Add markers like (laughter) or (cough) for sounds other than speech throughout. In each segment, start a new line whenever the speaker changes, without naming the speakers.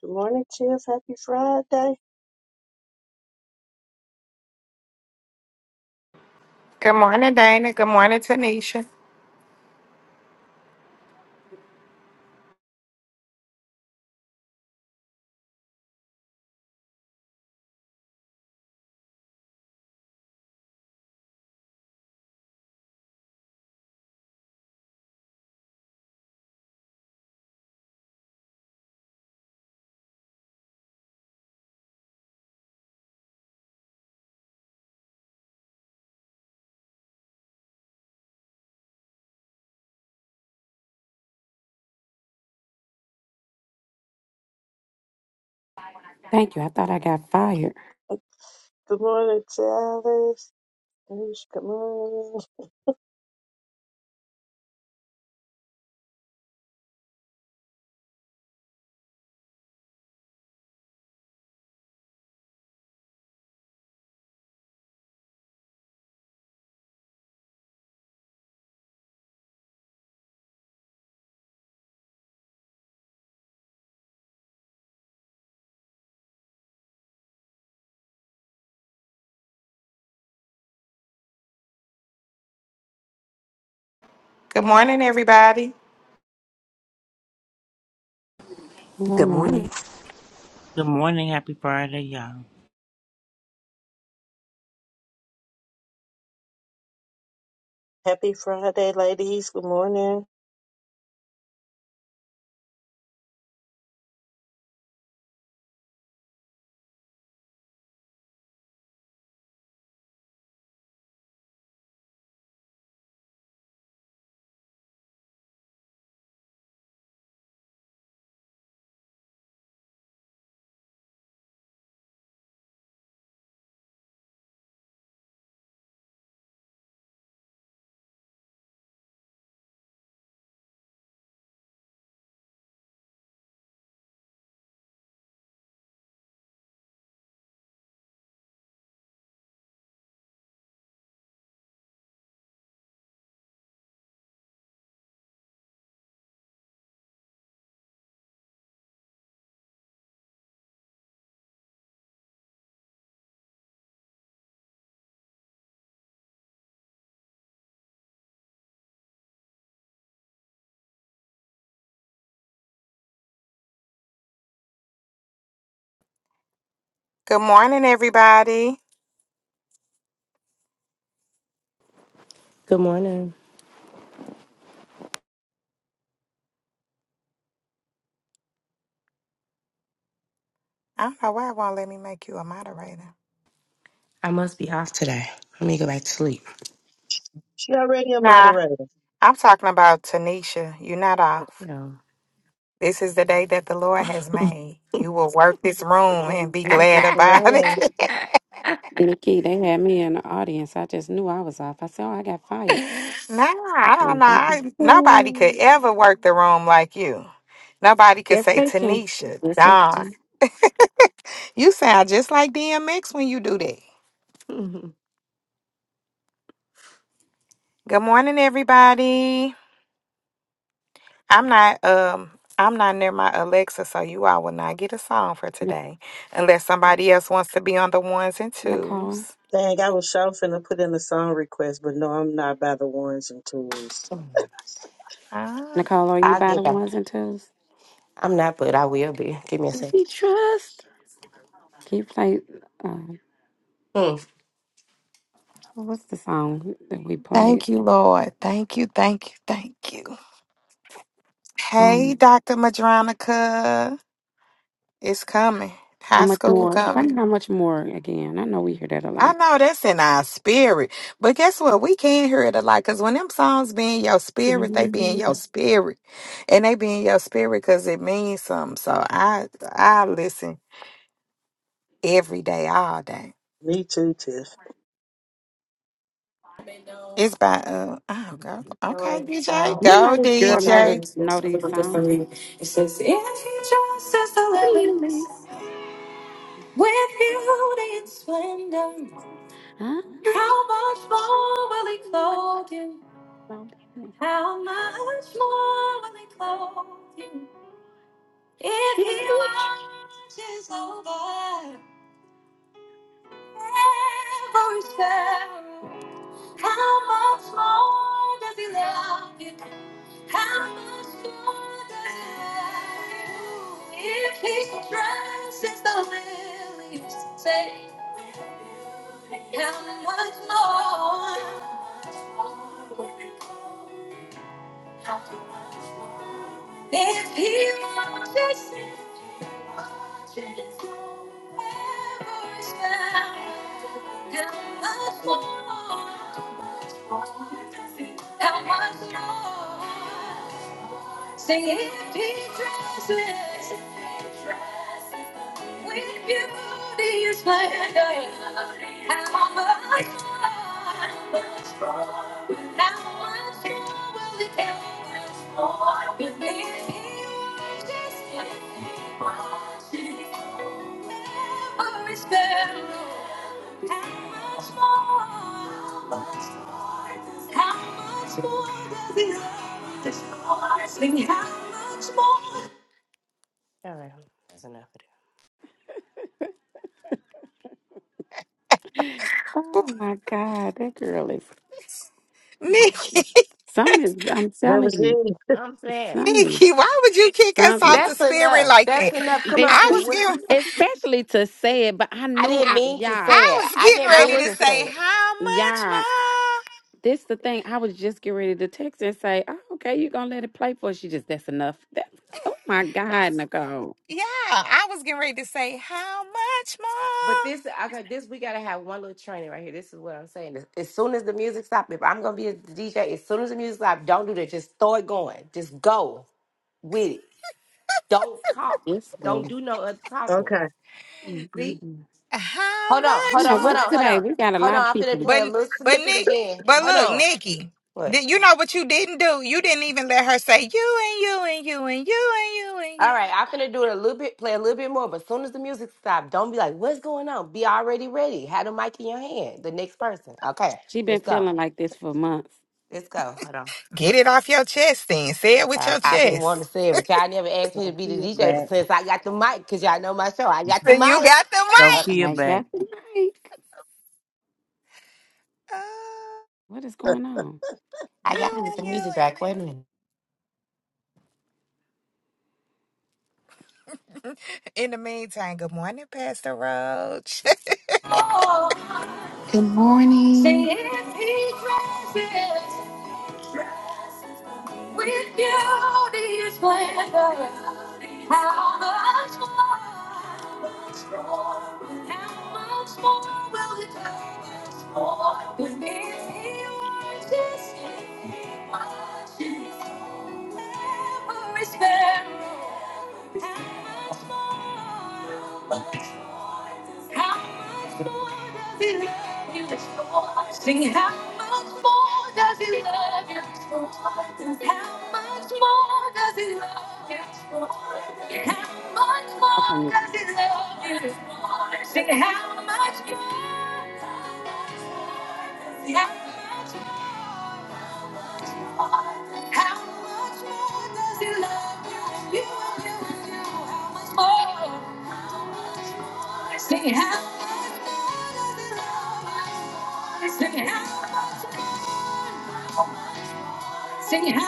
Good morning, Tiff. Happy Friday.
Good morning, Dana. Good morning, Tanisha.
Thank you. I thought I got fired.
Good morning, Dallas. Oosh, Good morning.
Good morning, everybody.
Good
Good
morning.
morning.
Good morning. Happy Friday, y'all.
Happy Friday, ladies. Good morning.
Good morning, everybody.
Good morning.
I don't know why it won't let me make you a moderator.
I must be off today. Let me go back to sleep.
She already a
Nah,
moderator.
I'm talking about Tanisha. You're not off.
Yeah.
This is the day that the Lord has made. You will work this room and
In
be glad
Jesus'
about it.
name.
(laughs)
Nikki, they had me in the audience. I just knew I was off. I said, Oh, I got fired.
nah, I don't
Um,
know.
thank you.
I, nobody could ever work the room like you. Nobody could
Yes,
say
they can.
Tanisha,
Yes, they
Don.
can.
You sound just like DMX when you do that. Good morning, everybody. I'm not um I'm not near my Alexa, so you all will not get a song for
N-
today unless somebody else wants to be on the ones and
Nicole.
twos.
Dang, I was sure finna put in a song request, but no, I'm not by the ones and twos.
Ah,
Nicole, are you
I'll
by the
get back.
ones and twos?
I'm not, but I will be. Give me a
If
sec.
you trust. Can you play uh,
Hmm.
what's the song that we played?
thank you, Lord. Thank you, thank you, thank you. Hey,
Um
Dr. Madronica. It's coming.
how
High
much
school
more play
coming.
how much more again. I know we hear that a
I
lot.
know that's in our spirit. But guess what? We can't hear it a lot because when them songs be in your spirit, they be in your
Mhm.
spirit. And they be in your spirit because it means something. So I I listen every day, all day.
Me too, Tiff.
It's by uh oh go okay
It
DJ
You know
go
this girl know the
DJ
know these songs.
says, if you trust us to live with beauty and splendor,
(laughs) Ah,
how much more will he clothe you? How much more will he clothe you? If he watches over every sparrow, how much more does he love you? How much more does he love you? If he dresses the lilies, say, how much more? If he watches, forever is found. How much more? How much more? Sing it, be dresses, with beauty and splendor. How much more, how much more will it take? Beneath the where is there? How much more? How much more does he love us? How much more? All right, that's enough of that.
Ooh,
Oh my God, that girl is
Nikki
some
(laughs)
is I'm
That was
telling
me.
you,
I'm saying
some is
Nikki why would you kick us off
something.
the
that's
spirit
enough.
like
That's
that?
enough. Come on,
It's-
I
cause
was
what
getting
Especially to say it, but I
I
knew
didn't
I,
I
mean to
yeah,
I
say it.
was
I
getting
didn't
I
ready
mean
was
to
to say
say
it.
how much
yeah.
more
This the thing. I was just getting ready to text and say, oh, okay, you're gonna let it play for us." she just that's enough. That, oh my God, Nicole.
yeah I was getting ready to say how much
But
more
this, okay, this. We gotta have one little training right here. This is what I'm saying. As as soon as the music stops, if I'm gonna be a DJ, as soon as the music stops, don't do that. Just throw it going. Just go. with it. Don't talk.
Yes,
Don't
bro.
do no other talking.
Okay.
mm mm,
See?
mm.
how
Hold on, hold
much
Now
on, hold
what's
on,
more
hold
today?
on.
We got a
Hold
lot of
on, I'm finna
people.
play a
but
little
but
snippet
Nick
again.
but
Hold
look
on.
Nikki
What?
did you know what you didn't do you didn't even let her say you and you and you and you and you and you
All right, I'm finna do it a little bit, play a little bit more, but as soon as the music stops, don't be like, what's going on? Be already ready. Have the mic in your hand. The next person. Okay,
She been
let's go.
feeling like this for months.
Let's go. Hold on.
Get it off your chest then. Say it with
I,
your
I've been
chest.
wanting to say it, but y'all never asked me to be the
Sophia
DJ but
back.
since I got the mic, because y'all know my show. I got
So
the
you
mic.
got the
Hold
mic.
on.
Sophia
Like,
back.
Captain Mike,
Oh,
what is going on?
I got
you
to get
and
the
you
music back. Wait a minute.
and you. (laughs) In the meantime, good morning, Pastor Roach.
Good
Say
morning.
if he dresses with beauty and splendor, how much more, how much more will it do with me if he watches every sparrow? Sing how much more does he love you? How much more does he love you? How much
How
more
can
does he love you? Sing how much more? How much more? How much more does he love you? and You, and you, and you. How much more? Sing it. how much more does he love you? Sing it. how much? Sing it. how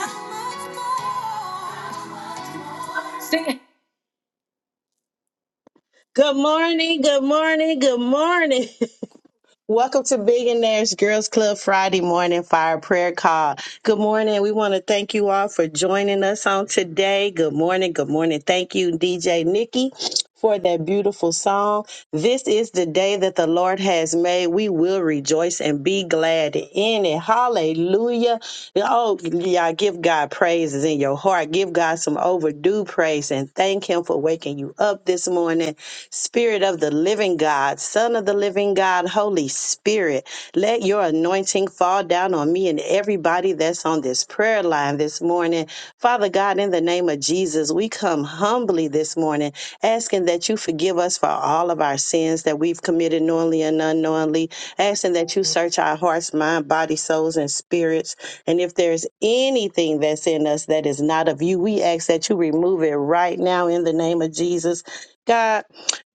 much more? Sing. it.
Good morning, good morning, good morning. (laughs) Welcome to Billionaires Girls Club Friday morning fire prayer call. Good morning. We want to thank you all for joining us on today. Good morning. Good morning. Thank you, DJ Nikki, for that beautiful song. This is the day that the Lord has made. We will rejoice and be glad in it. Hallelujah. Oh, y'all give God praises in your heart. Give God some overdue praise and thank Him for waking you up this morning Spirit of the living God, Son of the living God, Holy Spirit, let your anointing fall down on me and everybody that's on this prayer line this morning. Father God, in the name of Jesus, we come humbly this morning, asking that you forgive us for all of our sins that we've committed knowingly and unknowingly, asking that you search our hearts, mind, body, souls, and spirits. And if there's anything that's in us that is not of you, we ask that you remove it right now in the name of Jesus. God,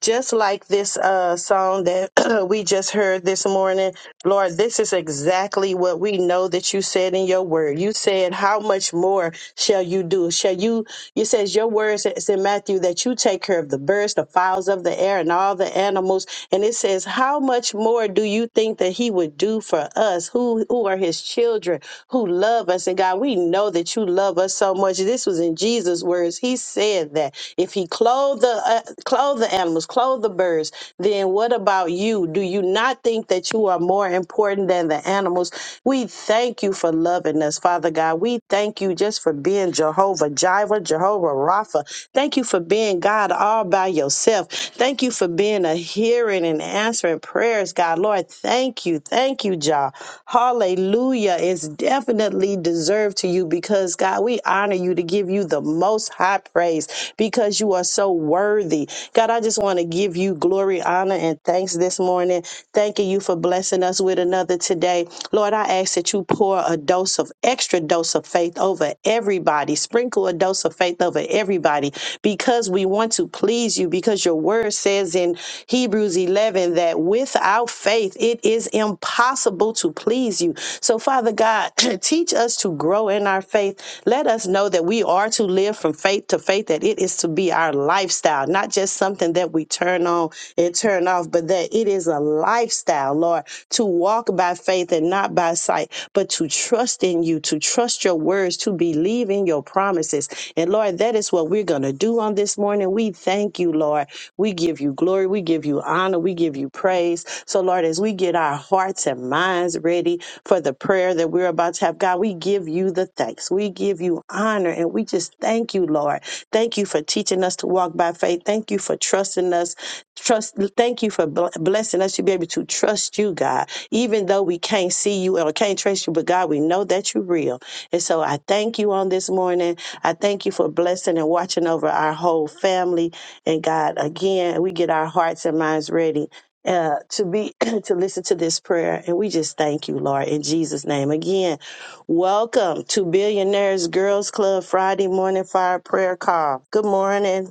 just like this uh, song that (clears throat) we just heard this morning, Lord, this is exactly what we know that you said in your word. You said, How much more shall you do? Shall you you says your words it's in Matthew that you take care of the birds, the fowls of the air, and all the animals. And it says, How much more do you think that he would do for us who who are his children, who love us? And God, we know that you love us so much. This was in Jesus' words. He said that if he clothed the uh, clothed the animals, clothed the birds, then what about you? Do you not think that you are more important than the animals? We thank you for loving us, Father God. We we thank you just for being Jehovah Jireh, Jehovah Rapha. Thank you for being God all by yourself. Thank you for being a hearing and answering prayers, God. Lord, thank you. Thank you, Jah. Hallelujah. It's definitely deserved to you because, God, we honor you to give you the most high praise because you are so worthy. God, I just want to give you glory, honor, and thanks this morning. Thanking you for blessing us with another today. Lord, Lord, I ask that you pour a dose of extra dose of faith over everybody. Sprinkle a dose of faith over everybody because we want to please you because your word says in Hebrews 11 that without faith it is impossible to please you. So Father God, (clears throat) teach us to grow in our faith. Let us know that we are to live from faith to faith that it is to be our lifestyle, not just something that we turn on and turn off, but that it is a lifestyle lifestyle, Lord, to walk by faith and not by sight, but to trust in you, to trust your words, to believe in your promises. And Lord, that is what we're going to do on this morning. We thank you, Lord. We give you glory. We give you honor. We give you praise. So, Lord, as we get our hearts and minds ready for the prayer that we're about to have, God, we give you the thanks. We give you honor. And we just thank you, Lord. Thank you for teaching us to walk by faith. Thank you for trusting us. Trust, thank you for bl- blessing us to be able to trust you, God, even though we can't see you or can't trace you, but God, we know that you're real. And so I thank you on this morning. I thank you for blessing and watching over our whole family. And God, again, we get our hearts and minds ready. Uh, to be (clears throat) to listen to this prayer and we just thank you lord in jesus name again welcome to billionaires girls club friday morning fire prayer call good morning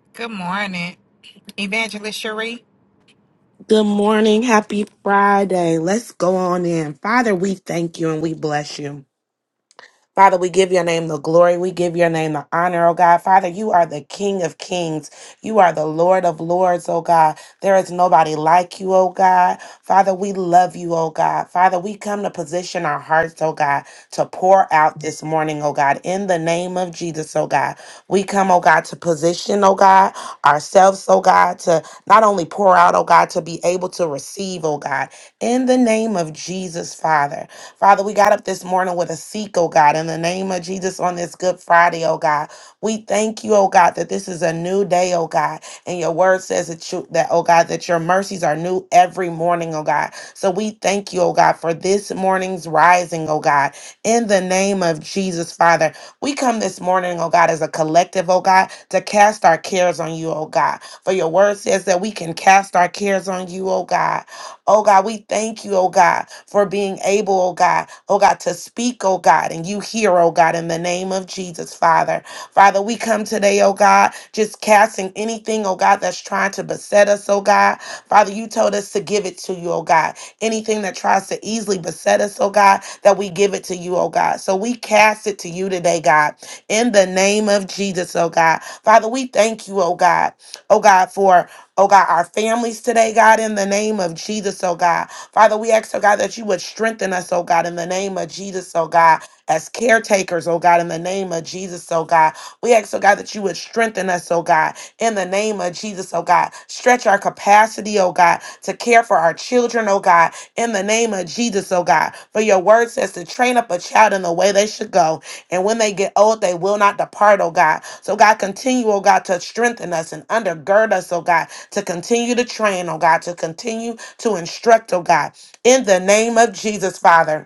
(laughs) good morning, Evangelist Cherie.
Good morning. Happy Friday. Let's go on in. Father, we thank you and we bless you. Father, we give your name the glory. We give your name the honor, oh God. Father, you are the King of kings. You are the Lord of lords, oh God. There is nobody like you, oh God. Father, we love you, oh God. Father, we come to position our hearts, oh God, to pour out this morning, oh God, in the name of Jesus, oh God. We come, oh God, to position, oh God, ourselves, oh God, to not only pour out, oh God, to be able to receive, oh God, in the name of Jesus, Father. Father, we got up this morning with a seek, oh God, in the name of Jesus on this Good Friday, oh God. We thank you, oh God, that this is a new day, oh God. And your word says that you that, oh God, that your mercies are new every morning, oh God. So we thank you, oh God, for this morning's rising, oh God. In the name of Jesus, Father. We come this morning, oh God, as a collective, oh God, to cast our cares on you, oh God. For your word says that we can cast our cares on you, oh God. Oh God, we thank you, oh God for being able, oh God, oh God, to speak, oh God, and you hear, oh God, in the name of Jesus, Father. Father, we come today, oh God, just casting anything, oh God, that's trying to beset us, oh God. Father, you told us to give it to you, oh God. Anything that tries to easily beset us, oh God, that we give it to you, oh God. So we cast it to you today, God, in the name of Jesus, oh God. Father, we thank you, oh God, oh God, for, oh God, our families today, God, in the name of Jesus, oh God. Father, we ask, oh God, that you would strengthen us, oh God, in the name of Jesus, oh God, as caretakers, oh God, in the name of Jesus, oh God. We ask, oh God, that you would strengthen us, oh God, in the name of Jesus, oh God. Stretch our capacity, oh God, to care for our children, oh God, in the name of Jesus, oh God. For your word says to train up a child in the way they should go, and when they get old, they will not depart, oh God. So, God, continue, oh God, to strengthen us and undergird us, oh God, to continue to train, oh God, to continue to instruct, oh God, in the name of Jesus, Father.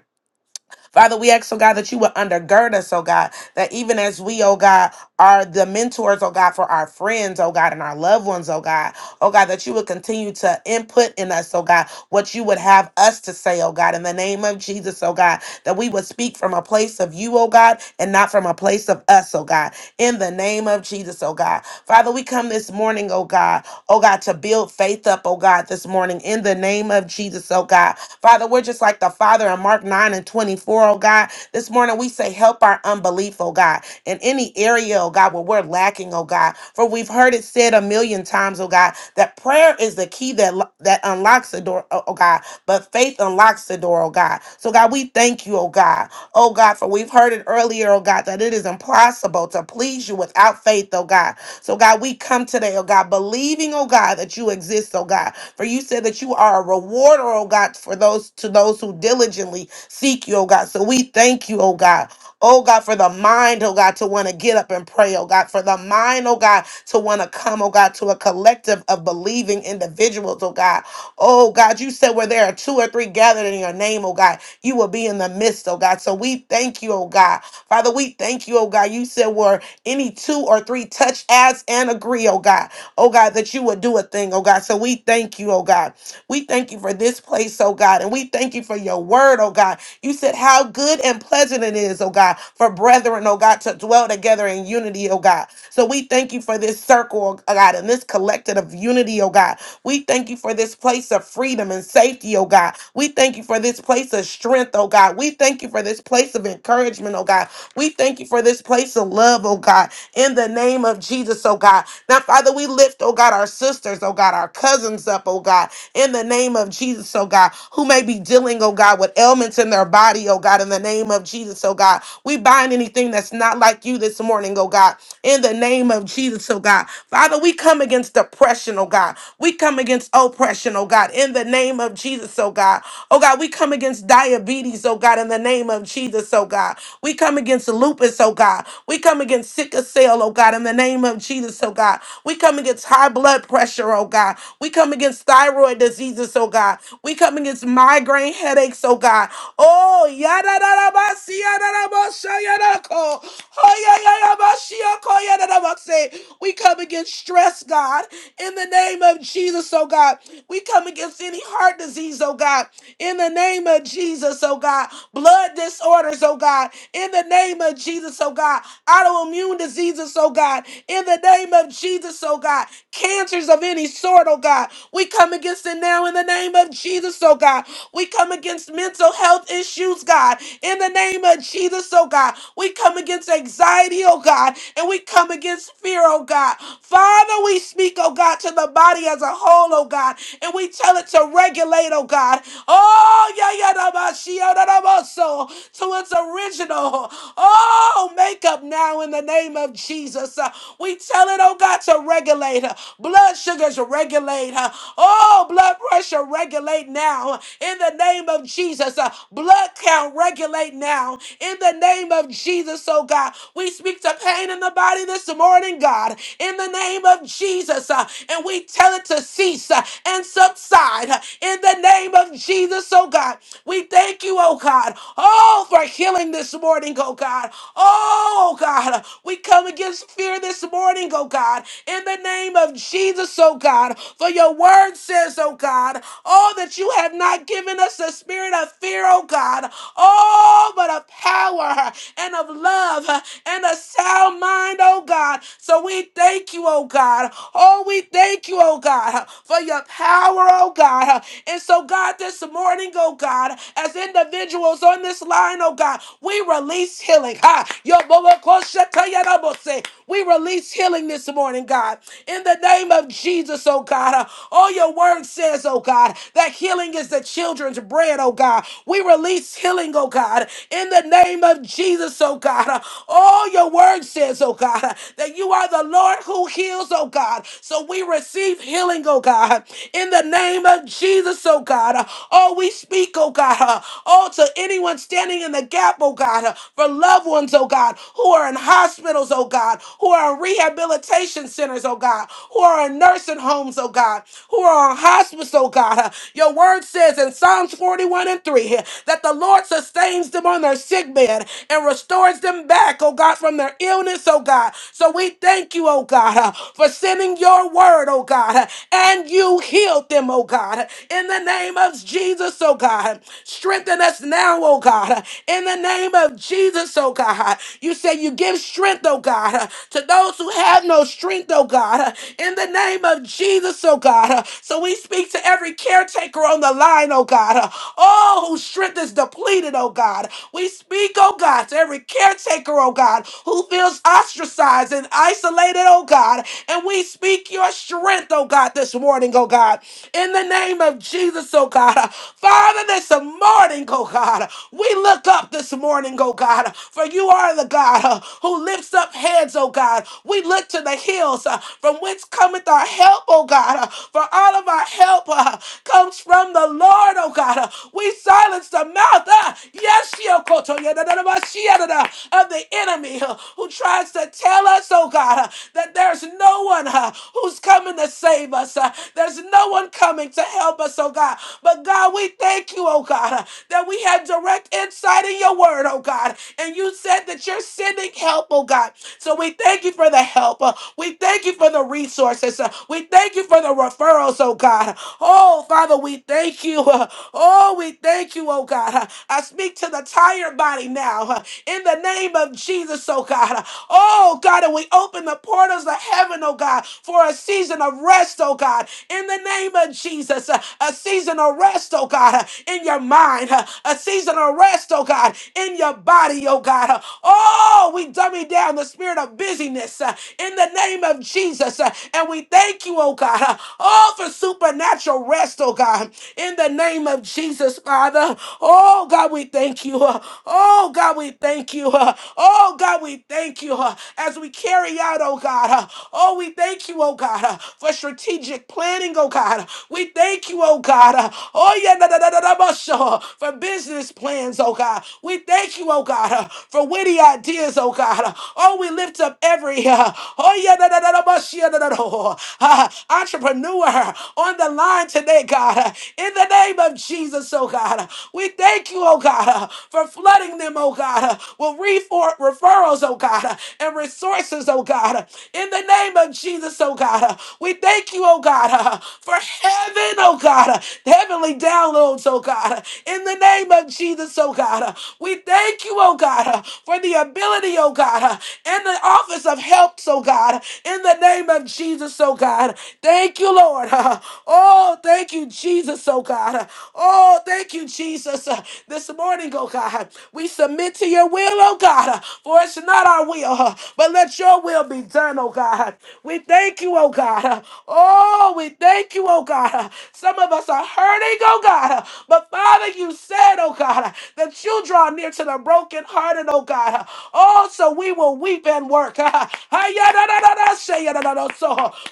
Father, we ask, oh God, that you would undergird us, oh God, that even as we, oh God, are the mentors, oh God, for our friends, oh God, and our loved ones, oh God, oh God, that you would continue to input in us, oh God, what you would have us to say, oh God, in the name of Jesus, oh God, that we would speak from a place of you, oh God, and not from a place of us, oh God, in the name of Jesus, oh God. Father, we come this morning, oh God, oh God, to build faith up, oh God, this morning, in the name of Jesus, oh God. Father, we're just like the Father in Mark 9 and 24, oh God. This morning we say, help our unbelief, oh God, in any area, oh God, where we're lacking, oh God. For we've heard it said a million times, oh God, that prayer is the key that, lo- that unlocks the door, oh oh God, but faith unlocks the door, oh God. So, God, we thank you, oh God. Oh God, for we've heard it earlier, oh God, that it is impossible to please you without faith, oh God. So, God, we come today, oh God, believing, oh God, that you exist, oh God. For you said that you are a rewarder, oh God, for those to those who diligently seek you, oh God. So we thank you, oh God. Oh God, for the mind, oh God, to want to get up and pray, oh God. For the mind, oh God, to want to come, oh God, to a collective of believing individuals, oh God. Oh God, you said where there are two or three gathered in your name, oh God, you will be in the midst, oh God. So we thank you, oh God. Father, we thank you, oh God. You said where any two or three touch, as and agree, oh God oh God, that you would do a thing, oh God. So we thank you, oh God. We thank you for this place, oh God, and we thank you for your word, oh God. You said how good and pleasant it is, oh God, for brethren, oh God, to dwell together in unity, oh God. So we thank you for this circle, oh God, and this collective of unity, oh God. We thank you for this place of freedom and safety, oh God. We thank you for this place of strength, oh God. We thank you for this place of encouragement, oh God. We thank you for this place of love, oh God. In the name of Jesus, oh God. Now, Father, we lift, oh God, our sisters, oh God, our cousins up, oh God in the name of Jesus, oh God, who may be dealing, oh God, with ailments in their body, oh God, in the name of Jesus, oh God. We bind anything that's not like you this morning, oh God, in the name of Jesus, oh God. Father, we come against depression, oh God. We come against oppression, oh God, in the name of Jesus, oh God. Oh God, we come against diabetes, oh God, in the name of Jesus, oh God. We come against lupus, oh God. We come against sickle cell, oh God, in the name of Jesus, oh God. We come against high blood pressure, oh God. God. We come against thyroid diseases, oh God. We come against migraine headaches, oh God. Oh, yada da da ba si yada da ba sha yada da ko. Oh yeah yeah yeah ba shi ya ko yada da ba se. We come against stress, God, in the name of Jesus, oh God. We come against any heart disease, oh God, in the name of Jesus, oh God. Blood disorders, oh God, in the name of Jesus, oh God. Autoimmune diseases, oh God, in the name of Jesus, oh God oh God. Cancers of any sort, oh God. We come against it now in the name of Jesus, oh God. We come against mental health issues, God, in the name of Jesus, oh God. We come against anxiety, oh God, and we come against fear, oh God. Father, we speak, oh God, to the body as a whole, oh God, and we tell it to regulate, oh God. Oh, yeah, yeah, da, ba, shi, oh, da, da, ba, so to its original. Oh, makeup. now in the name of Jesus. We tell it, oh God, to regulate her. Blood sugars regulate her. Oh, blood pressure regulate now. In the name of Jesus, uh, blood count regulate now. In the name of Jesus, oh God, we speak to pain in the body this morning, God. In the name of Jesus, uh, and we tell it to cease uh, and subside. uh, in the name of Jesus, oh God, we thank you, oh God, oh for healing this morning, oh God. Oh God, we come against fear this morning, oh God, in the name of Jesus, oh God. For your word says, oh God, oh, that you have not given us a spirit of fear, oh God, oh, but of power and of love and a sound mind, oh God. So we thank you, oh God. Oh, we thank you, oh God, for your power, oh God. And so, God, this morning, oh God, as individuals on this line, oh God, we release healing. Ha! Yobobokoshetayarabose. We release healing this morning, God. In the name of Jesus, oh God. Uh, All your word says, oh God, that healing is the children's bread, oh God. We release healing, oh God. In the name of Jesus, oh God. Uh, All your word says, oh God, uh, that you are the Lord who heals, oh God. So we receive healing, oh God. In the name of Jesus, oh God. Uh, Oh, we speak, oh God. uh, Oh, to anyone standing in the the gap, oh God, uh, for loved ones, oh God, who are in hospitals, oh God, who are in rehabilitation centers, oh God, who are in nursing homes, oh God, who are on hospice, oh God. Uh, Your word says in Psalms 41 and 3 here that the Lord sustains them on their sick bed and restores them back, oh God, from their illness, oh God. So we thank you, oh God, uh, for sending your word, oh God, uh, and you healed them, oh God. uh, In the name of Jesus, oh God, strengthen strengthen us now, oh God, in the name of Jesus, oh God. You say you give strength, oh God, to those who have no strength, oh God, in the name of Jesus, oh God. So we speak to every caretaker on the line, oh God, all whose strength is depleted, oh God. We speak, oh God, to every caretaker, oh God, who feels ostracized and isolated, oh God. And we speak your strength, oh God, this morning, oh God. In the name of Jesus, oh God, Father, this morning, oh God, we look up this morning, oh God, for you are the God uh, who lifts up heads, oh God. We look to the hills uh, from whence cometh our help, oh God, uh, for all of our help uh, comes from the Lord, oh God. Uh, we silence the mouth, uh, yes, Yokoto, yadadadabashiyadada, of the enemy uh, who tries to tell us, oh God, uh, that there's no one uh, who's coming to save us. uh, there's no one coming to help us, oh God. But God, we thank you, oh God, that we have direct insight in your word, oh God. And you said that you're sending help, oh God. So we thank you for the help. Uh, We thank you for the resources. Uh, We thank you for the referrals, oh God. Oh, Father, we thank you. Uh, Oh, we thank you, oh God. Uh, I speak to the tired body now uh, in the name of Jesus, oh God. Uh, Oh, God, and we open the portals of heaven, oh God, for a season of rest, oh God. God, in the name of Jesus. uh, A season of rest, oh God, uh, in your mind. uh, A season of rest, oh God, in your body, oh God. uh, Oh, we dummy down the spirit of busyness uh, in the name of Jesus. uh, And we thank you, oh God, uh, oh, for supernatural rest, oh God, in the name of Jesus, Father. Oh God, we thank you. uh, Oh God, we thank you. uh, Oh God, we thank you uh, as we carry out, oh God. uh, Oh, we thank you, oh you, oh God, uh, for strategic planning, oh God. We thank you, oh God. uh, Oh yeah, da, da, da, da, da, ba, sure, for business plans, oh God. We thank you, oh God, uh, for witty ideas, oh God. uh, Oh, we lift up every uh, oh yeah, da, da, da, da, ba, shia, da, da, da, oh, uh, entrepreneur on the line today, God. uh, In the name of Jesus, oh God. uh, We thank you, oh God, uh, for flooding them, oh God, uh, with refor- referrals, oh God, uh, and resources, oh God. In the name of Jesus, oh God, uh, we thank you, oh God, uh, for heaven, oh God, uh, heavenly downloads, oh God. uh, In the name of Jesus, oh God, uh, we thank you, oh God, uh, for the ability, oh God, uh, and the office of helps, oh God. In the name of Jesus, oh God, thank you, Lord. uh, Oh, thank you, Jesus, oh God. uh, Oh, thank you, Jesus. uh, This morning, oh God, we submit to your will, oh God, uh, for it's not our will. Lord. but let your will be done, oh God. We thank you, oh God. Oh, we thank you, oh God. Some of us are hurting, oh God. But Father, you said, oh God, that you draw near to the brokenhearted, oh God. Oh, so we will weep and work. (laughs)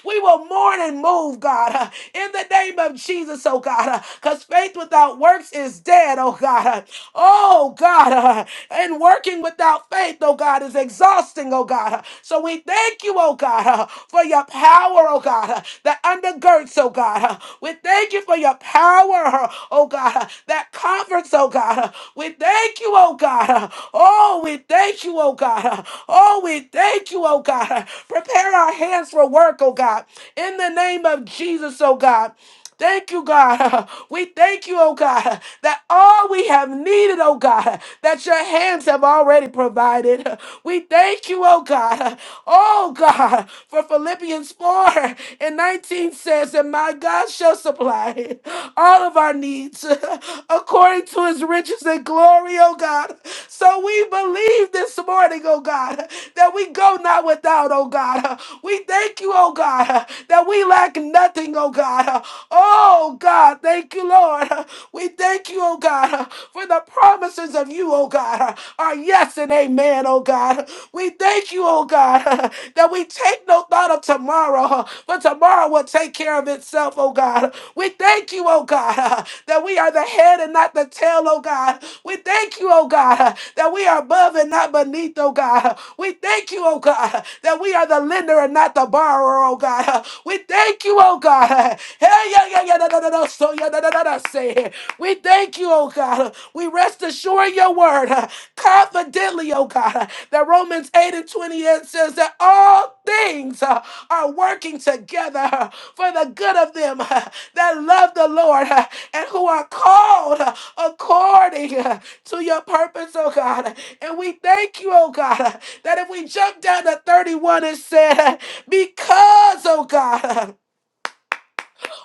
We will mourn and move, God, in the name of Jesus, oh God. Because faith without works is dead, oh God. Oh God, and working without our faith, oh God, is exhausting, oh God. So we thank you, oh God, for your power, oh God, that undergirds, oh God. We thank you for your power, oh God, that comforts, oh God. We thank you, oh God. Oh, we thank you, oh God. Oh, we thank you, oh God. Prepare our hands for work, oh God. In the name of Jesus, oh God. Thank you, God. (laughs) We thank you, oh God, (laughs) that all we have needed, oh God, (laughs) that your hands have already provided. (laughs) We thank you, oh God, (laughs) oh God, (laughs) for Philippians 4 (laughs) and 19 says that my God shall supply (laughs) all of our needs (laughs) according to his riches and glory, oh God. (laughs) So we believe this morning, oh God, that we go not without, oh God. We thank you, oh God, that we lack nothing, oh God. Oh God, thank you, Lord. We thank you, oh God, for the promises of you, oh God, are yes and amen, oh God. We thank you, oh God, that we take no thought of about tomorrow, huh, for tomorrow will take care of itself, oh God. We thank you, oh God, huh, that we are the head and not the tail, oh God. We thank you, oh God, huh, that we are above and not beneath, oh God. huh. We thank you, oh God, huh, that we are the lender and not the borrower, oh God. huh. We thank you, oh God. huh. Hey, yeah, yeah, yeah, da, da, da, da, so, yeah, da, da, da, da, say it. We thank you, oh God. huh. We rest assured in your word huh, confidently, oh God, huh, that Romans 8 and 28 says that all things. uh, are working together for the good of them that love the Lord and who are called according to your purpose, oh God. And we thank you, oh God, that if we jump down to 31 and said, because, oh God,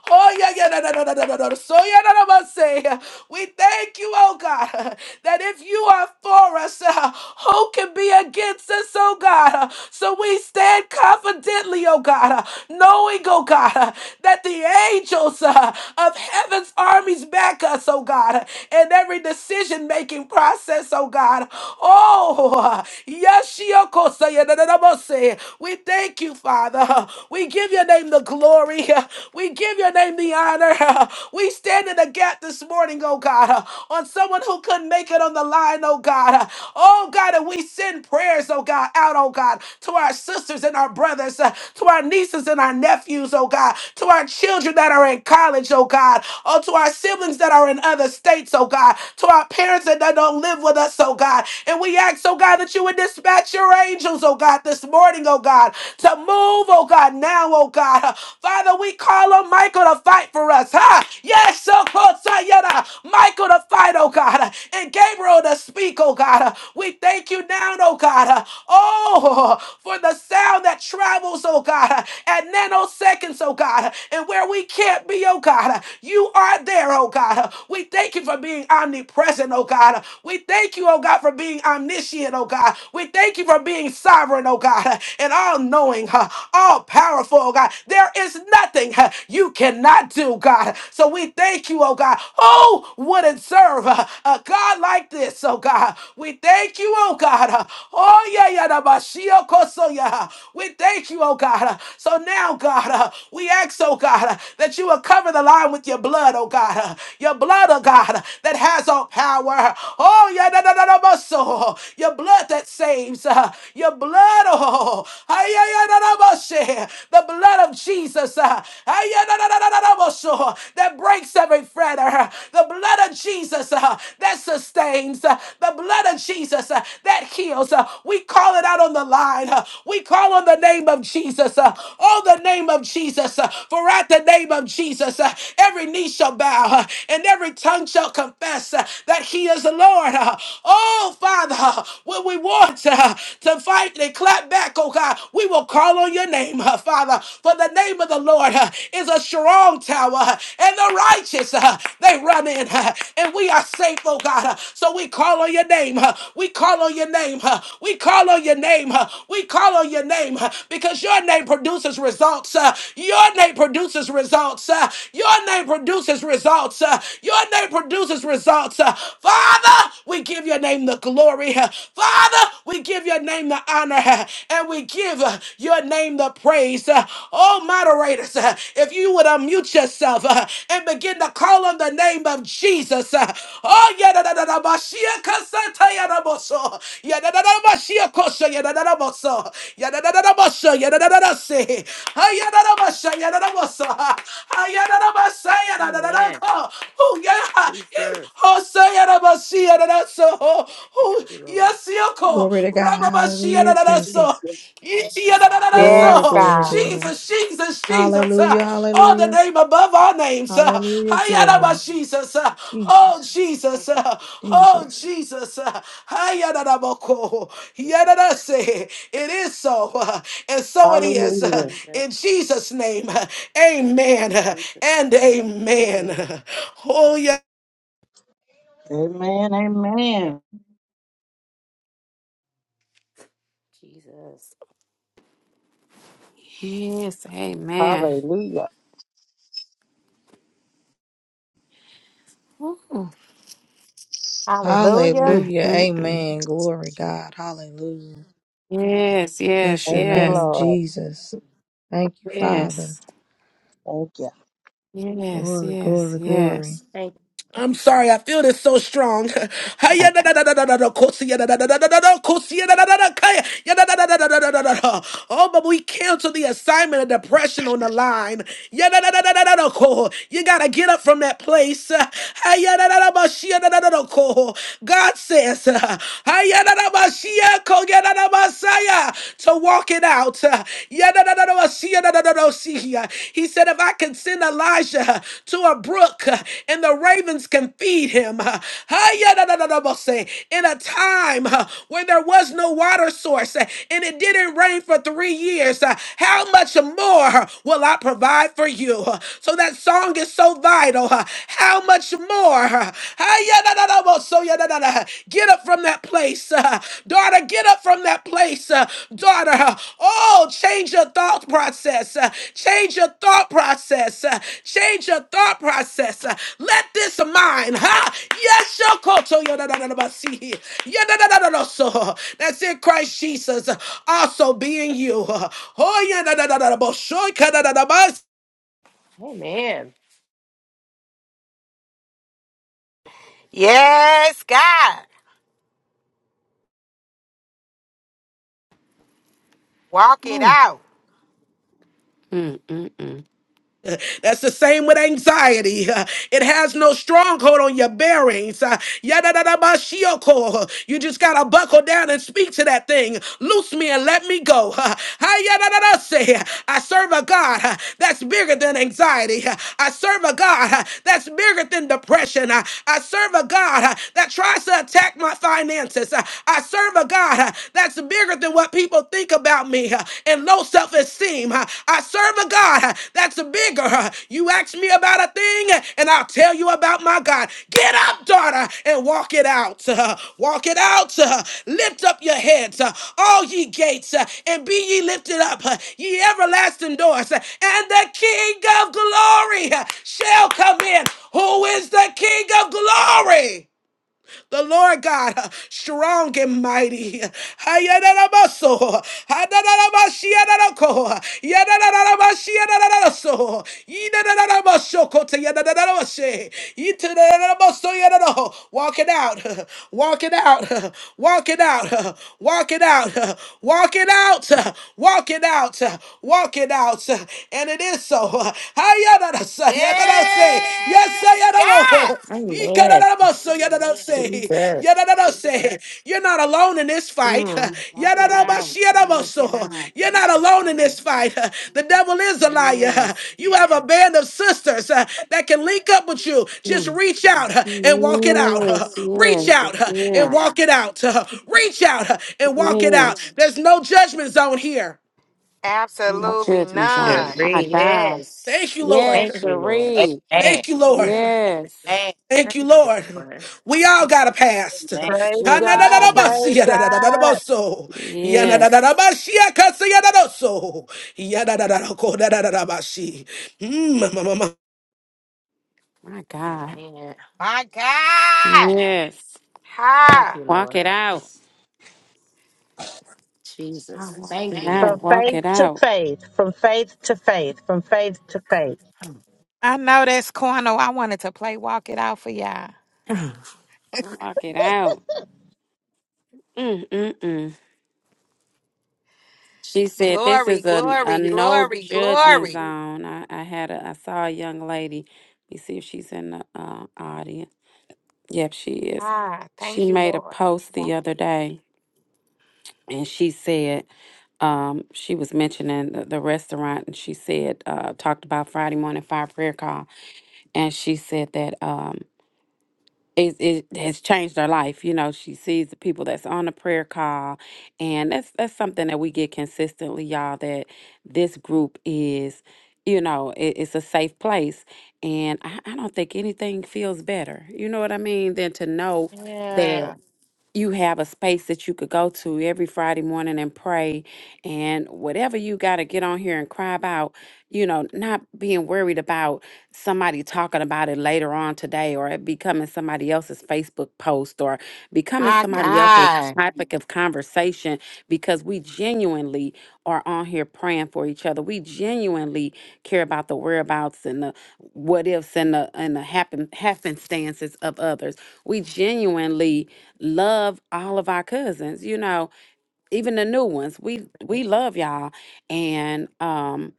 oh yeah, yeah, no, no, no, no, no, no, no, so yeah, no, no, must say, we thank you, oh God that if you are for us, uh, who can be against us, oh God? Uh, so we stand confidently, oh God, uh, knowing, oh God, uh, that the angels uh, of heaven's armies back us, oh God, uh, in every decision making process, oh God. Oh, uh, Yashiokosayanadadabose. we thank you, Father. We give your name the glory. We give your name the honor. We stand in the gap this morning morning, oh God, uh, on someone who couldn't make it on the line, oh God. uh, Oh God, and we send prayers, oh God, out, oh God, to our sisters and our brothers, uh, to our nieces and our nephews, oh God, to our children that are in college, oh God, oh to our siblings that are in other states, oh God, to our parents that, that don't live with us, oh God. And we ask, oh God, that you would dispatch your angels, oh God, this morning, oh God, to move, oh God, now, oh God. Father, we call on Michael to fight for us. Yes, Ha! Yes, so Yada. Michael to fight, oh God, and Gabriel to speak, oh God. We thank you now, oh God. Oh, for the sound that travels, oh God, at nanoseconds, oh God, and where we can't be, oh God. You are there, oh God. We thank you for being omnipresent, oh God. We thank you, oh God, for being omniscient, oh God. We thank you for being sovereign, oh God, and all knowing, all powerful, oh God. There is nothing uh, you cannot do, God. So we thank you, oh God. Who wouldn't serve uh, a God like this, oh God? We thank you, oh God. Uh, Oh, yeah, yeah, da ba shi o ko so ya. We thank you, oh God. Uh, So now, God, uh, we ask, oh God, uh, that you will cover the line with your blood, oh God. Uh, Your blood, oh God, uh, that has all power. Oh, yeah, da da da da ba so. Your blood that saves. uh, Your blood, oh. Ay, ay, ay, da da ba the blood of Jesus uh, that breaks every fetter. The blood of Jesus uh, that sustains. uh, The blood of Jesus uh, that heals. Uh, We call it out on the line. uh, We call on the name of Jesus. uh, Oh, the name of Jesus. uh, For at the name of Jesus, uh, every knee shall bow uh, and every tongue shall confess uh, that he is the Lord. uh, Oh, Father, uh, when we want uh, to fight immediately clap back, oh God. We will call on your name, uh, Father, for the name of the Lord uh, is a strong tower, uh, and the righteous, uh, they run in, uh, and we are safe, oh God. Uh, So we call on your name. uh, We call on your name. uh, We call on your name. uh, We call on your name uh, because your name produces results. uh, Your name produces results. uh, Your name produces results. uh, Your name produces results. uh, Father, we give your name the glory. uh, Father, we give your name the honor uh, and we give uh, your name the praise. Uh, Oh, moderators, uh, if you would unmute yourself uh, and begin to call on the name of Jesus. uh, Oh, yeah, da, da, da, da, ba, shia, ka, sa, ta, ya, da, bo, so. Yeah, da, da, da, ba, shia, ko, so, yeah, da, da, da, bo, so. Yeah, da, da, da, da, bo, so, yeah, da, da, da, da, si. Ah, yeah, da, da, ba, so, yeah, da, da, bo, so. Ah, ah, yeah, da, da, ba, sa, yeah, da, da, da, da,
Amen.
ko. Oh, yeah.
Jesus.
Oh, say ya da ba si. Siadadaso.
Thank
oh
you, Lord.
Yes, Yoko.
Glory to God. Hallelujah,
Rababashiadadaso.
Jesus.
Thank you, Lord.
Glory,
Yes,
Ichiadadadaso.
glory,
God.
glory.
Jesus.
Jesus, Jesus, Jesus. uh,
Hallelujah,
Oh, the
hallelujah,
name above our names. uh,
hallelujah,
Hayadaba
glory.
Jesus. uh, Oh,
Jesus,
Thank
Jesus.
you,
uh, Oh,
Jesus.
Jesus. uh, Hayadadaboko.
Jesus. Lord.
Yadadase. It is so. uh, And so it is.
hallelujah
uh,
Jesus.
In Jesus' name. uh, Amen. uh,
Jesus.
And amen.
Amen.
(laughs) Oh,
Amen.
Amen.
Amen.
Jesus.
Yes, amen.
Hallelujah.
Ooh.
Hallelujah.
Mm,
Hallelujah,
mm, mm.
amen. Glory, God. Hallelujah.
Yes, yes,
Bless your
Thank you,
yes,
name,
Lord.
Jesus. Thank you, Father.
yes,
Thank you.
yes,
Glory,
yes,
glory, glory.
yes.
I'm sorry, I feel this so strong. (laughs) Hi-ya-da-da-da-da-da-da, kosi-ya-da-da-da-da-da-da, kosi-ya-da-da-da-da, kaya- ya-da-da-da-da-da-da-da-da. Oh, but we cancel the assignment of depression on the line. Ya-da-da-da-da-da-da, ko. You gotta get up from that place. (laughs) Hi-ya-da-da-da-ba-shi-ya-da-da-da-da, ko. God says, (laughs) to walk it out. He said, If I can send Elijah to a brook and the ravens can feed him, in a time when there was no water source and it didn't rain for three years, how much more will I provide for you? So so that song is so vital. huh? How much more? huh? Ayadadadaboso, Get up from that place. uh, Daughter, get up from that place. uh, Daughter, uh, oh, change your thought process. uh, Change your thought process. uh, Change your thought process. uh, Let this mind, huh? Yes, your that's in Christ Jesus, uh, also being you. uh, Oh, yeah,
Amen.
Yes, God. Walk it
Ooh.
out.
Mm-mm-mm.
That's the same with anxiety. Uh, It has no stronghold on your bearings. Uh, yadadadabashioko. You just got to buckle down and speak to that thing. Loose me and let me go. Uh, hayadadadase. I serve a God uh, that's bigger than anxiety. Uh, I serve a God uh, that's bigger than depression. Uh, I serve a God uh, that tries to attack my finances. Uh, I serve a God uh, that's bigger than what people people think about me uh, and low self esteem. I serve a God uh, that's bigger. uh, You ask me about a thing uh, and I'll tell you about my God. Get up, daughter, and walk it out. uh, Walk it out. uh, Lift up your heads, uh, all ye gates, uh, and be ye lifted up, uh, ye everlasting doors, uh, and the King of glory uh, shall come in. Who is the King of glory? The Lord God, uh, strong and mighty. Hayadarabaso. Hadarabashiadarako. Yadarabashiadaraso. Yidadarabashokote yadadarabashe. Yitadarabaso yadaro. Walk it out. (laughs) Walk it out. (laughs) Walk it out. (laughs) Walk it out. (laughs) Walk it out. (laughs) Walk it out. (laughs) Walk it out. (laughs) And it is so. (laughs) Hayadaraso. Yadanose, yes,
Yes,
I
God.
Yadamo,
Amen.
Yikadanamoso, Yadanose,
Jesus.
Yadanose, you're not alone in this fight.
Mm.
(laughs)
Walk it out.
Yadanabashi
Yes,
Yadamoso,
God.
you're not alone in this fight. (laughs) The devil is a liar.
Yes.
(laughs) You have a band of sisters uh, that can link up with you. Just
Yes,
reach out uh, and walk it out. uh,
yes, yes,
Reach out uh, and
I
yes.
walk it out. uh, Reach out uh, and walk it out.
yes.
There's no judgment zone here.
No
Absolutely
judgment zone.
none.
My
agree.
God.
Yes.
Thank you,
Yes,
Thank
Lord.
you, Lord.
Cherie.
(laughs)
Amen.
Thank you, Lord.
Yes.
Amen.
Thank
Thank
you,
you,
Lord.
Lord.
We all
Thank
got a
you,
past. (laughs)
Amen.
Praise
Judgment
God,
zone.
praise God.
Ha-na-da-da-da-ba-si-ya-da-da-da-da-ba-so.
Yes.
Ya-na-da-da-da-ba-shi-ya-ka-si-ya-da-da-so. Ya-da-da-da-da-ko-da-da-da-da-ba-shi. Mm, ma- ma- ma- ma.
My God.
man.
My God.
Yes.
Thank
Ha.
you,
Walk it
Lord.
out.
Jesus.
Walk
Thank
it
you, Lord.
out. Walk it out.
To faith, from faith to faith.
I know that's corner. I wanted to play Walk It Out for y'all.
Mm.
Walk it out. Mm-mm-mm. She said, "This
Glory,
is a a
glory,
no
glory,
judgment
glory.
zone." I, I had a I saw a young lady. Let me see if she's in the uh, audience. Yep, she is.
Ah,
She
thank you,
made a
Lord.
post the other day, and she said um, she was mentioning the, the restaurant, and she said uh, talked about Friday morning fire prayer call, and she said that. um." it, it has changed her life. You know, she sees the people that's on the prayer call, and that's that's something that we get consistently, y'all. That this group is, you know, it, it's a safe place, and I, I don't think anything feels better. You know what I mean? Than to know that
Yeah.
you have a space that you could go to every Friday morning and pray and whatever you got to get on here and cry about, you know, not being worried about somebody talking about it later on today or it becoming somebody else's Facebook post or becoming
My
somebody else's
God.
topic of conversation because we genuinely are on here praying for each other. We genuinely care about the whereabouts and the what ifs and the and the happen happenstances of others. We genuinely love all of our cousins you know even the new ones we we love y'all and um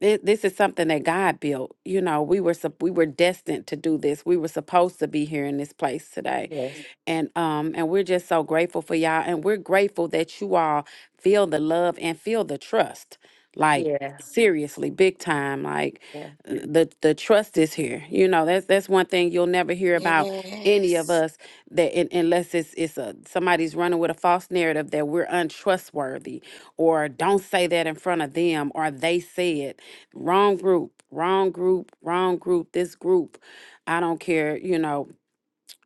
thi- this is something that God built. You know, we were sup- we were destined to do this. We were supposed to be here in this place today
(clears throat) yes.
and um and we're just so grateful for y'all and we're grateful that you all feel the love and feel the trust like
Yeah.
seriously big time like
Yeah.
uh, the the trust is here you know that's that's one thing you'll never hear about any of
Yes.
us that un- unless it's it's a somebody's running with a false narrative that we're untrustworthy or don't say that in front of them or they said wrong group wrong group wrong group this group i don't care you know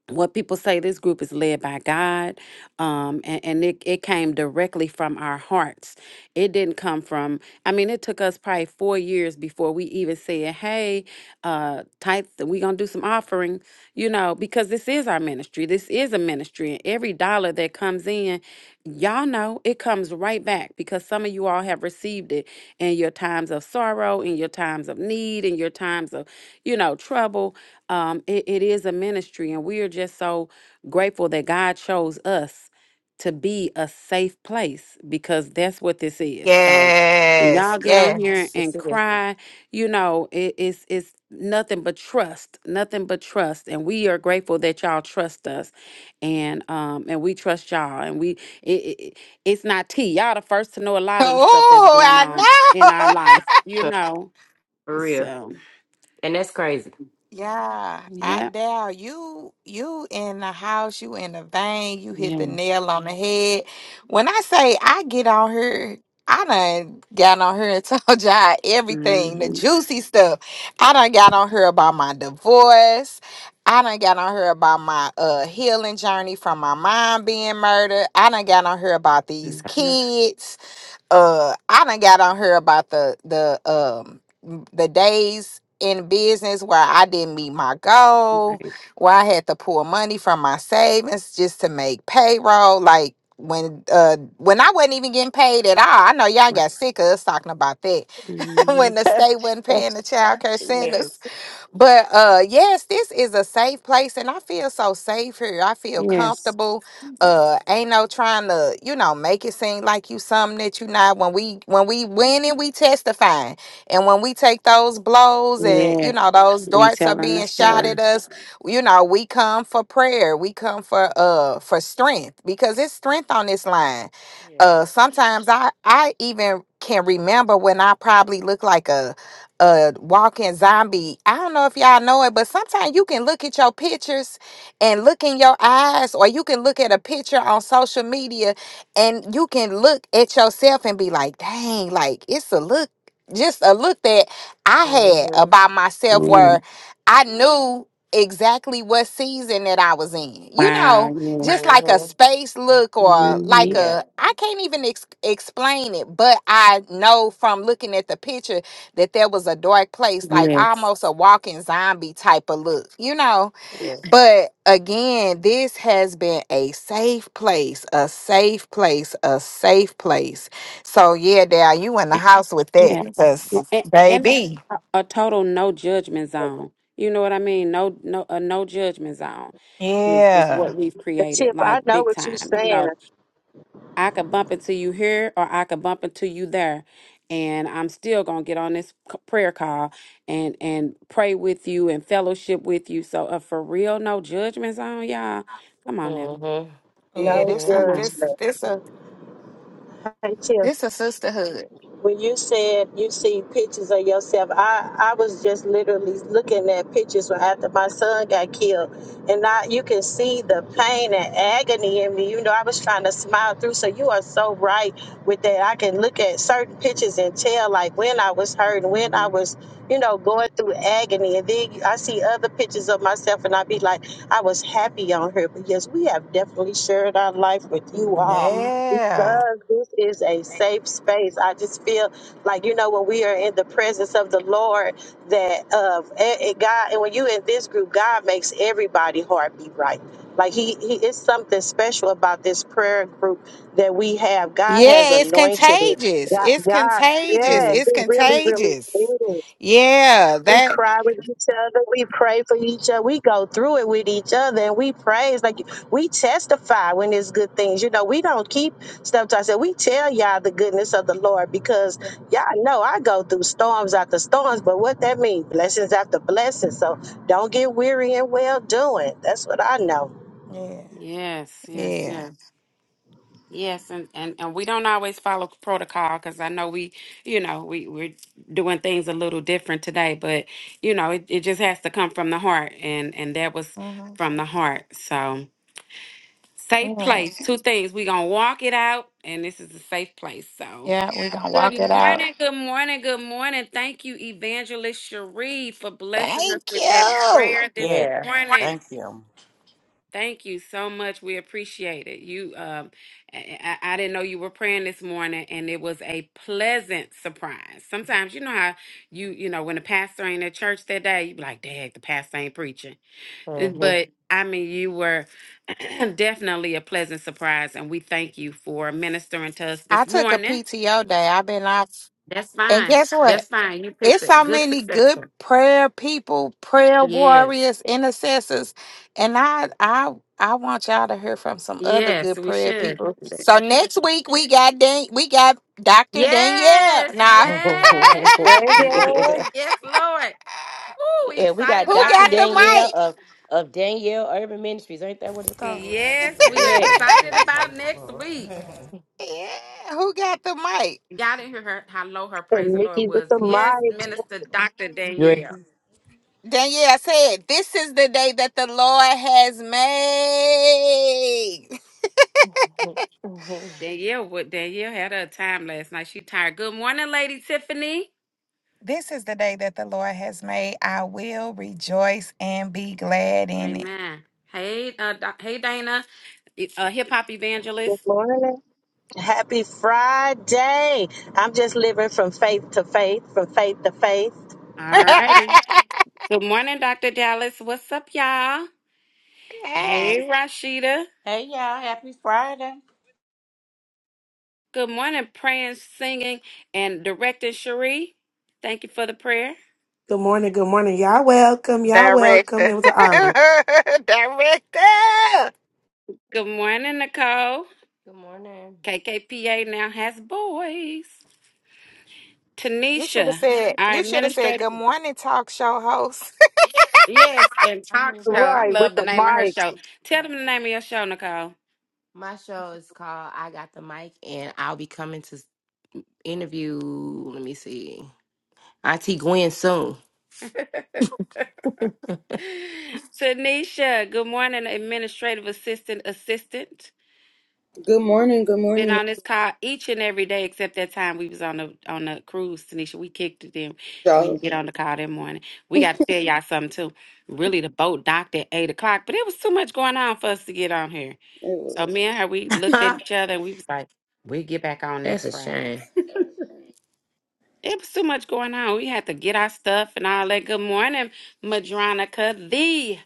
what people say this group is led by god um and, and it, it came directly from our hearts it didn't come from i mean it took us probably four years before we even said hey uh tithe we gonna do some offering you know because this is our ministry this is a ministry and every dollar that comes in Y'all know it comes right back because some of you all have received it in your times of sorrow, in your times of need, in your times of, you know, trouble. Um, it, it is a ministry, and we are just so grateful that God chose us to be a safe place because that's what this is. So when
Yes.
y'all get on here
Yes.
It's
and
it.
cry, you know, it, it's it's nothing but trust, nothing but trust. And we are grateful that y'all trust us and um and we trust y'all and we it, it it's not tea. Y'all the first to know a lot of the stuff that's
Oh,
going on
I
in
know.
our
(laughs)
life, you know. So
Yeah, I
yeah,
dare you. You in the house, you in the vein, you hit the
yes,
nail on the head. When I say I get on here, I done got on here and (laughs) told y'all everything, the
hmm
juicy stuff. I done got on here about my divorce. I done got on here about my uh healing journey from my mom being murdered. I done got on here about these
hmm
kids uh I done got on here about the the um the days in business where I didn't meet my goal,
right,
where I had to pull money from my savings just to make payroll. Like when uh when I wasn't even getting paid at all. I know y'all
right.
got sick of us talking about that (laughs)
hmm
when the
(laughs)
state wasn't paying the child care centers.
yes.
But uh yes, this is a safe place and I feel so safe here. I feel
Yes,
comfortable. Uh ain't no trying to, you know, make it seem like you something that you not. When we when we winning, we testifying. And when we take those blows and
yeah.
you know, those
We
darts are
telling the
being shot at
story.
us, you know, we come for prayer. We come for uh for strength because it's strength on this line.
Yeah.
Uh sometimes I I even can remember when I probably look like a a walking zombie. I don't know if y'all know it, but sometimes you can look at your pictures and look in your eyes, or you can look at a picture on social media and you can look at yourself and be like, dang, like it's a look, just a look that I had
Mhm.
about myself
Yeah.
where I knew exactly what season that I was in. You know,
Wow. Yes.
just like a
Mhm.
space look or like
hmm
Yeah.
a I can't even ex- explain it, but I know from looking at the pictures that there was a dark place, like
Yes.
almost a walking zombie type of look, you know.
Yes.
But again, this has been a safe place, a safe place, a safe place. So yeah, Dad, you in the house with that,
Yeah.
cause
And, and
baby,
a a total no judgment zone. You know what I mean? No, no, a no judgment zone is, is what
yeah,
we've
The
created,
tip, I
like
know
big
what you're
time. You
saying.
know, I could bump into you here or I could bump into you there. And I'm still gonna get on this c- prayer call and and pray with you and fellowship with you. So uh, for real, no judgments on y'all. Come on now,
Mhm.
yeah.
No
This
Mhm.
a
come on.
this
judgment.
this a this a sisterhood.
When you said you see pictures of yourself, I, I was just literally looking at pictures when after my son got killed, and I you can see the pain and agony in me. You know, I was trying to smile through. So you are so right with that. I can look at certain pictures and tell like when I was hurt and when I
hmm
was, you know, going through agony. And then I see other pictures of myself, and I be like, I was happy on here. But yes, we have definitely shared our life with you all
hmm
Yeah,
because this is a safe space. I just feel like you know when we are in the presence of the Lord, that uh, and- and God, and when you in this group, God makes everybody heart beat right. Like he, he it's something special about this prayer group that we have. God has
yeah. It's
anointed it.
contagious.
God,
It's
God
contagious.
Yeah.
yes,
It's
it really, really
contagious.
is.
Yeah,
We
that.
cry with each other. We pray for each other. We go through it with each other and we praise. Like we testify when there's good things. You know, we don't keep stuff to ourselves. We tell y'all the goodness of the Lord because y'all know I go through storms after storms, but what that means, blessings after blessings. So don't get weary and well doing. That's what I know.
Yeah.
Yes, yes,
Yeah.
yes, yes, and, and and we don't always follow protocol because I know we, you know, we we're doing things a little different today, but you know, it, it just has to come from the heart, and and that was
Mhm.
from the heart. So. Safe
Yeah,
place. Two things. We gonna walk it out, and this is a safe place. So,
yeah, we gonna walk it
good
out.
morning, good morning, good morning. Thank you, Evangelist Cherie, for blessing us
Thank
with that
you.
prayer this
Yes.
Yeah.
morning.
Thank you.
Thank you so much. We appreciate it. You, um, I, I I didn't know you were praying this morning, and it was a pleasant surprise. Sometimes you know how you, you know, when the pastor ain't at church that day, you be like, "Dang, the pastor ain't preaching." It- But I mean, you were (clears throat) definitely a pleasant surprise, and we thank you for ministering to us
I
this
took a
morning.
PTO day. I've been off,
That's
and
fine.
guess what?
That's fine. You picked
It's
a
so
good
many good
successor.
prayer people, prayer
Yes.
warriors, intercessors, and I, I, I want y'all to hear from some other
Yes,
good
we
prayer
should.
people. So next week we got Dan, we got Doctor Danielle.
Yes.
Nah,
Yay. (laughs)
Yeah,
(laughs)
Mhm.
yeah.
(laughs)
Yes, Lord. Woo, we
Yeah, we
excited
got
who
about
Dr.
got
next
the
week.
Danielle
mic?
of of Danielle Urban Ministries. Ain't that what it's called?
Amen to
(laughs)
Yes, we are
that.
Yes.
Amen
(laughs)
to
excited
that. Praise
about
the
next
Lord.
week.
(laughs)
yeah, who got the mic?
Y'all didn't hear her how low her praise
And
the Lord
Nikki with
was.
the
Yes,
mic.
Minister Dr.
Great.
Danielle.
Danielle said, This is the day that the Lord has made.
Mhm. Mhm.
Danielle, what Danielle had her a time last night. She tired. Good morning, Lady Tiffany.
This is the day that the Lord has made. I will rejoice and be glad in it.
Amen. Hey, uh, doc, hey, Dana, uh, hip hop evangelist.
Good morning. Happy Friday. I'm just living from faith to faith, from faith to faith.
All righty.
(laughs)
Good morning, Dr. Dallas. What's up, y'all? Hey,
Yes.
Rashida.
Hey, y'all. Happy Friday.
Good morning, praying, singing, and directing Cherie. Thank you for the prayer.
Good morning, good morning. Y'all welcome, y'all welcome.
Director.
It was an
(laughs)
honor.
Director.
Good morning, Nicole.
Good morning.
KKPA now has boys.
You should have
Tanisha,
said,
our
you should have
administrative
said, good morning, talk show host.
Yes, and
I
talk
mean,
show.
right.
I
Right, with
love the
the
name of her
mic.
show. Tell
Right.
them the name of your show, Nicole. (laughs)
My show is called I Got the Mic and I'll be coming to s- interview, let me see, Auntie Gwen soon. (laughs)
Tanisha, good morning, administrative assistant assistant.
Good morning, good
Been
morning,
on this call each and every day except that time we was on the on the cruise, Tanisha. We kicked it in. We
y'all.
didn't get on the call that morning. We got to tell y'all something too. Really the boat docked at eight o'clock, but it was too much going on for us to get on here. So me and her, we looked at each
That's
other and we was like, we get back on next
a
Friday.
shame.
It was too much going on. We had to get our stuff and all that. Good morning, Madronica, the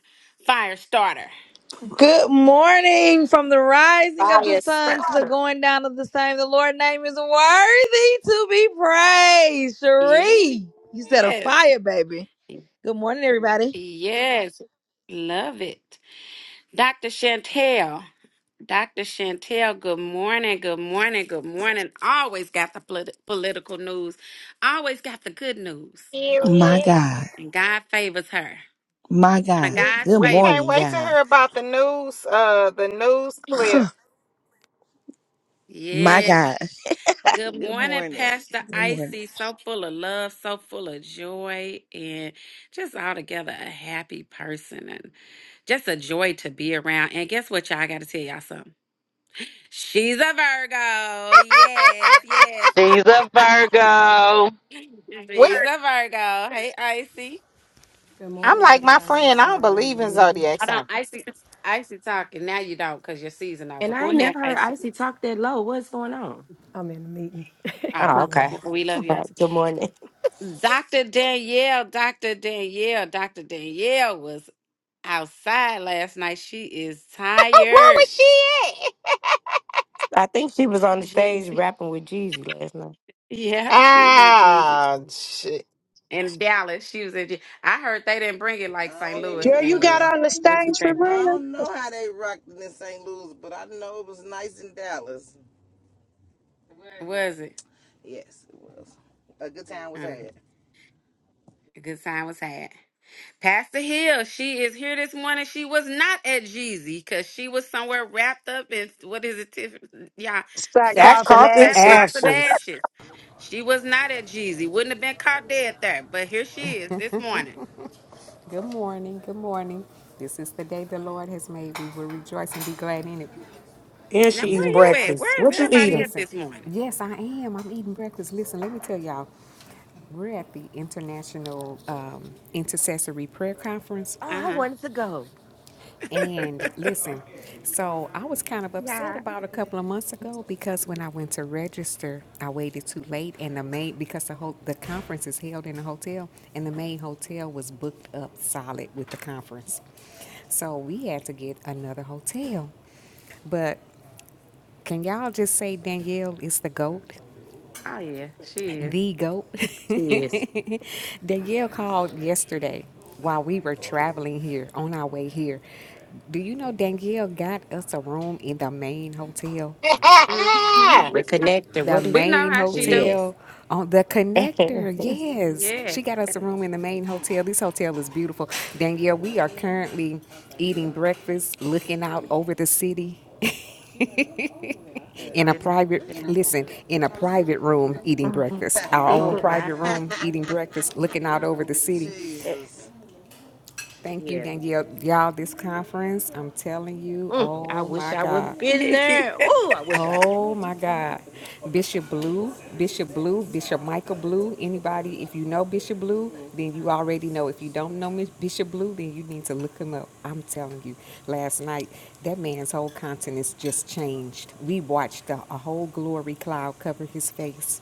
fire starter.
Good morning from the
(laughs)
rising of the
Fire
sun to the
starter.
going down of the same. The Lord's name is worthy to be praised.
Yeah.
Cherie, you set a
Yes.
fire, baby. Good morning, everybody.
Yes. Love it. Dr. Chantel. Dr. Chantel, good morning, good morning, good morning. Always got the polit- political news, always got the good news.
My God.
And God favors her.
My
One of
God.
We
God's
Good
we can't
morning,
wait
favorites.
to
y'all.
hear about the news, uh, the news clip.
Huh.
(laughs)
My
Yes.
God. (laughs)
Good
Good
morning,
morning.
Pastor
Good morning.
Icy. So full of love, so full of joy, and just altogether a happy person and just a joy to be around. And guess what, y'all? I got to tell y'all something. She's a Virgo. Yes, yes.
She's a Virgo.
We
She's a Virgo. Hey, Icy.
Good
I'm
morning,
like my
everybody. I'm
friend. I don't
sorry I'm in
believe
the
in
meeting.
zodiac
Hold on,
signs. (laughs)
Icy. Icy talking. Now you don't because your season
And
over.
I
Go
ain't
ahead,
never heard
Icy.
Icy talk that low. What's going on?
I'm in the meeting.
Ah,
(laughs)
Oh,
good
okay.
morning.
we
(laughs)
love
All
you, Icy.
right. Good morning.
Dr. Danielle, Dr. Danielle, Dr. Danielle was outside last night. She is
Where
tired.
was she at?
(laughs) I think she was on the stage
Jeezy. (laughs)
rapping with Jeezy last night.
Yeah, she was at Jeezy.
Ah, shit.
In Dallas, she was at Jeezy. I heard they didn't bring it like
I
St.
don't Yeah,
Louis,
even
Girl,
know
you got
because
Danielle.
on the
I,
What you
stage for
think?
I
real?
don't know how they rocked in St. Louis, but I know it was nice in Dallas.
Was it?
Yes, it was. A good time was
Huh.
had.
A good time was had. Pastor Hill, she is here this morning. She was not at Jeezy because she was somewhere wrapped up in what is it, Tiffany? Yeah,
Start
sack,
and
Sackcloth and
ashes.
sackcloth and
ashes.
ashes. She was not at Jeezy. Wouldn't have been caught dead there, but here she is this morning.
Good morning. Good morning. This is the day the Lord has made. We will rejoice and be glad in it.
And
Now,
she
where
eating
you at?
breakfast.
Where
What
is
you
everybody
eating?
at
Listen,
this morning?
yes, I am. I'm eating breakfast. Listen, let me tell y'all, we're at the International um, Intercessory Prayer Conference.
Oh, I
Uh
wanted to go.
huh.
And listen, so I was kind of upset about a couple of months ago because when I went to register, I waited too late, and the maid because the whole the conference is held in a hotel, and the main hotel was booked up solid with the conference, so we had to get another hotel. But can y'all just say Danielle is the goat?
Oh yeah, she is.
The goat.
Yes.
(laughs) Danielle called yesterday while we were traveling here on our way here. Do you know Danielle got us a room in the main hotel?
(laughs)
Mm-hmm.
I
The
We know.
connector.
The
What is
we
it?
know
main
how she do.
Yes.
hotel on the
(laughs)
connector. Yes,
Yeah.
she got us a
Okay.
room in the main hotel. This hotel is beautiful. Danielle, we are currently eating breakfast, looking out over the city
So
in a
it's
private
okay.
listen in a private room eating breakfast our own
oh wow.
private
(laughs)
room eating breakfast looking out over the city
Jesus.
Thank you,
yeah.
Danielle. Y'all, this conference, I'm telling you,
Mm, I
oh
wish
my
I would
God.
have been
(laughs)
there. Oh, I wish I would.
Oh my God. Bishop Blue, Bishop Blue, Bishop Michael Blue. Anybody, if you know Bishop Blue, then you already know. If you don't know Miss- Bishop Blue, then you need to look him up. I'm telling you, last night, that man's whole countenance just changed. We watched a, a whole glory cloud cover his face.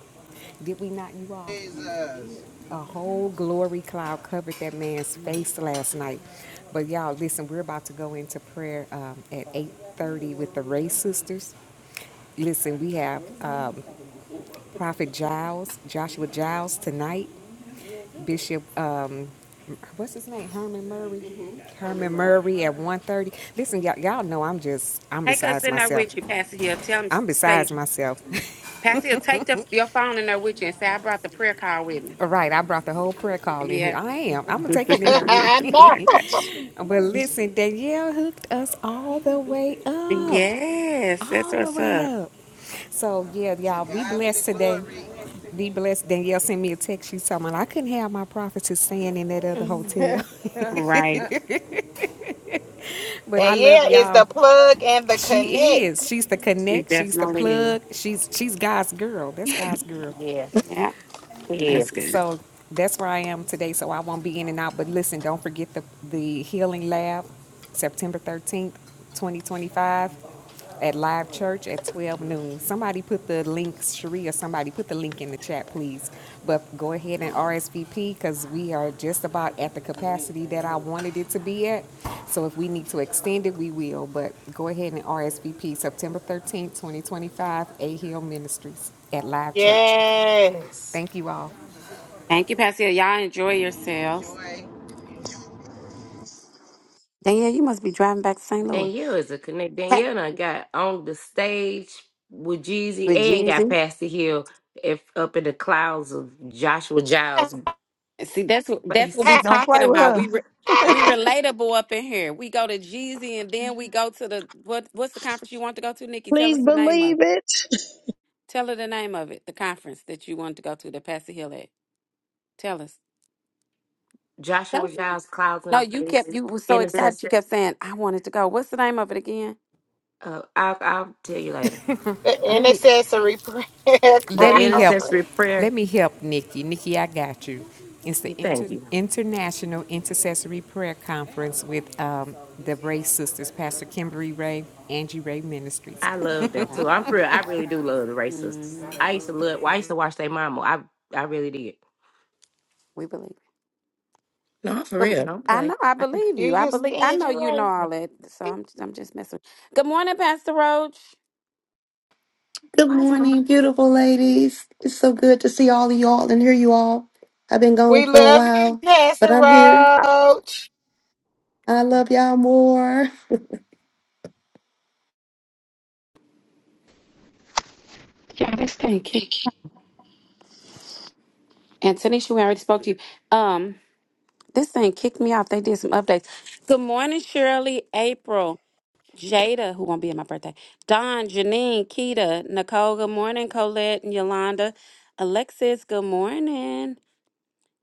Did we not, you all?
Jesus.
A whole glory cloud covered that man's
Mm.
face last night. But y'all, listen, we're about to go into prayer um, at 8.30 with the Ray sisters. Listen, we have uh, Prophet Giles, Joshua Giles tonight, Bishop, uh, what's his name, Herman Murray? Herman Murray at 1.30. Listen, y'all, y'all know I'm just, I'm
take us
besides
in there
myself.
with you, Pastor Hill. Tell him
I'm
say,
besides myself. (laughs)
Pastor Hill, take the, your phone in there with you and say I brought the prayer call with me.
All right, I brought the whole prayer call in here.
Yeah.
I am. I'm going to take it
(laughs)
in there with
know.
me. (laughs) but listen, Danielle hooked us all the way up.
yes, that's
all the
what's
way
up.
up. So yeah,
To
y'all be
God be the
blessed today.
glory.
Be blessed. Danielle sent me a text. She's talking about I couldn't have my prophetess staying in that other hotel.
(laughs)
Right.
(laughs) But I
And
love
yeah, it's
y'all.
the plug and the
She
connect.
is. She's the
We
connect. She's the
definitely is.
plug. She's she's God's girl. That's God's girl.
yeah.
Yeah.
Yeah.
That's good.
So that's where I am today. So I won't be in and out. But listen, don't forget the the healing lab, September thirteenth, twenty twenty five. at Live Church at 12 noon. Somebody put the link, Sheree or somebody put the link in the chat, please. But go ahead and RSVP because we are just about at the capacity that I wanted it to be at. So if we need to extend it, we will. But go ahead and RSVP September 13th, 2025, A Hill Ministries at Live Church.
Yes.
Thank you all.
Thank you, Pastor. Y'all enjoy yourselves.
Enjoy.
Danielle, you must be driving back to St. Louis.
Danielle is a connect.
Pat
Danielle and I got on the stage with Jeezy
with
and got
Jeezy.
past the hill if, up in the clouds of Joshua Giles'
See, that's what that's what
face.
we
Don't
talking
play with
about. We re,
her.
we relatable up in here. We go to Jeezy and then we go to the what what's the conference you want to go to, Nikki? Tell
Please
us the name of.
believe it.
Tell her the name of it. The conference that you wanted to go to that Pastor Hill at. Tell us. Tell
Joshua
us.
Giles' clouds in
No,
the
you
face.
kept you were so excited.
Intercessor.
You kept saying, "I wanted to go." What's the name of it again?
Uh, I'll, I'll tell you later.
The
Let
Okay.
me
intercessory prayer
let
cloud.
The
(laughs)
me help
intercessory
Let
prayer.
me help Nikki. Nikki, I got you. It's the
You thank
Inter-
you.
International Intercessory Prayer Conference with um, the Ray Sisters, Pastor Kimberly Ray, Angie Ray Ministries.
I love them too. I'm for real. I really do love the racists.
hmm
I used to love. Well, I used to watch their mama. I I really did.
We believe.
No, I'm for real.
Good-
Don't
I
play.
know. I
I,
believe
You,
you. I
you
believe. I
stand
know
you
you
right.
know all that. So I'm. I'm just messing. Good morning, Pastor Roach.
Good
why is my mom?
morning, beautiful ladies. It's so good to see all of y'all and hear you all. I've been
We
gone for a
love you,
while, but
Pastor
I'm here.
Roach.
I love y'all more.
Yeah, this thing kicked. And Tanisha, we already spoke to you. Um, this thing kicked me off. They did some updates. Good morning, Shirley, April, Jada, who won't be at my birthday. Don, Janine, Keita, Nicole. Good morning, Colette and Yolanda. Alexis. Good morning.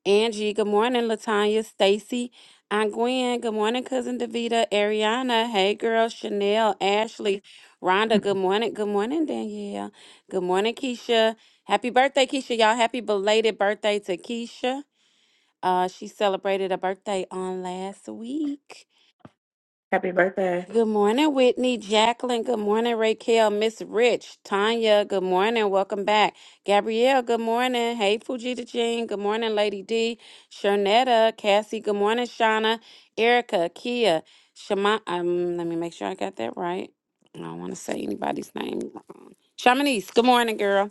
Angie, good morning, Latanya, Stacy, Aunt Gwen, good morning, cousin Davita, Ariana, hey girl, Chanel, Ashley, Rhonda, good morning, good morning, Danielle, good morning, Keisha, happy birthday, Keisha, y'all, happy belated birthday to Keisha. Uh, she celebrated a birthday on last week.
Happy birthday.
Good morning, Whitney, Jacqueline. Good morning, Raquel, Miss Rich, Tanya. Good morning. Welcome back. Gabrielle, good morning. Hey, Fujita Jean. Good morning, Lady D. Shernetta, Cassie. Good morning, Shauna, Erica, Kia, Shama. Um, let me make sure I got that right. I don't want to say anybody's name wrong. Shamanice, good morning, girl.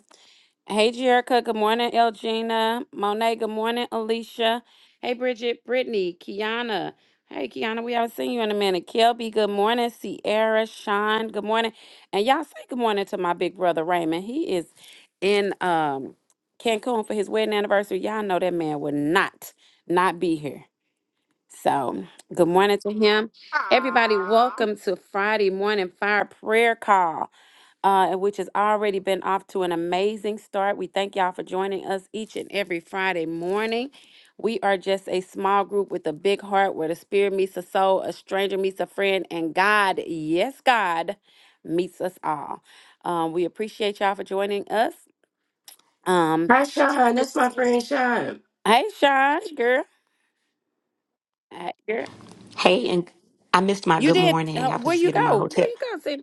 Hey, Jerica. Good morning, Elgina. Monet. Good morning, Alicia. Hey, Bridget. Brittany. Kiana. Hey, Kiana. We haven't seen you in a minute. Kelby. Good morning. Sierra. Sean. Good morning. And y'all say good morning to my big brother Raymond. He is in um Cancun for his wedding anniversary. Y'all know that man would not not be here. So good morning to him. Everybody,
Aww.
welcome to Friday morning fire prayer call uh, which has already been off to an amazing start. We thank y'all for joining us each and every Friday morning. We are just a small group with a big heart where the spirit meets the soul, a stranger meets a friend, and God, yes, God, meets us all. Um, we appreciate y'all for joining us. Um,
Hi, Sean. That's my friend Sean.
hey, Sean, girl. Hey, girl.
Hey, and I missed my
You
good
did. Uh,
morning. I was
where
just
you
getting in my
go? Where
hotel.
you go?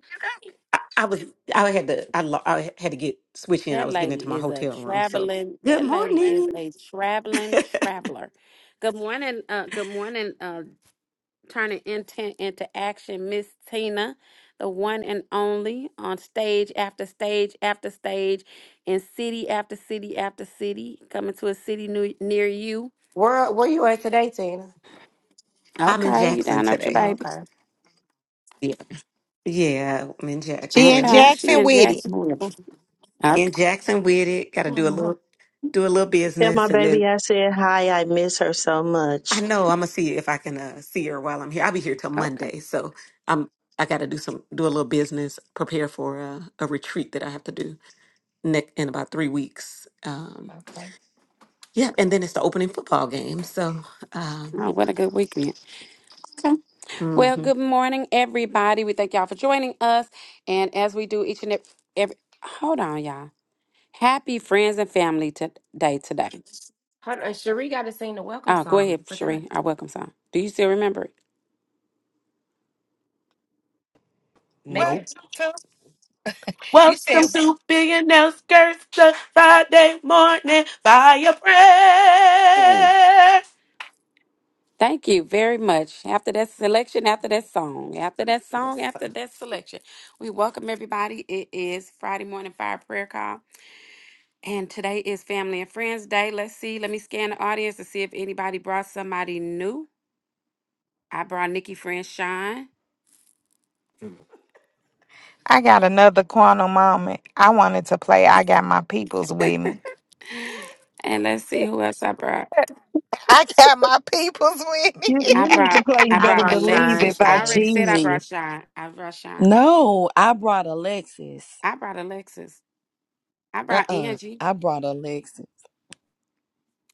I, I was, I had to, I, lo- I had to get switch in. I
That
was getting
lady
into my
is a
hotel room. So,
traveling.
good
That lady is
morning.
a traveling
(laughs)
traveler. Good morning. Uh, good morning. Uh, turning intent into action, Miss Tina, the one and only on stage after stage after stage, in city after city after city, coming to a city new, near you.
Where Where you at today, Tina?
I'm in
Okay, you
Jackson
down there with your
today.
Oh,
baby?
okay.
Yeah, yeah, I'm in
She in
Jackson.
Okay, she
Jackson
in
with it.
(laughs)
Jacksonville.
okay.
In
Okay,
Jackson with it. Got to do a
Hold
little, do a little
Tell my
business, and
baby
then
I said hi. I miss her so
I
much.
know I'm gonna see if I can uh, see her while I'm here. I'll be here till
okay.
Monday, so I'm. I got to do some, do a little business, prepare for a, a retreat that I have to do. neck in about three weeks. Um, yeah, and then it's the opening football game. So um,
Oh,
yeah,
what a good weekend. Okay. Well,
Mm-hmm.
good morning, everybody. We thank y'all for joining us. And as we do each and every, every hold on, y'all. Happy friends and family to, day today.
on. Cherie got to sing the welcome
Oh, go
song. You
ahead,
forgot.
Sheree. Our welcome song. Do you still remember it?
Make
Welcome
Nope.
it.
to. You said
Welcome to Billionaire Skirts, the Friday morning fire
Yeah.
prayer.
Thank you very much. After that selection, after that song, after that song, after that selection, we welcome everybody. It is Friday morning fire prayer call. And today is Family and Friends Day. Let's see. Let me scan the audience to see if anybody brought somebody new. I brought Nikki Friend Shine.
I got another quantum moment. I wanted to play I Got My Peoples With Me.
And let's see who else I brought.
I got my peoples with me.
You
(laughs)
I
you need to
brought
play You
I
I
Better
brought
brought
Believe
Shine
It
Alexis.
by
I already
today.
said I
Jeezy.
brought Sean. I brought Sean.
No, I brought Alexis.
I brought Alexis. I brought
Uh-uh.
Angie.
I brought Alexis.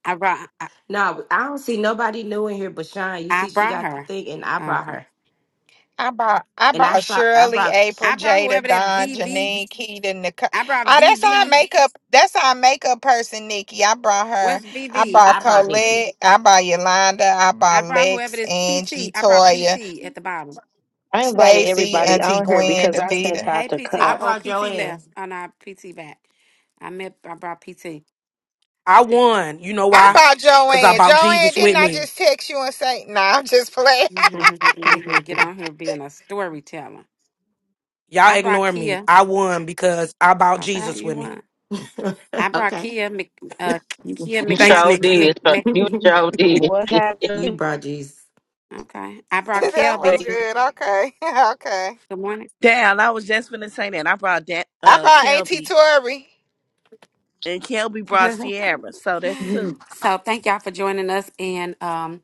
I brought I,
No, I don't see nobody new in here but Shine. You
I
see, she
brought
got the
her.
thing, and I brought
Okay.
her.
I bought I
And I
bought
saw, I
Shirley,
brought,
April,
I brought
Jada,
whoever that
Don,
VV.
Janine, Keita, Nicole.
I brought
Oh, that's our
VV.
makeup. That's our makeup person, Nikki. I brought her.
What's
I
VV?
bought
I brought Nikki.
Colette. I bought Yolanda. I
I
bought
brought whoever
Lex,
this
Angie,
PT. I brought
Toya,
PT at the bottom.
I invited
Stacy,
everybody
Auntie
on here
Gwen,
because I sent
Davita.
out
Hey
the
PT.
I
Uh
cut.
oh,
brought
PT
Joanne.
left. Oh no, PT back. I met I brought PT.
I won. You know
I
Well,
why?
bought
Because I
Joanne.
bought
Joanne,
Jesus
didn't
with
I
me.
just text you and say, no, nah, I'm just playing.
(laughs)
(laughs)
yeah, get
(laughs)
on here being a storyteller. I
Y'all
brought
ignore me.
Kia.
I won because I bought
Okay,
Jesus
you
with me.
won. I
(laughs)
brought
okay.
Kia Mc, uh,
you
Kia
You
Thanks,
sure
McAfee, Mc,
Nikki.
did. sir. You
McAfee.
(laughs)
sure did.
What
you
happened?
Braji's.
Okay. I
(laughs)
brought
that was
Kelby.
good. Okay. (laughs) Okay.
Good morning.
Damn, I was just gonna say that. I brought that
I
uh
thought Auntie
Kelby
Tori.
and Kelby
(laughs)
brought Sierra. So that's two.
so thank y'all for joining us. And um,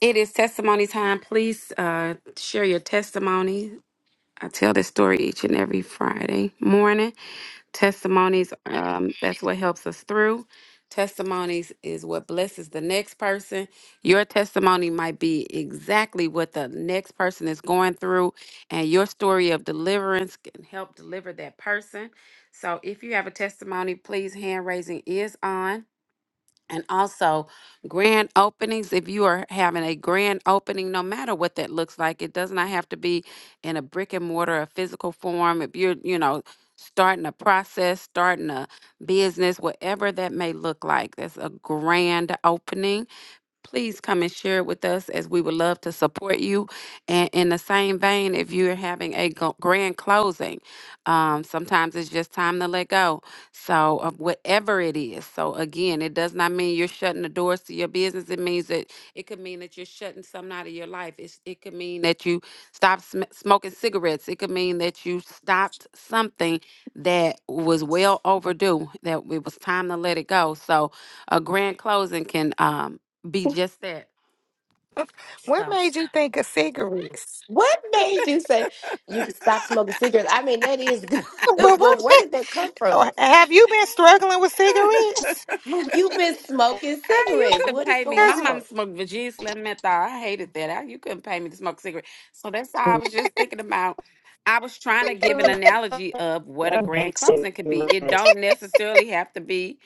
it is testimony time. Please uh, share your testimony. I tell this story each and every Friday morning. Testimonies, um, that's what helps us through. Testimonies is what blesses the next person. Your testimony might be exactly what the next person is going through, and your story of deliverance can help deliver that person. So if you have a testimony, please hand raising is on and also grand openings if you are having a grand opening no matter what that looks like it does not have to be in a brick and mortar a physical form if you're you know starting a process starting a business whatever that may look like that's a grand opening please come and share it with us as we would love to support you. And in the same vein, if you're having a go- grand closing, um, sometimes it's just time to let go. So, of whatever it is. So, again, it does not mean you're shutting the doors to your business. It means that it could mean that you're shutting something out of your life. It's, it could mean that you stopped sm- smoking cigarettes. It could mean that you stopped something that was well overdue, that it was time to let it go. So, a grand closing can. Um, be just that.
What
So.
made you think of cigarettes?
What made you say you
(laughs)
could stop smoking cigarettes? I mean, that is good,
But
(laughs)
what
but where
ma-
did that come from?
(laughs) oh, have you been struggling with cigarettes?
Have you been smoking
Ah, you
cigarettes?
couldn't
What is
pay me.
going
My
Because
mom
on?
smoked Virginia Slim menthol. I hated that. Ah, You couldn't pay me to smoke a cigarette. So that's all I was just thinking about. I was trying to give an analogy of what a grand closing could be. It don't necessarily have to be.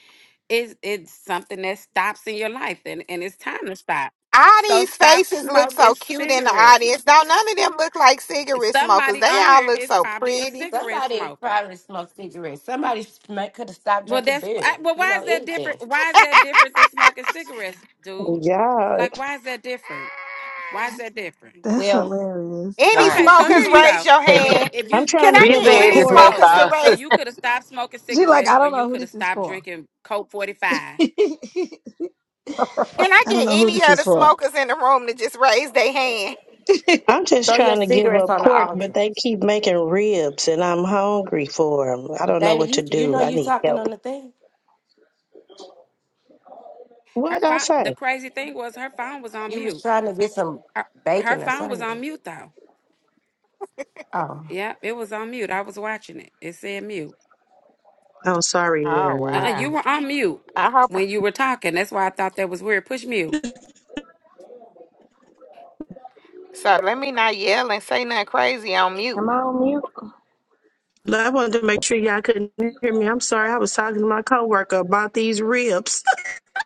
It's it's something that stops in your life, and and it's time to stop.
all
So
these
stop
faces look
smoking
so cute in the
cigarettes.
audience. Don't none of them look like cigarette smokers.
Somebody
They
on
all
here
look
is
so
probably a
pretty.
cigarette
Somebody
smoker
probably smoked cigarettes. Somebody could have stopped
Well,
drinking
that's I,
beer.
well.
You
Why
know,
is that different?
anything.
Why is that different than smoking cigarettes, dude?
Yeah,
Like, why is that different? Why is that
(laughs)
different?
That's
Well,
hilarious. (laughs)
Any
Okay,
wine.
so here
smokers,
you
raise
go.
your
If
(laughs)
hand.
if
I'm
you
trying
Can
to
I
Big
give
get
up
edge
any
grand
and
pork.
smokers to
closing,
menthol.
so
raise?
(laughs)
you could have stopped smoking
she like,
cigarettes,
I
or
don't
you
know who
could have
this is
stopped
for.
drinking Coke forty
(laughs)
five.
I
Can I
don't
get
know who
any
this
of
is
the
for.
smokers in the room to just raise their hand?
(laughs)
I'm just
Throw your
trying to give
cigarettes
up
on the
pork, but
altar.
they keep making ribs and I'm hungry for 'em. I am hungry for them. i do not know
Dana,
what to
you you
do.
know
I
you
need help.
talking on the thing.
Her
What I
phone. The
say?
crazy thing was her phone was on
You was
mute.
trying to get some
Her, her
bacon or
phone was on
something.
mute though.
Oh.
Yeah, it was on mute. I was watching it. It said mute.
I'm sorry.
Oh
Uh, uh
y'all.
wow!
you were on mute
I hope.
when you were talking. That's why I thought that was weird. Push mute.
So let me not yell and say nothing crazy on mute.
Am I on mute?
No, I wanted to make sure y'all couldn't hear me. I'm sorry. I was talking to my coworker about these ribs. (laughs)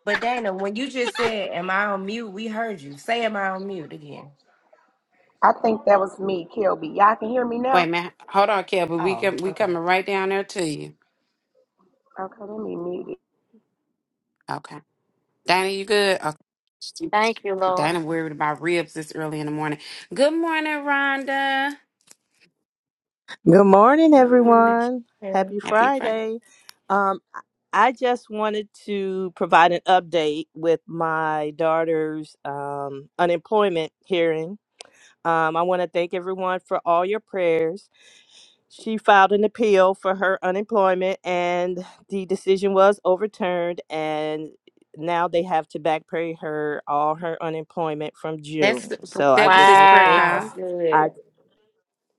But Dana, when you just said, "Am I on mute?" We heard you say, "Am I on mute?" again.
I think that was me, Kelby. Y'all can hear me
Wait,
now?
man. Hold on, Kelby. we com-
Oh,
we
okay.
coming right down there to you.
Okay, let me mute it.
Okay. Dana, you good? Okay.
Thank you, Lord.
Dana worried about ribs this early in the morning. Good morning, Rhonda.
Good morning,
Good morning.
everyone.
Yeah,
Happy
Happy Friday.
Friday. Um, I I just wanted to provide an update with my daughter's um, unemployment hearing. Um, I want to thank everyone for all your prayers. She filed an appeal for her unemployment, and the decision was overturned. And now they have to back pay her all her unemployment from
That's
June. So I
that was
just
this
want
prayer
to
call.
that's
Wow.
good.
thank.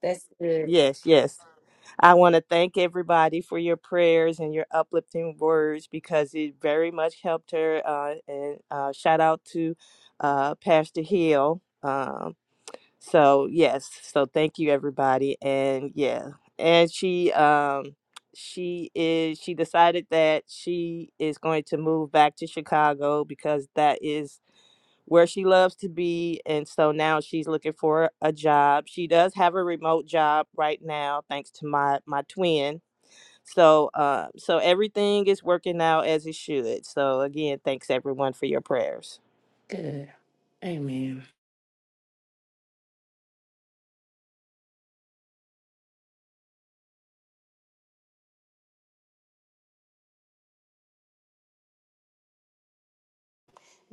That's good.
Yes, yes. I want to thank everybody for your prayers and your uplifting words because it very much helped her. Uh, and uh, shout out to uh, Pastor Hill. Um, so yes, so thank you everybody, and yeah, and she um, she is she decided that she is going to move back to Chicago because that is where she loves to be and so now she's looking for a job she does have a remote job right now thanks to my my twin so uh, so everything is working out as it should so again thanks everyone for your prayers
Good. Amen.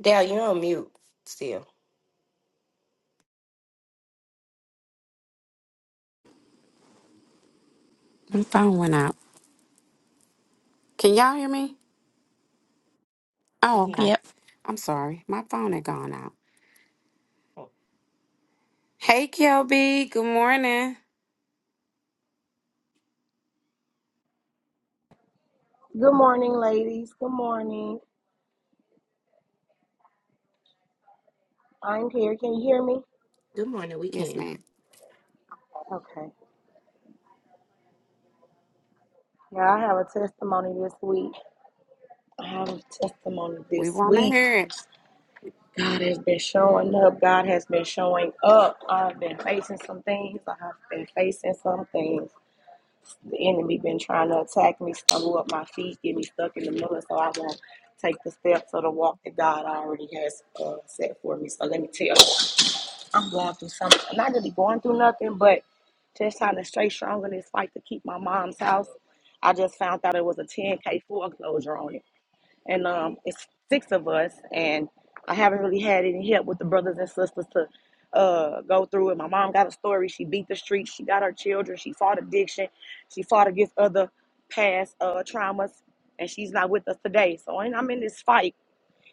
Dale, you're on mute still.
My phone went out. Can y'all hear me?
We
Oh,
can.
okay.
Yep.
I'm sorry. My phone had gone out. Hey, Kelby. Good morning.
Good morning, ladies. Good morning. I'm here. Can you hear me?
Good morning. We
Yes,
can.
ma'am.
Okay. Yeah, I have a testimony this week. I have a testimony
We
this
want to
week.
hear it.
God has been showing up. God has been showing up. I've been facing some things. I have been facing some things. the enemy been trying to attack me, stumble up my feet, get me stuck in the middle, so I won't take the steps of the walk that God already has uh, set for me. So let me tell you, I'm going through something. I'm not really going through nothing, but just trying to stay strong in this fight to keep my mom's house. I just found out it was a 10K foreclosure on it and um, it's six of us, and I haven't really had any help with the brothers and sisters to uh, go through it. My mom got a story. She beat the streets. She got her children. She fought addiction. She fought against other past uh, traumas, and she's not with us today. So, and I'm in this fight,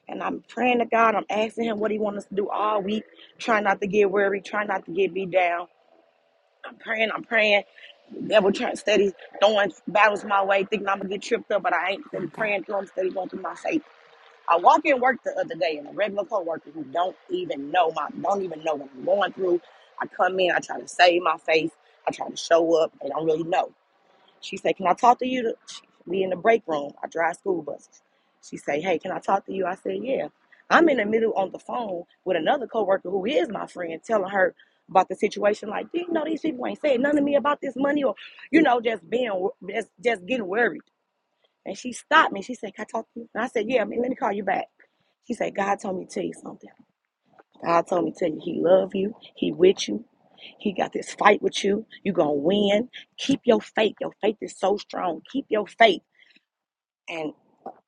and I'm praying to God. I'm asking Him what He wants us to do all week. Trying not to get weary. Trying not to get beat down. I'm praying. I'm praying. Devil trying steady throwing battles my way, thinking I'm gonna get tripped up, but I ain't steady
Okay.
praying to him, steady going through my faith. I walk in work the other day and a regular coworker who don't even know my don't even know what I'm going through. I come in, I try to save my face, I try to show up. They don't really know. She said, "Can I talk to you?" we in the break room. I drive school buses. She say, "Hey, can I talk to you?" I said, "Yeah." I'm in the middle on the phone with another coworker who is my friend, telling her about the situation. Like, you know, these people ain't saying nothing to me about this money, or you know, just being just just getting worried. And she stopped me. She said, Can I talk to you? And I said, Yeah, let me call you back. She said, God told me to tell you something. God told me to tell you he love you. He with you. He got this fight with you. you going to win. Keep your faith. Your faith is so strong. Keep your faith. And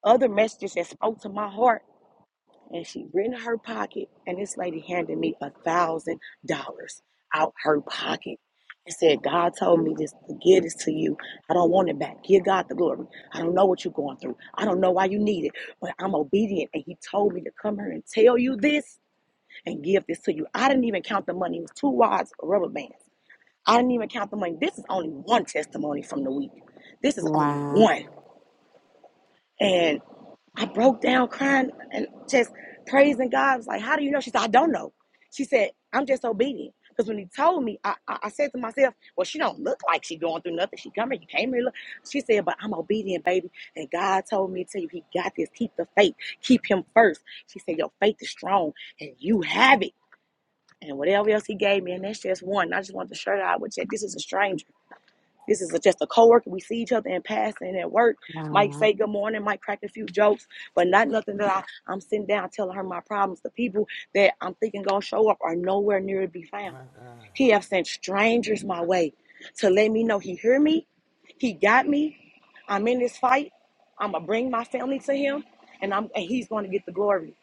other messages that spoke to my heart and she went in her pocket and this lady handed me a thousand dollars out her pocket and said god told me just to give this to you i don't want it back give god the glory i don't know what you're going through i don't know why you need it but i'm obedient and he told me to come here and tell you this and give this to you i didn't even count the money it was two wads of rubber bands i didn't even count the money this is only one testimony from the week this is only
Wow.
one And." I broke down crying and just praising God. I was like, How do you know? She said, I don't know. She said, I'm just obedient. Because when he told me, I, I, I said to myself, Well, she don't look like she going through nothing. She coming, you came here. Look. She said, But I'm obedient, baby. And God told me to tell you, He got this. Keep the faith. Keep him first. She said, Your faith is strong and you have it. And whatever else he gave me, and that's just one. I just want to share that with you. This is a stranger. This is a, just a coworker. We see each other in passing at work. Might
Wow.
say good morning, might crack a few jokes, but not nothing that I, I'm sitting down telling her my problems. The people that I'm thinking gonna show up are nowhere near to be found. He have sent strangers my way to let me know he hear me, he got me. I'm in this fight. I'm gonna bring my family to him, and I'm and he's going to get the glory.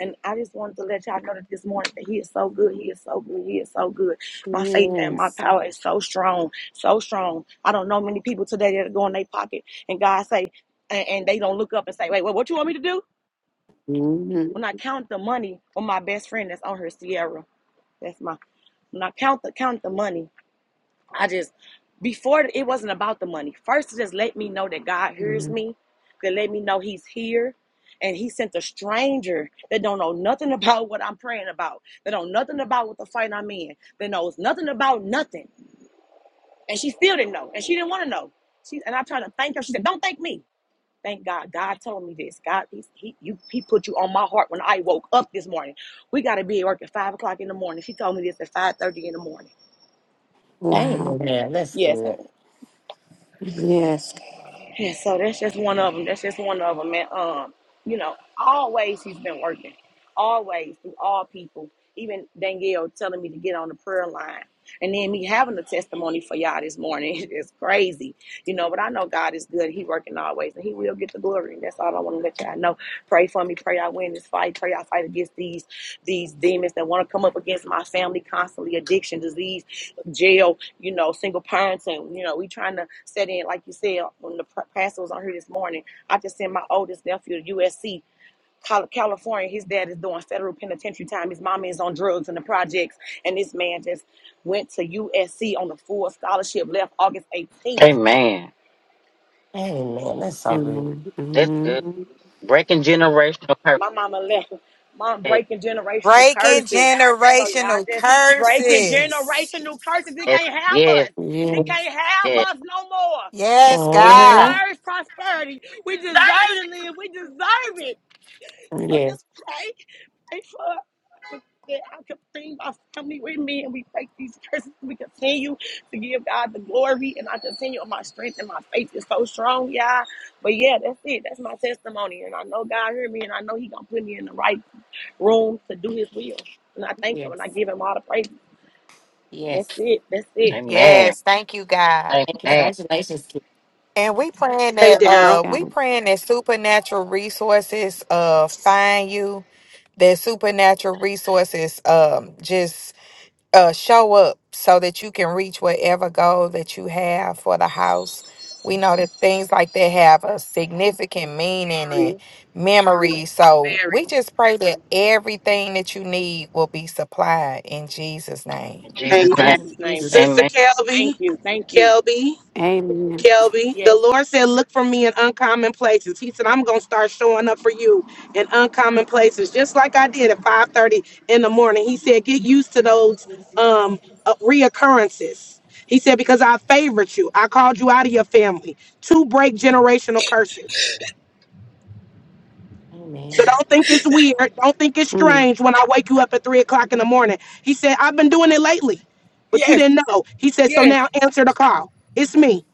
And I just wanted to let y'all know that this morning that he is so good. He is so good. He is so good. My faith and my
Yes.
power is so strong, so strong. I don't know many people today that go in their pocket and God say, and, and they don't look up and say, wait, wait, what you want me to do? When I count the money on my best friend that's on her Sierra, that's my. When I count the count the money I just before it wasn't about the money. First, it just let me know that God hears
Mhm.
me, that let me know He's here, and He sent a stranger that don't know nothing (laughs) about what I'm praying about, that don't know nothing about what the fight I'm in, that knows nothing about nothing, and she still didn't know, and she didn't want to know. She and i tried to thank her. She said, "Don't thank me." Thank God. God told me this. God, he, he, you, he put you on my heart when I woke up this morning. We got to be at work at 5 o'clock in the morning. She told me this at 5.30 in the morning.
Wow.
Amen. That's
Yes.
good.
Yes.
And so that's just one of them. That's just one of them. And um, you know, always he's been working. Always through all people. Even Danielle telling me to get on the prayer line. And then me having a testimony for y'all this morning (laughs) is crazy. You know, but I know God is good. He working always and he will get the glory. And that's all I want to let y'all know. Pray for me. Pray I win this fight. Pray I fight against these these demons that want to come up against my family constantly. Addiction, disease, jail. You know, single parents, and you know, we trying to set in like you said when the pr- pastor was on here this morning. I just sent my oldest nephew to USC. Cal- California, his dad is doing federal penitentiary time. His mama is on drugs in the projects, and this man just went to USC on a full scholarship. Left August 18th
Amen.
Amen. That's so good.
Amen.
That's good.
Mhm.
Breaking generational curses.
My mama left. Mom breaking generational
Breaking
curses. So y'all
generational
just breaking
curses.
generational curses. It
Yes,
can't have
yes.
us. It
Yes.
can't
yes.
have us no more.
Yes,
We
hmm
God.
deserve prosperity. We deserve to live. We deserve it. So
Yes.
just pray. Pray for that I can bring my family with me and we break these curses. We continue to give God the glory and I continue on my strength and my faith is so strong, y'all. But yeah, that's it. That's my testimony. And I know God heard me and I know He gonna put me in the right room to do his will. And I thank him
Yes.
and I give him all the praise. And that's
Yes.
it. That's it.
Amen.
Yes, thank you, God.
And
Amen.
congratulations, kid.
And we praying that
Yes,
uh we
God.
praying that supernatural resources uh find you, that supernatural resources um just uh, show up so that you can reach whatever goal that you have for the house. We know that things like that have a significant meaning and
Very,
memory. So
very.
we
In
just pray that everything that you need will be supplied in Jesus' name.
In Jesus' name.
Amen.
Jesus' name.
Jesus.
Thank
Sister
you.
Amen.
Thank
Kelby,
you. Thank you.
Kelby,
Amen.
Kelby, the
Yes.
Lord said, Look for me in uncommon places. He said, I'm going to start showing up for you in uncommon places, just like I did at 5:30 in the morning. He said, Get used to those um, uh, reoccurrences. He said, Because I favored you, I called you out of your family to break generational curses. So
Amen.
don't think it's weird. Don't think it's
Mm.
strange when I wake you up at three o'clock in the morning. He said, I've been doing it lately, but you
Yes.
didn't know. He said, So
Yes.
now answer the call. It's me.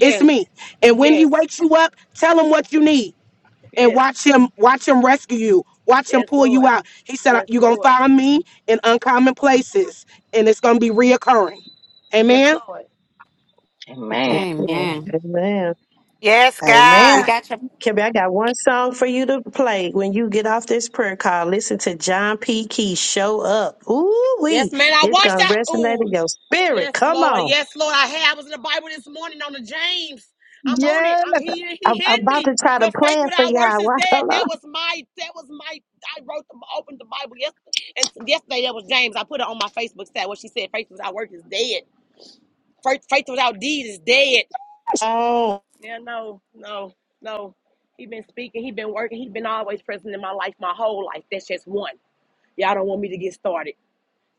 It's me. And when he
Yes.
wakes you up, tell him what you need and
Yes.
watch him, watch him rescue you. Watch him
Yes,
pull you
Lord.
out. He said,
Yes,
You're gonna
Lord.
find me in uncommon places, and it's gonna be reoccurring.
Yes,
Amen.
Lord.
Amen.
Yes,
Amen.
Amen.
Amen.
Yes,
We
Amen.
God.
got your
Kebby, I got one song for you to play when you get off this prayer call. Listen to John P. Key show up. Ooh
Yes,
wee.
man. I
It's
watched
gonna
that.
resonate
Ooh.
in your spirit.
Yes,
Come
Lord.
on.
Yes, Lord. I had. I was in the Bible this morning on the James. I'm on it.
Yes.
i he he
I'm, I'm
hid
about
me.
to try to
The
play
faith
it for
without works
y'all.
is
Wa-
dead.
Hold on.
That was my. That was my. I wrote the opened the Bible yesterday, and yesterday that was James. I put it on my Facebook stat. What she said: faith without works is dead. Faith, faith without deed is dead.
(laughs) Oh,
Yeah, no, no, no. He been speaking. He been working. He been always present in my life, my whole life. That's just one. Y'all don't want me to get started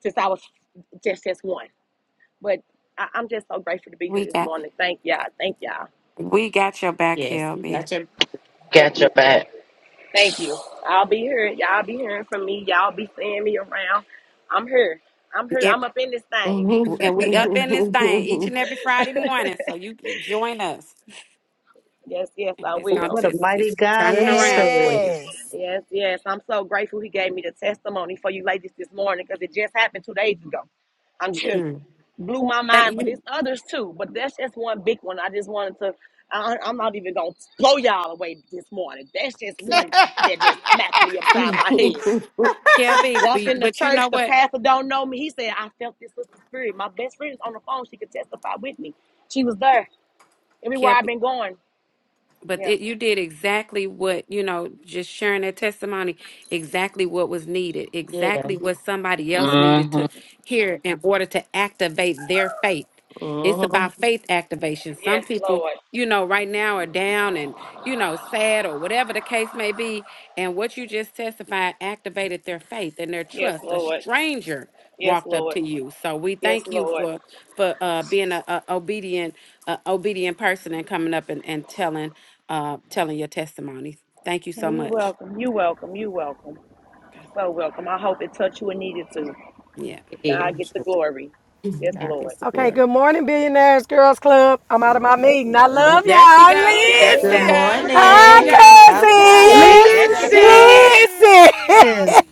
since I was just just one. But I, I'm just so grateful to be
we
here this
got
morning. Thank y'all. Thank y'all.
we got your back,
Yes, you got
LB.
your.
Thank
Got your
you.
back.
Thank you. I'll be here. Y'all be hearing from me. Y'all be seeing me around. I'm here. I'm here.
Yep.
I'm up in this thing.
And we up in this thing each and every
(laughs)
Friday morning. So you can join us.
Yes, yes, I
It's gonna
will.
what a
just
mighty
it's
God
turning
we
around for
serve.
you.
Yes.
Yes, yes. I'm so grateful he gave me the testimony for you ladies this morning because it just happened two days ago. I'm just
Mm.
blew my
Thank
mind, but
you.
it's others too. But that's just one big one. I just wanted to. I, I'm not even gonna blow y'all away this morning. That's just
K-
one that just smacked me upside my head.
(laughs)
Walked in
but
the
but you know
church, the
what?
pastor don't know me. He said, I felt this sister spirit. My best friend's on the phone. She could testify with me. She was there everywhere
KLB.
I've been going.
but
Yeah.
it, you did exactly what you know just sharing that testimony exactly what was needed
Yeah.
exactly what somebody else needed
hmm
to hear in order to activate their faith
hmm
it's about faith activation some
Yes,
people
Lord.
you know right now are down and you know sad or whatever the case may be and what you just testified activated their faith and their
Yes,
trust a
Lord.
stranger
Yes,
walked up
Lord.
to you so we
Yes,
thank you
Lord.
for for uh being a, a obedient a obedient person and coming up and, and telling uh, telling your testimony. Thank you so
Hey, you
much.
welcome. You welcome. You welcome. So welcome. I hope it touched you and needed to.
Yeah,
(laughs)
God get the glory. Yes,
God
Lord.
is the
Okay,
glory.
good morning, Billionaires Girls Club. I'm out of my meeting. I
Mhm.
love
There she
y'all.
I'm
go.
Good
There
morning,
Good
she
Listen.
go.
Icy.
There she
morning.
go.
Good morning, Icy.
Okay. (laughs) Let
Hi, cousins.
There she
Pastor
go.
Icy.
Listen.
Listen.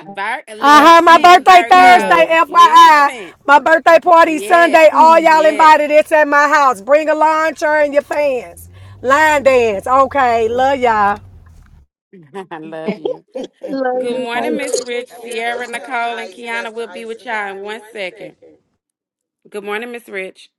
Vir-
(laughs) I had my
listen,
birthday Thursday,
Amen.
Virgo.
FYI.
Listen.
My birthday party
Yes.
Sunday. All y'all
Yes.
invited. It's at my house. Bring a lawn chair and your fans. Line dance. Okay, love
Okay.
y'all.
(laughs) I love you.
Love
Good
you.
me
morning, Miss Rich.
Happy
Sierra,
birthday,
Nicole, and
Ice.
Kiana will
Pastor
be with y'all in one second.
Icy.
Good morning, Miss Rich.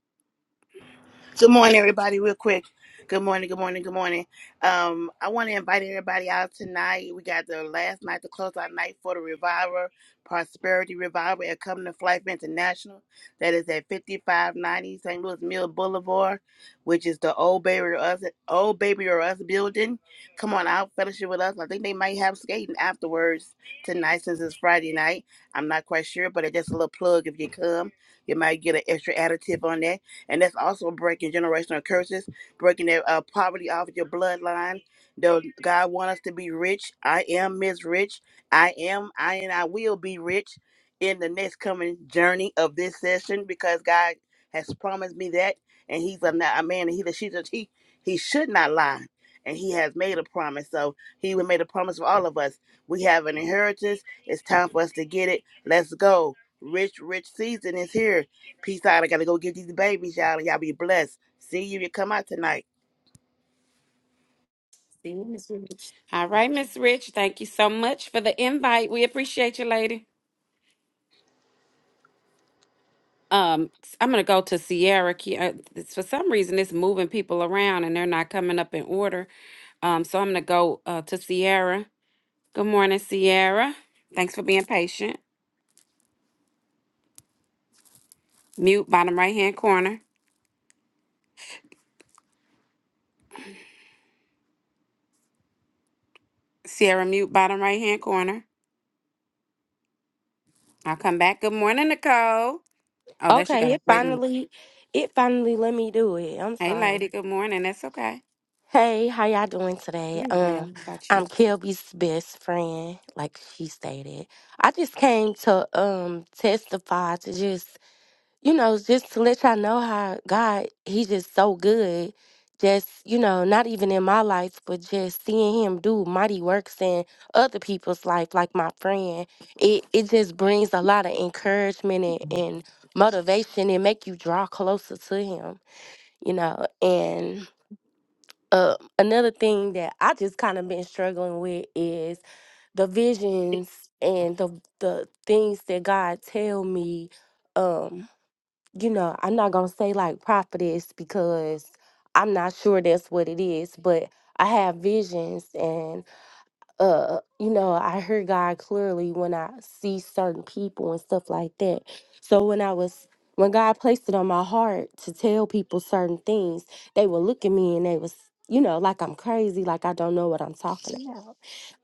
Good morning, everybody, real quick. Good morning, good morning, good morning. Um, I want to invite everybody out tonight. We got the last night, the close out night for the Reviver, Prosperity Revival at Coming to Life International. That is at 5590 St. Louis Mill Boulevard, which is the old baby or us, old baby or us building. Come on out, fellowship with us. I think they might have skating afterwards tonight since it's Friday night. I'm not quite sure, but it's just a little plug if you come. You might get an extra additive on that and that's also breaking generational curses, breaking that uh, poverty off your bloodline. Though God want us to be rich, I am Miss Rich. I am, I and I will be rich in the next coming journey of this session because God has promised me that, and He's a, a man, and He that she's a, he He should not lie, and He has made a promise. So He made a promise for all of us. We have an inheritance. It's time for us to get it. Let's go. Rich, rich season is here. Peace out. I gotta go get these babies, y'all. Y'all be blessed. See you if you come out tonight.
see Miss Rich.
All right, Miss Rich. Thank you so much for the invite. We appreciate you, lady. Um, s- I'm gonna go to Sierra. Ki- uh, it's- For some reason, it's moving people around and they're not coming up in order. Um, so I'm gonna go uh, to Sierra. Good morning, Sierra. Thanks for being patient. Mute bottom right hand corner. Sierra, mute bottom right hand corner. I'll come back. Good morning, Nicole. Oh, there she
Okay,
go.
it
Wait a minute.
finally it finally let me do it. I'm
Hey,
sorry.
lady. Good morning. That's okay.
Hey, how y'all doing today?
We will.
Um,
How about
I'm
you?
Kelby's best friend, like she stated. I just came to um testify to just you know, just to let y'all know how God, He just so good. Just, you know, not even in my life, but just seeing him do mighty works in other people's life, like my friend, it, it just brings a lot of encouragement and, and motivation and make you draw closer to him, you know. And uh, another thing that I just kind of been struggling with is the visions and the the things that God tell me um you know, I'm not gonna say like prophetess because I'm not sure that's what it is, but I have visions and uh you know, I hear God clearly when I see certain people and stuff like that. So when I was when God placed it on my heart to tell people certain things, they would look at me and they was, you know, like I'm crazy, like I don't know what I'm talking about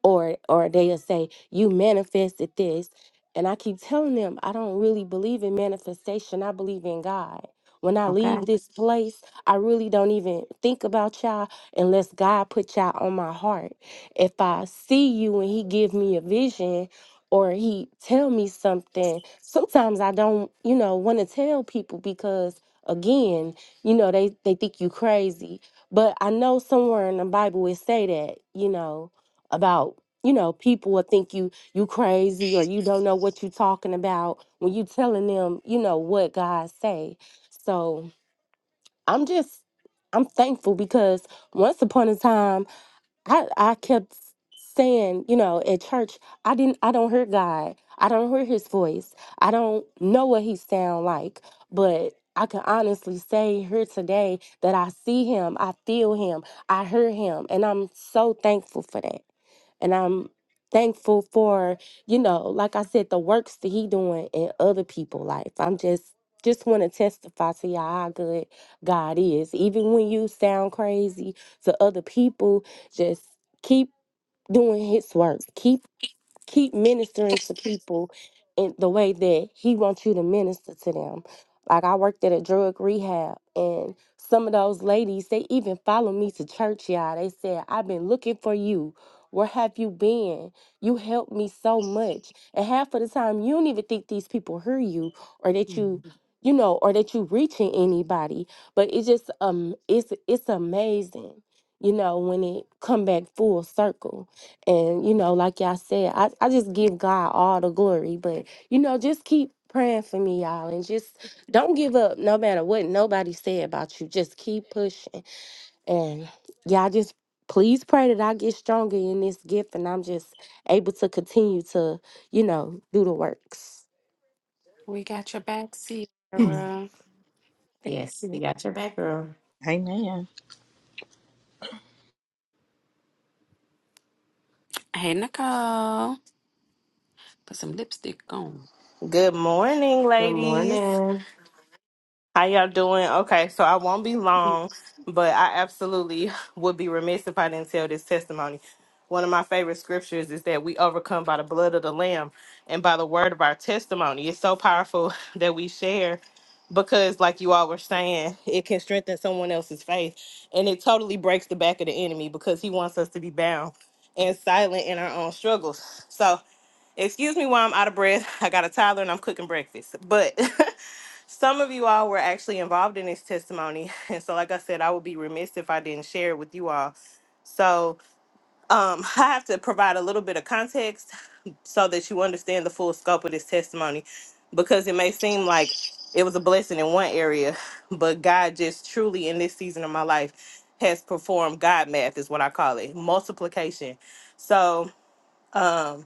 or or they'll say you manifested this and i keep telling them i don't really believe in manifestation i believe in god when i
Okay.
leave this place i really don't even think about y'all unless god put y'all on my heart if i see you and he give me a vision or he tell me something sometimes i don't you know want to tell people because again you know they they think you crazy but i know somewhere in the bible it say that you know about you know people will think you you crazy or you don't know what you talking about when you telling them you know what god say so i'm just i'm thankful because once upon a time I I kept saying, you know, at church, I didn't I don't hear God. I don't hear his voice. I don't know what he sound like, but I can honestly say here today that I see him, I feel him, I hear him, and I'm so thankful for that. And I'm thankful for, you know, like I said, the works that he doing in other people's life. I'm just just want to testify to y'all how good God is. Even when you sound crazy to other people, just keep doing his work. Keep keep ministering to people in the way that he wants you to minister to them. Like I worked at a drug rehab and some of those ladies, they even follow me to church, y'all. They said, I've been looking for you. Where have you been? You helped me so much. And half of the time you don't even think these people hear you or that you
Mhm.
you know, or that you reaching anybody. But it's just um it's it's amazing, you know, when it come back full circle and, you know, like y'all said, I, I just give God all the glory. But, you know, just keep praying for me, y'all. And just don't give up no matter what nobody said about you. Just keep pushing. And y'all just please pray that I get stronger in this gift and I'm just able to continue to, you know, do the works.
We got your back, Sierra.
Thank
Yes, we
you. (laughs)
got your back, girl.
Amen.
Hey, Nicole. Put some lipstick on.
Good morning,
Good
ladies.
morning.
How y'all doing? Okay, so I won't be long, but I absolutely (laughs) would be remiss if I didn't tell this testimony. One of my favorite scriptures is that we overcome by the blood of the Lamb and by the word of our testimony. It's so powerful (laughs) that we share because, like you all were saying, it can strengthen someone else's faith and it totally breaks the back of the enemy because he wants us to be bound and silent in our own struggles. So, Excuse me while I'm out of breath. (laughs) I got a toddler and I'm cooking breakfast. But (laughs) some of you all were actually involved in this testimony. (laughs) And so, like I said, I would be remiss if I didn't share it with you all. So, um, (laughs) I have to provide a little bit of context so that you understand the full scope of this testimony because it may seem like it was a blessing in one area, (laughs) but God just truly in this season of my life has performed God math, is what I call it multiplication. So, um,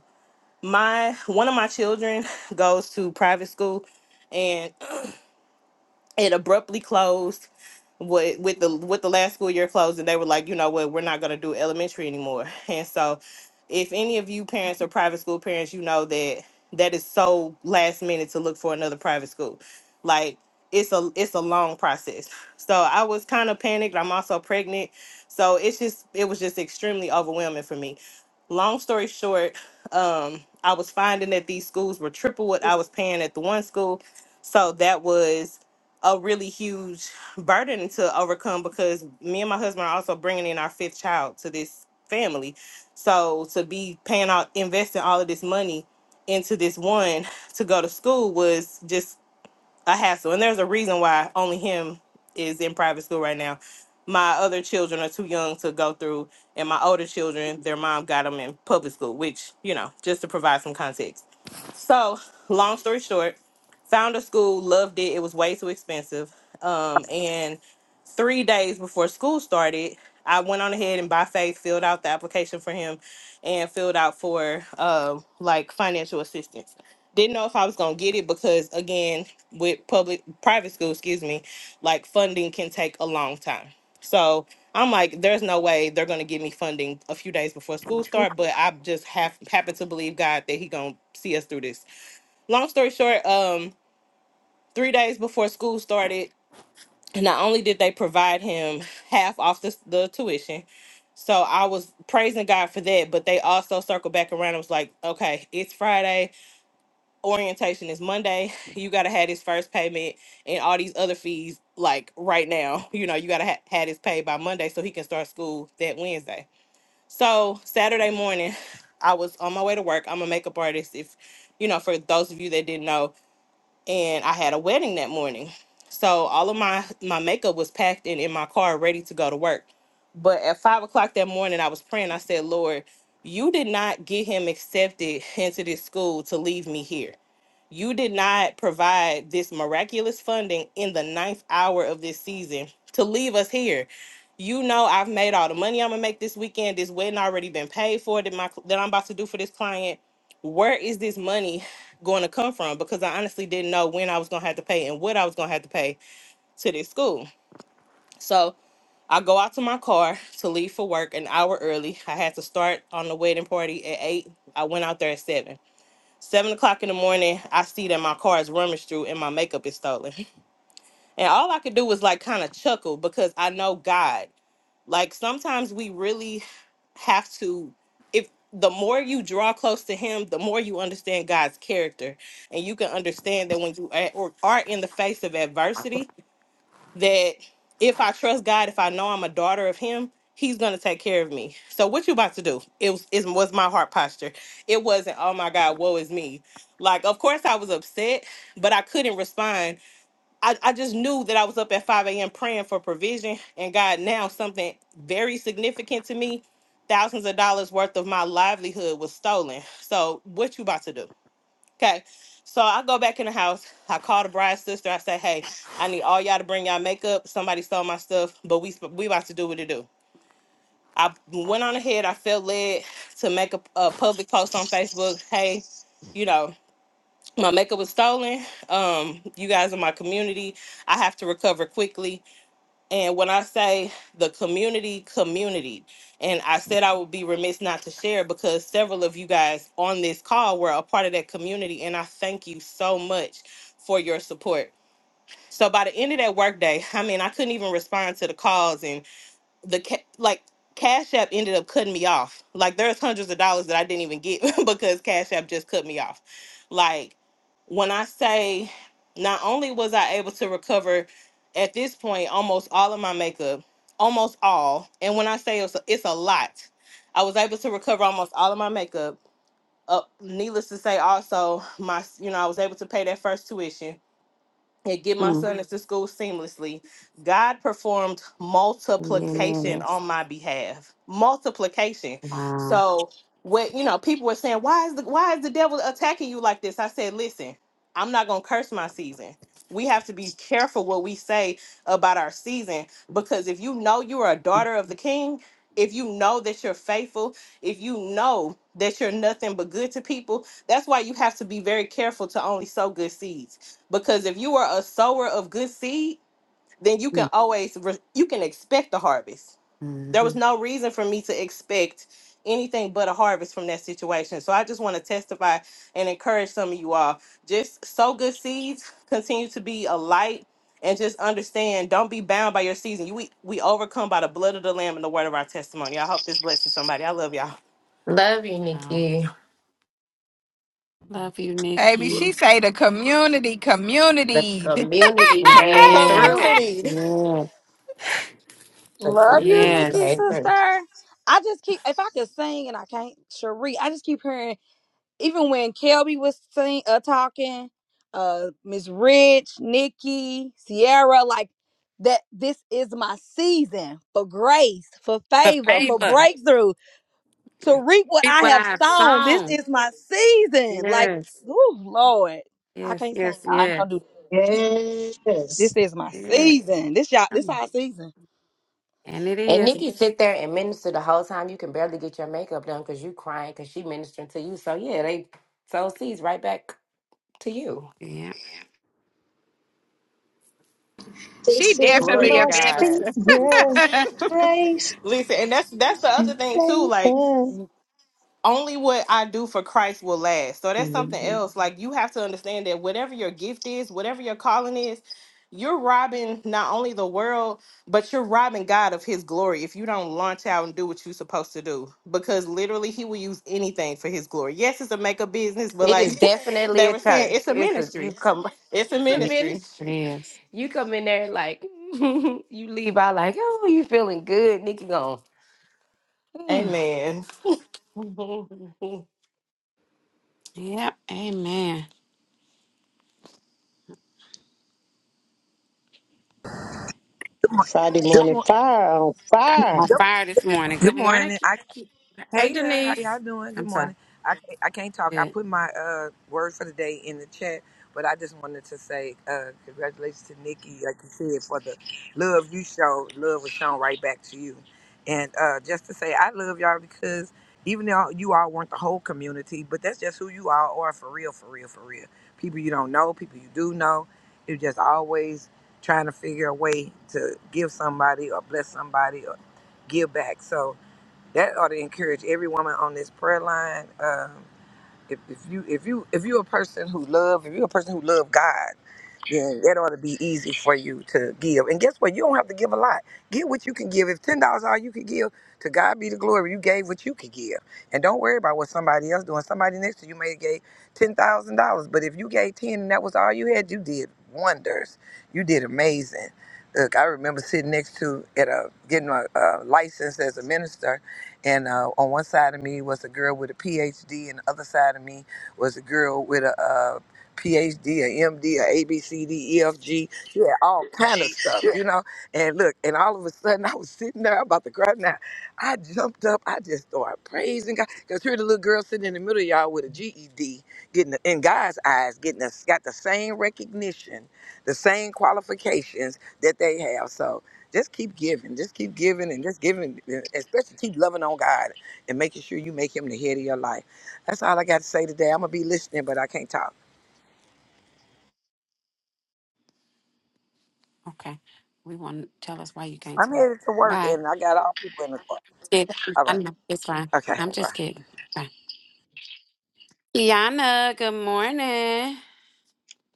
my one of my children (laughs) goes to private school and it abruptly closed with with the with the last school year closed, and they were like, you know what, we're not gonna do elementary anymore. (laughs) And so, if any of you parents or private school parents, you know that that is so last minute to look for another private school. Like it's a it's a long process. (laughs) So I was kind of panicked. I'm also pregnant, so it's just it was just extremely overwhelming for me. Long story short, um, I was finding that these schools were triple what I was paying at the one school, so that was a really huge burden to overcome because me and my husband are also bringing in our fifth child to this family. So to be paying out, investing all of this money into this one to go to school was just a hassle. And there's a reason why only him is in private school right now. My other children are too young to go through, and my older children, their mom got them in public school, which, you know, just to provide some context. So, long story short, found a school, loved it. It was way too expensive. Um, and three days before school started, I went on ahead and by faith filled out the application for him and filled out for um like financial assistance didn't know if I was gonna get it because again, with public private school, excuse me, like funding can take a long time. So I'm like, there's no way they're gonna give me funding a few days before school start, but I just have happen to believe God that He gonna see us through this. Long story short, um, three days before school started, not only did they provide him half off the, the tuition, so I was praising God for that, but they also circled back around and was like, okay, it's Friday orientation is Monday. (laughs) You gotta have his first payment and all these other fees like right now. (laughs) You know, you gotta ha- have his paid by Monday so he can start school that Wednesday. So Saturday morning, (sighs) I was on my way to work. I'm a makeup artist. If you know, for those of you that didn't know, and I had a wedding that morning. So all of my my makeup was packed and in my car, ready to go to work. But at five o'clock that morning, I was praying. I said, Lord, you did not get him accepted (laughs) into this school to leave me here you did not provide this miraculous funding in the ninth hour of this season to leave us here. You know I've made all the money I'm gonna make this weekend. This wedding already been paid for that my that I'm about to do for this client. Where is this money going to come from? Because I honestly didn't know when I was gonna have to pay and what I was gonna have to pay to this school. So I go out to my car to leave for work an hour early. I had to start on the wedding party at eight. I went out there at seven. Seven o'clock in the morning, I see that my car is rummaged through and my makeup is stolen. (laughs) And all I could do was like kind of chuckle because I know God. Like sometimes we really have to, if the more you draw close to Him, the more you understand God's character. And you can understand that when you are, or are in the face of adversity, that if I trust God, if I know I'm a daughter of Him, He's gonna take care of me. So what you about to do? It was it was my heart posture. It wasn't, oh my God, woe is me. Like, of course I was upset, but I couldn't respond. I, I just knew that I was up at 5 a.m. praying for provision and God now something very significant to me. Thousands of dollars worth of my livelihood was stolen. So what you about to do? Okay. So I go back in the house. I call the bride's sister. I say, hey, I need all y'all to bring y'all makeup. Somebody stole my stuff, but we sp- we about to do what it do. I went on ahead. I felt led to make a, a public post on Facebook. Hey, you know, my makeup was stolen. Um, you guys are my community. I have to recover quickly. And when I say the community, community, and I said I would be remiss not to share because several of you guys on this call were a part of that community, and I thank you so much for your support. So by the end of that workday, I mean I couldn't even respond to the calls the ca- like Cash App ended up cutting me off. Like there's hundreds of dollars that I didn't even get (laughs) because Cash App just cut me off. Like when I say not only was I able to recover at this point almost all of my makeup, almost all, and when I say it's a, it's a lot, I was able to recover almost all of my makeup. Uh, needless to say, also my s- you know I was able to pay that first tuition and get my son into school seamlessly. God performed multiplication
Yes.
on my behalf. Multiplication.
Wow.
So what you know, people were saying, Why is the why is the devil attacking you like this? I said, Listen, I'm not gonna curse my season. We have to be careful what we say about our season because if you know you are a daughter of the king, if you know that you're faithful, if you know that you're nothing but good to people, that's why you have to be very careful to only sow good seeds because if you are a sower of good seed then you can always re- you can expect the harvest there
hmm
was no reason for me to expect anything but a harvest from that situation so i just want to testify and encourage some of you all just sow good seeds continue to be a light and just understand don't be bound by your season you we, we overcome by the blood of the lamb and the word of our testimony i hope this blesses somebody i love y'all
Love you,
Wow.
Nikki.
Love you,
Baby, she
Nikki.
say the community,
The
community. (laughs)
community came
Yes.
through.
community (laughs)
Yes.
The
Love you,
community
Nikki
Yes.
came through.
sister. I just keep if I could sing and I can't, Cherie. I just keep hearing even when Kelby was sing uh talking, uh Miss Rich, Nikki, Sierra, like that this is my season for grace, for
The
favor, for
favor.
breakthrough. to reap what
Reap
I
what I
have
have
sown. This
sown.
is my season. Like,
Yes.
oh Lord, I
Yes.
can't sing.
Yes.
Y'all. I ain't
Yes.
gonna do. This
Yes.
This is my
Yes.
season. This y'all. This our season.
And it
And
is.
Nikki sit there and minister the whole time. You can barely get your makeup done because you crying because she ministering to you. So yeah, they sow seeds right back to you.
Yeah.
she
This is
glory
definitely
to
a
my
god
minister.
Savior, grace
Listen, and that's that's the
and
other thing too. Like,
favor.
only what I do for Christ will last. So that's something
Mhm.
else. Like, you have to understand that whatever your gift is, whatever your calling is, you're robbing not only the world, but you're robbing God of His glory if you don't launch out and do what you're supposed to do. Because literally, He will use anything for His glory. Yes, it's a makeup business, but
It
like
is
(laughs)
definitely
they
a
were saying,
church.
it's a
It's a you
ministry.
come. (laughs)
It's a
It's a
It
ministry.
ministry.
is.
You come in there like (laughs) you leave out like oh you feeling good. Nikki gone. (laughs) (sighs)
Amen.
Amen.
Yep. Amen.
Good morning.
Friday
Good,
morning
mor-
fire on
I'm
fire.
on
good,
fire this morning.
good
Good morning.
morning.
Ki-
I
Ki- Hey,
Hey there, how y'all
Denise.
doing? Good
I'm sorry.
morning. I can't, I can't talk. I
Good.
put my uh, word for the day in the chat, but I just wanted to say uh, congratulations to Nikki, like you said, for the love you showed. Love was shown right back to you. And uh, just to say, I love y'all because even though you all weren't the whole community, but that's just who you all are for real, for real, for real. People you don't know, people you do know. You're just always trying to figure a way to give somebody or bless somebody or give back. So that ought to encourage every woman on this prayer line. Um, if, if you if you if you're a person who love if you're a person who love God then that ought to be easy for you to give. And guess what? You don't have to give a lot. Give what you can give. If ten dollars all you can give, to God be the glory. You gave what you could give, and don't worry about what somebody else doing. Somebody next to you may have gave ten thousand dollars, but if you gave ten and that was all you had, you did wonders. You did amazing. Look, I remember sitting next to at a getting a, a license as a minister, and uh, on one side of me was a girl with a PhD, and the other side of me was a girl with a uh, PhD, an M D, a MD, a ABCD, EFG. had all kind of stuff, you know. And look, and all of a sudden (laughs) I was sitting there I'm about to cry. Now I jumped up. I just started praising God because here the little girl sitting in the middle of y'all with a GED, getting the, in God's eyes, getting us got the same recognition, the same qualifications that they have. So just keep giving, just keep giving, and just giving, and especially keep loving on God and making sure you make Him the head of your life. That's all I got to say today. I'm gonna be listening, but I can't talk.
Okay. We want to tell us why you can't
I'm
talk.
headed to work
Bye.
and I got all people in the car.
It,
All
I
right.
know it's fine.
Okay.
I'm just
Bye.
kidding. Fine. Yana, good morning.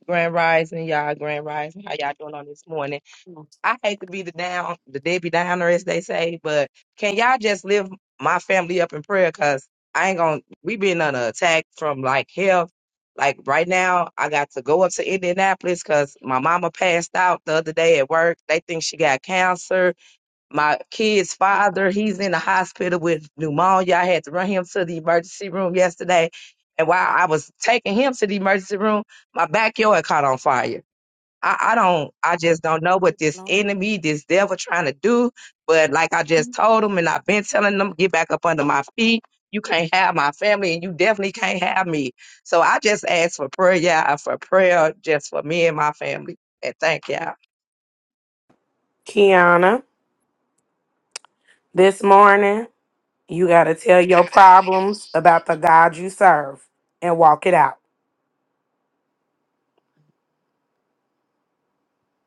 Grand Rising, y'all. Grand Rising. How y'all doing on this morning? I hate to be the down, the Debbie Downer, as they say, but can y'all just live my family up in prayer? Cause I ain't gonna. We been under attack from like health. Like right now, I got to go up to Indianapolis because my mama passed out the other day at work. They think she got cancer my kid's father, he's in the hospital with pneumonia. I had to run him to the emergency room yesterday. And while I was taking him to the emergency room, my backyard caught on fire. I, I don't, I just don't know what this enemy, this devil trying to do. But like I just told him, and I've been telling them, get back up under my feet. You can't have my family, and you definitely can't have me. So I just ask for prayer, yeah, for prayer just for me and my family. And thank y'all.
Kiana, this morning. You got to tell your problems about the God you serve and walk it out.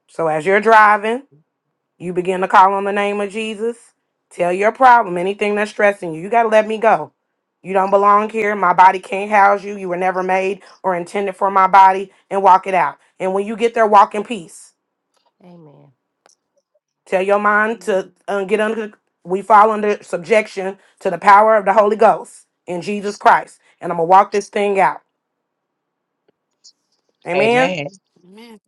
So as you're driving, you begin to call on the name of Jesus. Tell your problem, anything that's stressing you. You got to let me go. You don't belong here. My body can't house you. You were never made or intended for my body and walk it out. And when you get there, walk in peace. Tell your mind to uh, get under, we fall under subjection to the power of the Holy Ghost in Jesus Christ. And I'm going to walk this thing out. Amen.
Amen.
Amen.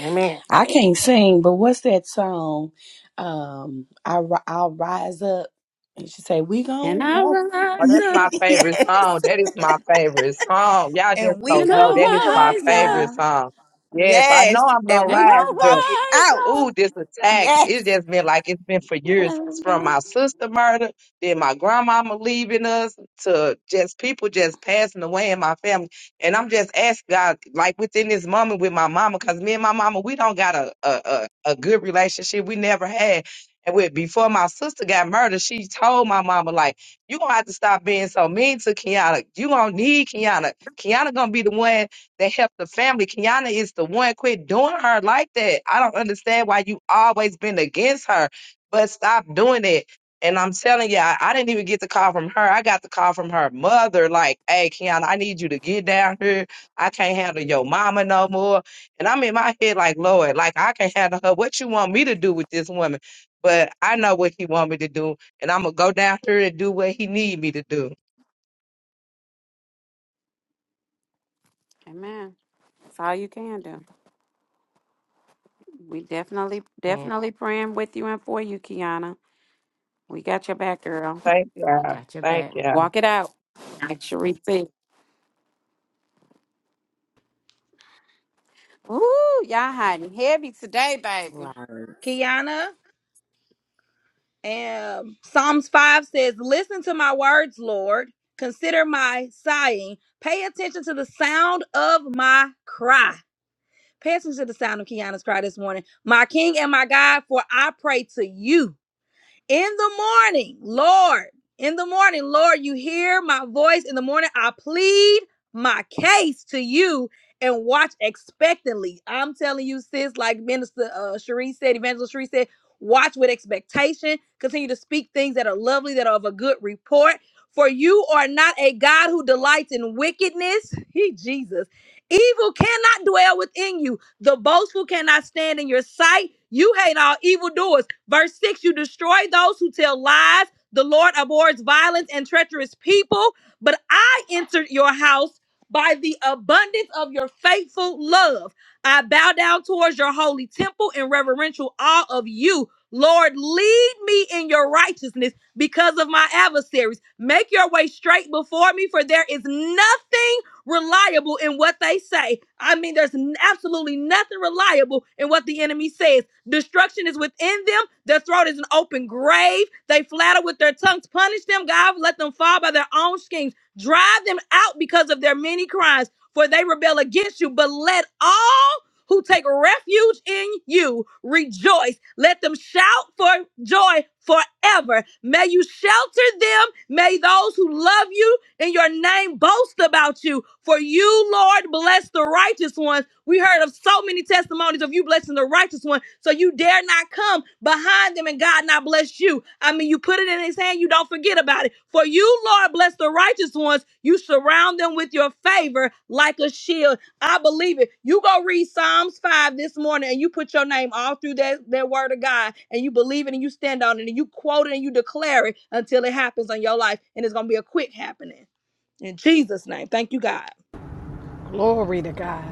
Amen.
I can't sing, but what's that song? Um I ri- I'll rise up and she say, We
And
gon'
I
walk. (laughs)
Oh,
rise
that's my
up,
favorite song.
yes.
That is my favorite song.
(laughs)
Y'all
and
just
we
don't
and
know. That is
gon'
my
walk it
I rise
favorite
up,
out.
song. Yes, I know
Yes.
I'm gonna
And
and
we
rise,
gonna
but
walk it out.
I
Ooh, this attack.
Yes.
It's just been like it's been for
rise
years.
up.
It's from my sister murder, then my grandmama leaving us, to just people just passing away in my family. And I'm just asking God, like within this moment with my mama, because me and my mama, we don't got a, a, a, a good relationship. We never had. And with before my sister got murdered, she told my mama, like, you gonna have to stop being so mean to Kiana. You gonna need Kiana. Kiana gonna be the one that help the family. Kiana is the one. Quit doing her like that. I don't understand why you always been against her, but stop doing it. And I'm telling you, I, I didn't even get the call from her. I got the call from her mother, like, hey, Kiana, I need you to get down here. I can't handle your mama no more. And I'm in my head like, Lord, like, I can't handle her. What you want me to do with this woman? But I know what he want me to do, and I'm going to go down here and do what he need me to do.
Amen. That's all you can do. We definitely,
Man,
definitely praying with you and for you, Kiana. We got your back, girl.
Thank you.
we got your
Thank
back.
you.
Walk it out. Make sure we see. Ooh, y'all hiding heavy today, baby.
Wow.
Kiana, um, Psalms five says, "Listen to my words, Lord. Consider my sighing. Pay attention to the sound of my cry." Pay attention to the sound of Kiana's cry this morning. My King and my God, for I pray to you. in the morning, Lord, in the morning, Lord, you hear my voice. In the morning, I plead my case to you and watch expectantly. I'm telling you, sis, like Minister uh, Cherie said, Evangelist Cherie said, watch with expectation. Continue to speak things that are lovely, that are of a good report. For you are not a God who delights in wickedness. (laughs) He, Jesus. Evil cannot dwell within you. The boastful cannot stand in your sight. You hate all evildoers Verse 6 You destroy those who tell lies. The Lord abhors violence and treacherous people, but I entered your house by the abundance of your faithful love. I bow down towards your holy temple in reverential awe of you. Lord, lead me in your righteousness because of my adversaries. Make your way straight before me, for there is nothing reliable in what they say. I mean, there's n- absolutely nothing reliable in what the enemy says. Destruction is within them. Their throat is an open grave. They flatter with their tongues. Punish them, God. Let them fall by their own schemes. Drive them out because of their many crimes, for they rebel against you. But let all who take refuge in you rejoice. Let them shout for joy forever. May you shelter them. May those who love you in your name boast about you. For you, Lord, bless the righteous ones. We heard of so many testimonies of you blessing the righteous one. So you dare not come behind them and God not bless you. I mean, you put it in his hand, you don't forget about it. For you, Lord, bless the righteous ones. You surround them with your favor like a shield. I believe it. You go read Psalms 5 this morning and you put your name all through that, that word of God and you believe it and you stand on it and you quote it and you declare it until it happens on your life and it's going to be a quick happening. In Jesus' name. Thank you, God.
Glory to God.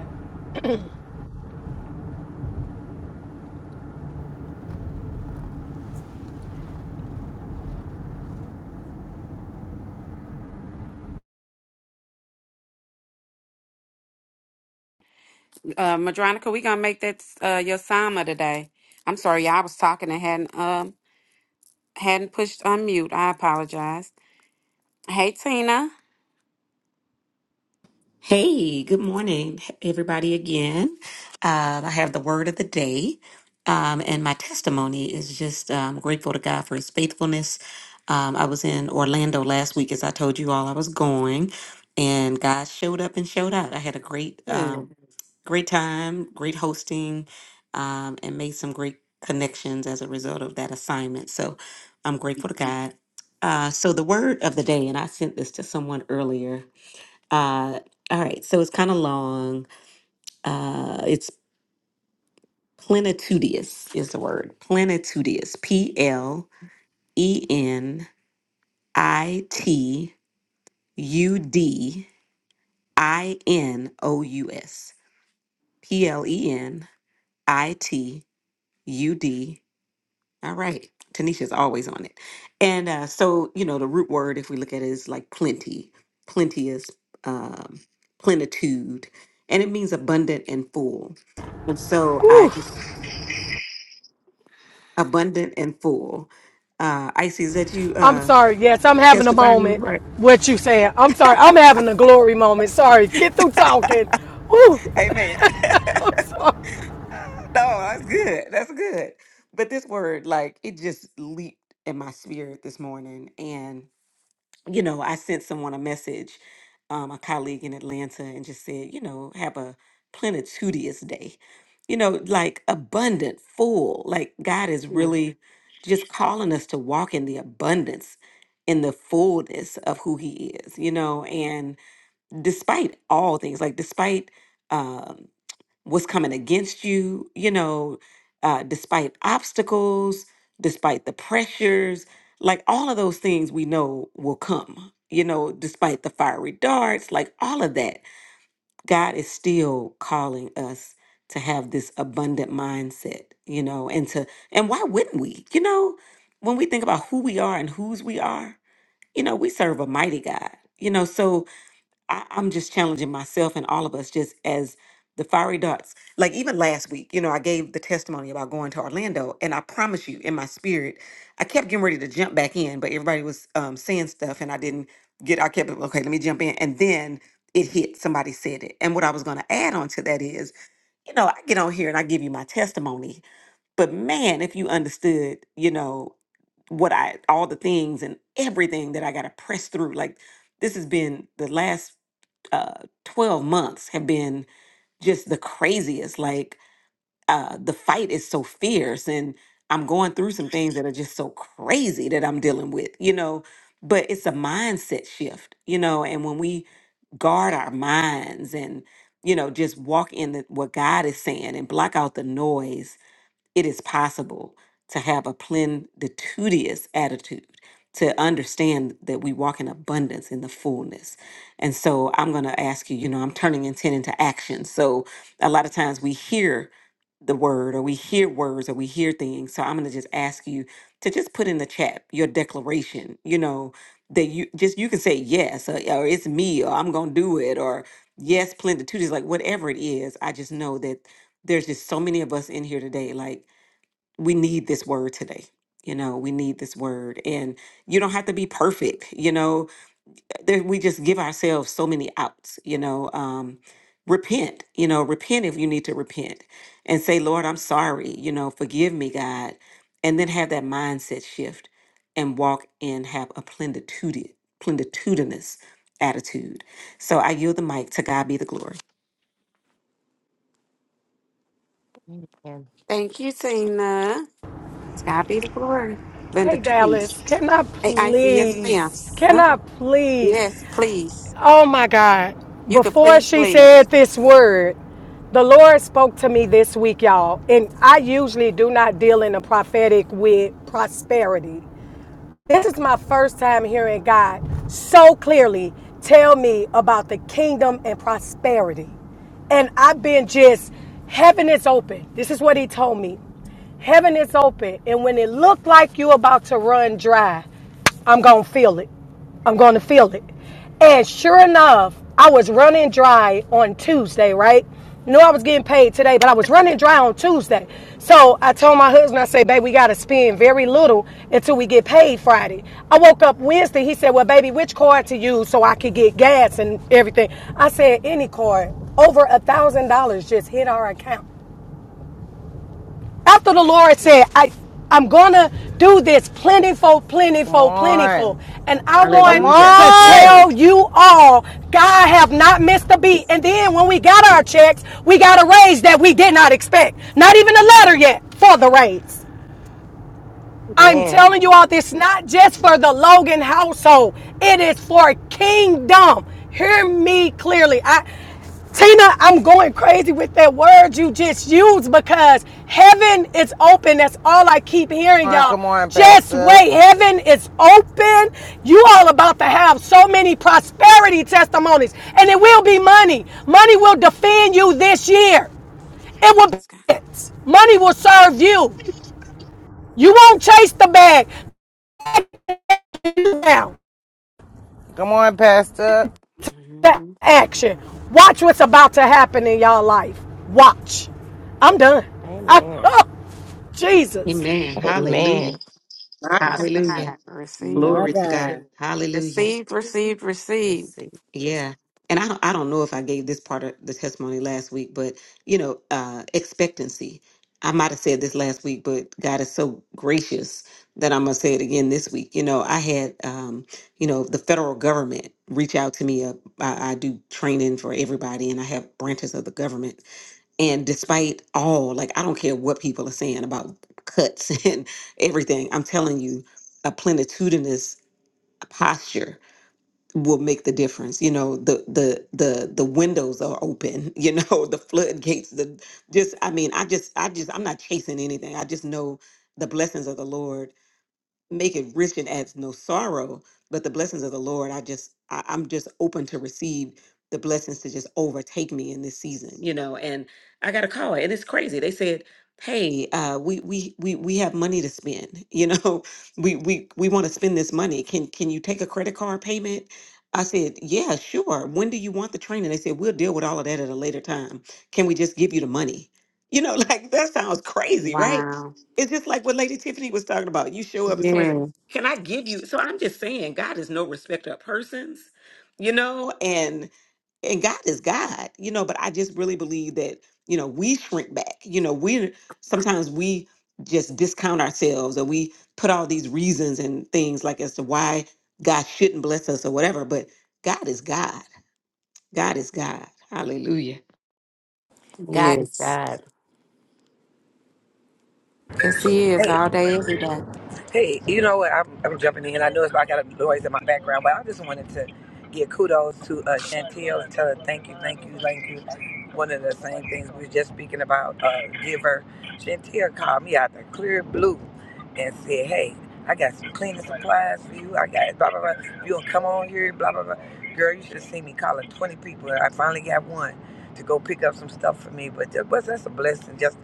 Uh, Madronica, we gonna make that uh your sama today. I'm sorry, y'all, I was talking and hadn't um hadn't pushed unmute. I apologize. Hey, Tina.
Hey, good morning, everybody, again. Uh, I have the word of the day, um, and my testimony is just um, grateful to God for his faithfulness. Um, I was in Orlando last week, as I told you all I was going, and God showed up and showed out. I had a great,
Good.
um, great time, great hosting, um, and made some great connections as a result of that assignment. So I'm grateful to God. Uh, so, the word of the day, and I sent this to someone earlier. Uh, all right, so it's kind of long. Uh, it's plenitudious is the word. Plenitudious. P L E N I T U D I N O U S. P L E N I T U D. All right. Tanisha's always on it. And uh, so, you know, the root word, if we look at it, is like plenty, plenteous, um, plenitude, and it means abundant and full. And so I
Whew.
just abundant and full. Uh, Icy, is that you
I'm
uh,
sorry. Yes, I'm having a
testifying
moment.
the word.
What you saying? I'm sorry. I'm having a glory moment. Sorry. Get through
(laughs)
talking. Ooh.
Amen. (laughs) no, that's good. That's good. But this word, like, it just leaped in my spirit this morning, and you know, I sent someone a message, um, a colleague in Atlanta, and just said, you know, have a plenitudious day. You know, like abundant, full. Like God is
Mm.
really just calling us to walk in the abundance, in the fullness of who He is, you know, and despite all things, like despite. um, what's coming against you, you know, uh, despite obstacles, despite the pressures, like all of those things we know will come, you know, despite the fiery darts, like all of that. God is still calling us to have this abundant mindset, you know, and to, and why wouldn't we? You know, when we think about who we are and whose we are, you know, we serve a mighty God, you know, so I, I'm just challenging myself and all of us just as the fiery darts. Like even last week, you know, I gave the testimony about going to Orlando, and I promise you, in my spirit, I kept getting ready to jump back in, but everybody was um, saying stuff, and I didn't get. I kept okay, let me jump in, and then it hit. Somebody said it, and what I was going to add on to that is, you know, I get on here and I give you my testimony, but man, if you understood, you know, what I all the things and everything that I got to press through, like this has been the last uh 12 months have been just the craziest like uh the fight is so fierce and i'm going through some things that are just so crazy that i'm dealing with you know but it's a mindset shift you know and when we guard our minds and you know just walk in the, what god is saying and block out the noise it is possible to have a plenitudious attitude to understand that we walk in abundance in the fullness. And so I'm going to ask you, you know, I'm turning intent into action. So a lot of times we hear the word or we hear words or we hear things. So I'm going to just ask you to just put in the chat your declaration, you know, that you just you can say yes or, or it's me or I'm going to do it or yes plenitude is like whatever it is. I just know that there's just so many of us in here today. Like we need this word today. You know, we need this word. And you don't have to be perfect. You know, there, we just give ourselves so many outs. You know, um, repent. You know, repent if you need to repent and say, Lord, I'm sorry. You know, forgive me, God. And then have that mindset shift and walk and have a plenitude, plenitudinous attitude. So I yield the mic to God be the glory.
Amen.
Thank you, Tina. God be the glory. Linda,
Hey, Dallas.
please.
Can I
Hey, Icy, yes, ma'am.
please? Can
Huh?
I please?
Yes, please.
Oh my God.
You could
Before
please,
she
please.
said this word, the Lord spoke to me this week, y'all. And I usually do not deal in the prophetic with prosperity. This is my first time hearing God so clearly tell me about the kingdom and prosperity. And I've been just, heaven is open. This is what he told me. Heaven is open. And when it looked like you about to run dry, I'm going to feel it. I'm going to feel it. And sure enough, I was running dry on Tuesday, right? Knew I was getting paid today, but I was running dry on Tuesday. So I told my husband, I said, babe, we got to spend very little until we get paid Friday. I woke up Wednesday. He said, well, baby, which card to use so I could get gas and everything? I said, any card. Over a $1,000 just hit our account. After the Lord said,
Mm,
I, I'm going to do this plentiful,
Good
plentiful,
morning.
plentiful. And I
Come
want
Hallelujah.
to
on! Come
Glory.
tell you all, God have not missed a beat.
Yes.
And then when we got our
Mm,
checks, we got a raise that we did not expect. Not even a letter
Yes.
yet for the raise. I'm
Yes,
Amen.
telling you
God.
all this not just for the Logan household. It is for kingdom. Hear me clearly. I Tina, I'm going crazy with that word you just used because heaven is open. That's all I keep hearing,
on,
y'all.
come on,
Just
Pastor.
wait. Heaven is open. You all about to have so many prosperity testimonies. And it will be money. Money will defend you this year. It will be
Yes,
it. Money will
God.
serve you. You won't chase the bag. down
Come on, Pastor.
that
Mhm.
action. Watch what's about to happen in y'all life. Watch. I'm done. (laughs) I,
Amen.
oh, Jesus.
Amen.
Hallelujah.
My
Ah,
Yes,
God.
Yes.
God. Received.
My
Glory to God.
God.
Hallelujah.
Received, received, received.
Receive.
Yeah. And I don't, I don't know if I gave this part of the testimony last week, but you know, uh, expectancy. I might have said this last week, but God is so gracious that I'm gonna say it again this week. You know, I had, um, you know, the federal government reach out to me. Uh, I, I do training for everybody, and I have branches of the government. And despite all, like, I don't care what people are saying about cuts (laughs) and everything, I'm telling you, a plenitudinous posture will make the difference you know the the the the windows are open (laughs) you know the floodgates the just i mean i just i just i'm not chasing anything i just know the blessings of the lord make it rich and adds no sorrow but the blessings of the lord i just I, i'm just open to receive the blessings to just overtake me in this season you know and i got a call and it's crazy they said hey uh we we we, we have money to spend (laughs) you know we we we want to spend this money can can you take a credit card payment I said, yeah, sure. When do you want the training? They said, we'll deal with all of that at a later time. Can we just give you the money? You know, (laughs) like that sounds crazy, right?
Wow.
It's just like what Lady Tiffany was talking about. You show up and somebody says,
Yes,
Can I give you? So I'm just saying, God is no respecter of persons, you know, and and God is God, you know, but I just really believe that, you know, we shrink back. You know, we sometimes we just discount ourselves or we put all these reasons and things like as to why God shouldn't bless us or whatever, but God is God. God is God. Hallelujah.
God is
yes.
God.
Yes, he is
Hey,
all day, every day.
Hey, you know what? I'm, I'm jumping in. I know it's, I got a noise in my background, but I just wanted to give kudos to uh, Chantel and tell her thank you, thank you, thank you. One of the same things we were just speaking about, uh, give her. Chantel called me out the clear blue and said, hey, I got some cleaning supplies for you. I got blah, blah, blah. You going to come on here, blah, blah, blah. Girl, you should have seen me calling 20 people. I finally got one to go pick up some stuff for me. But that was, that's a blessing just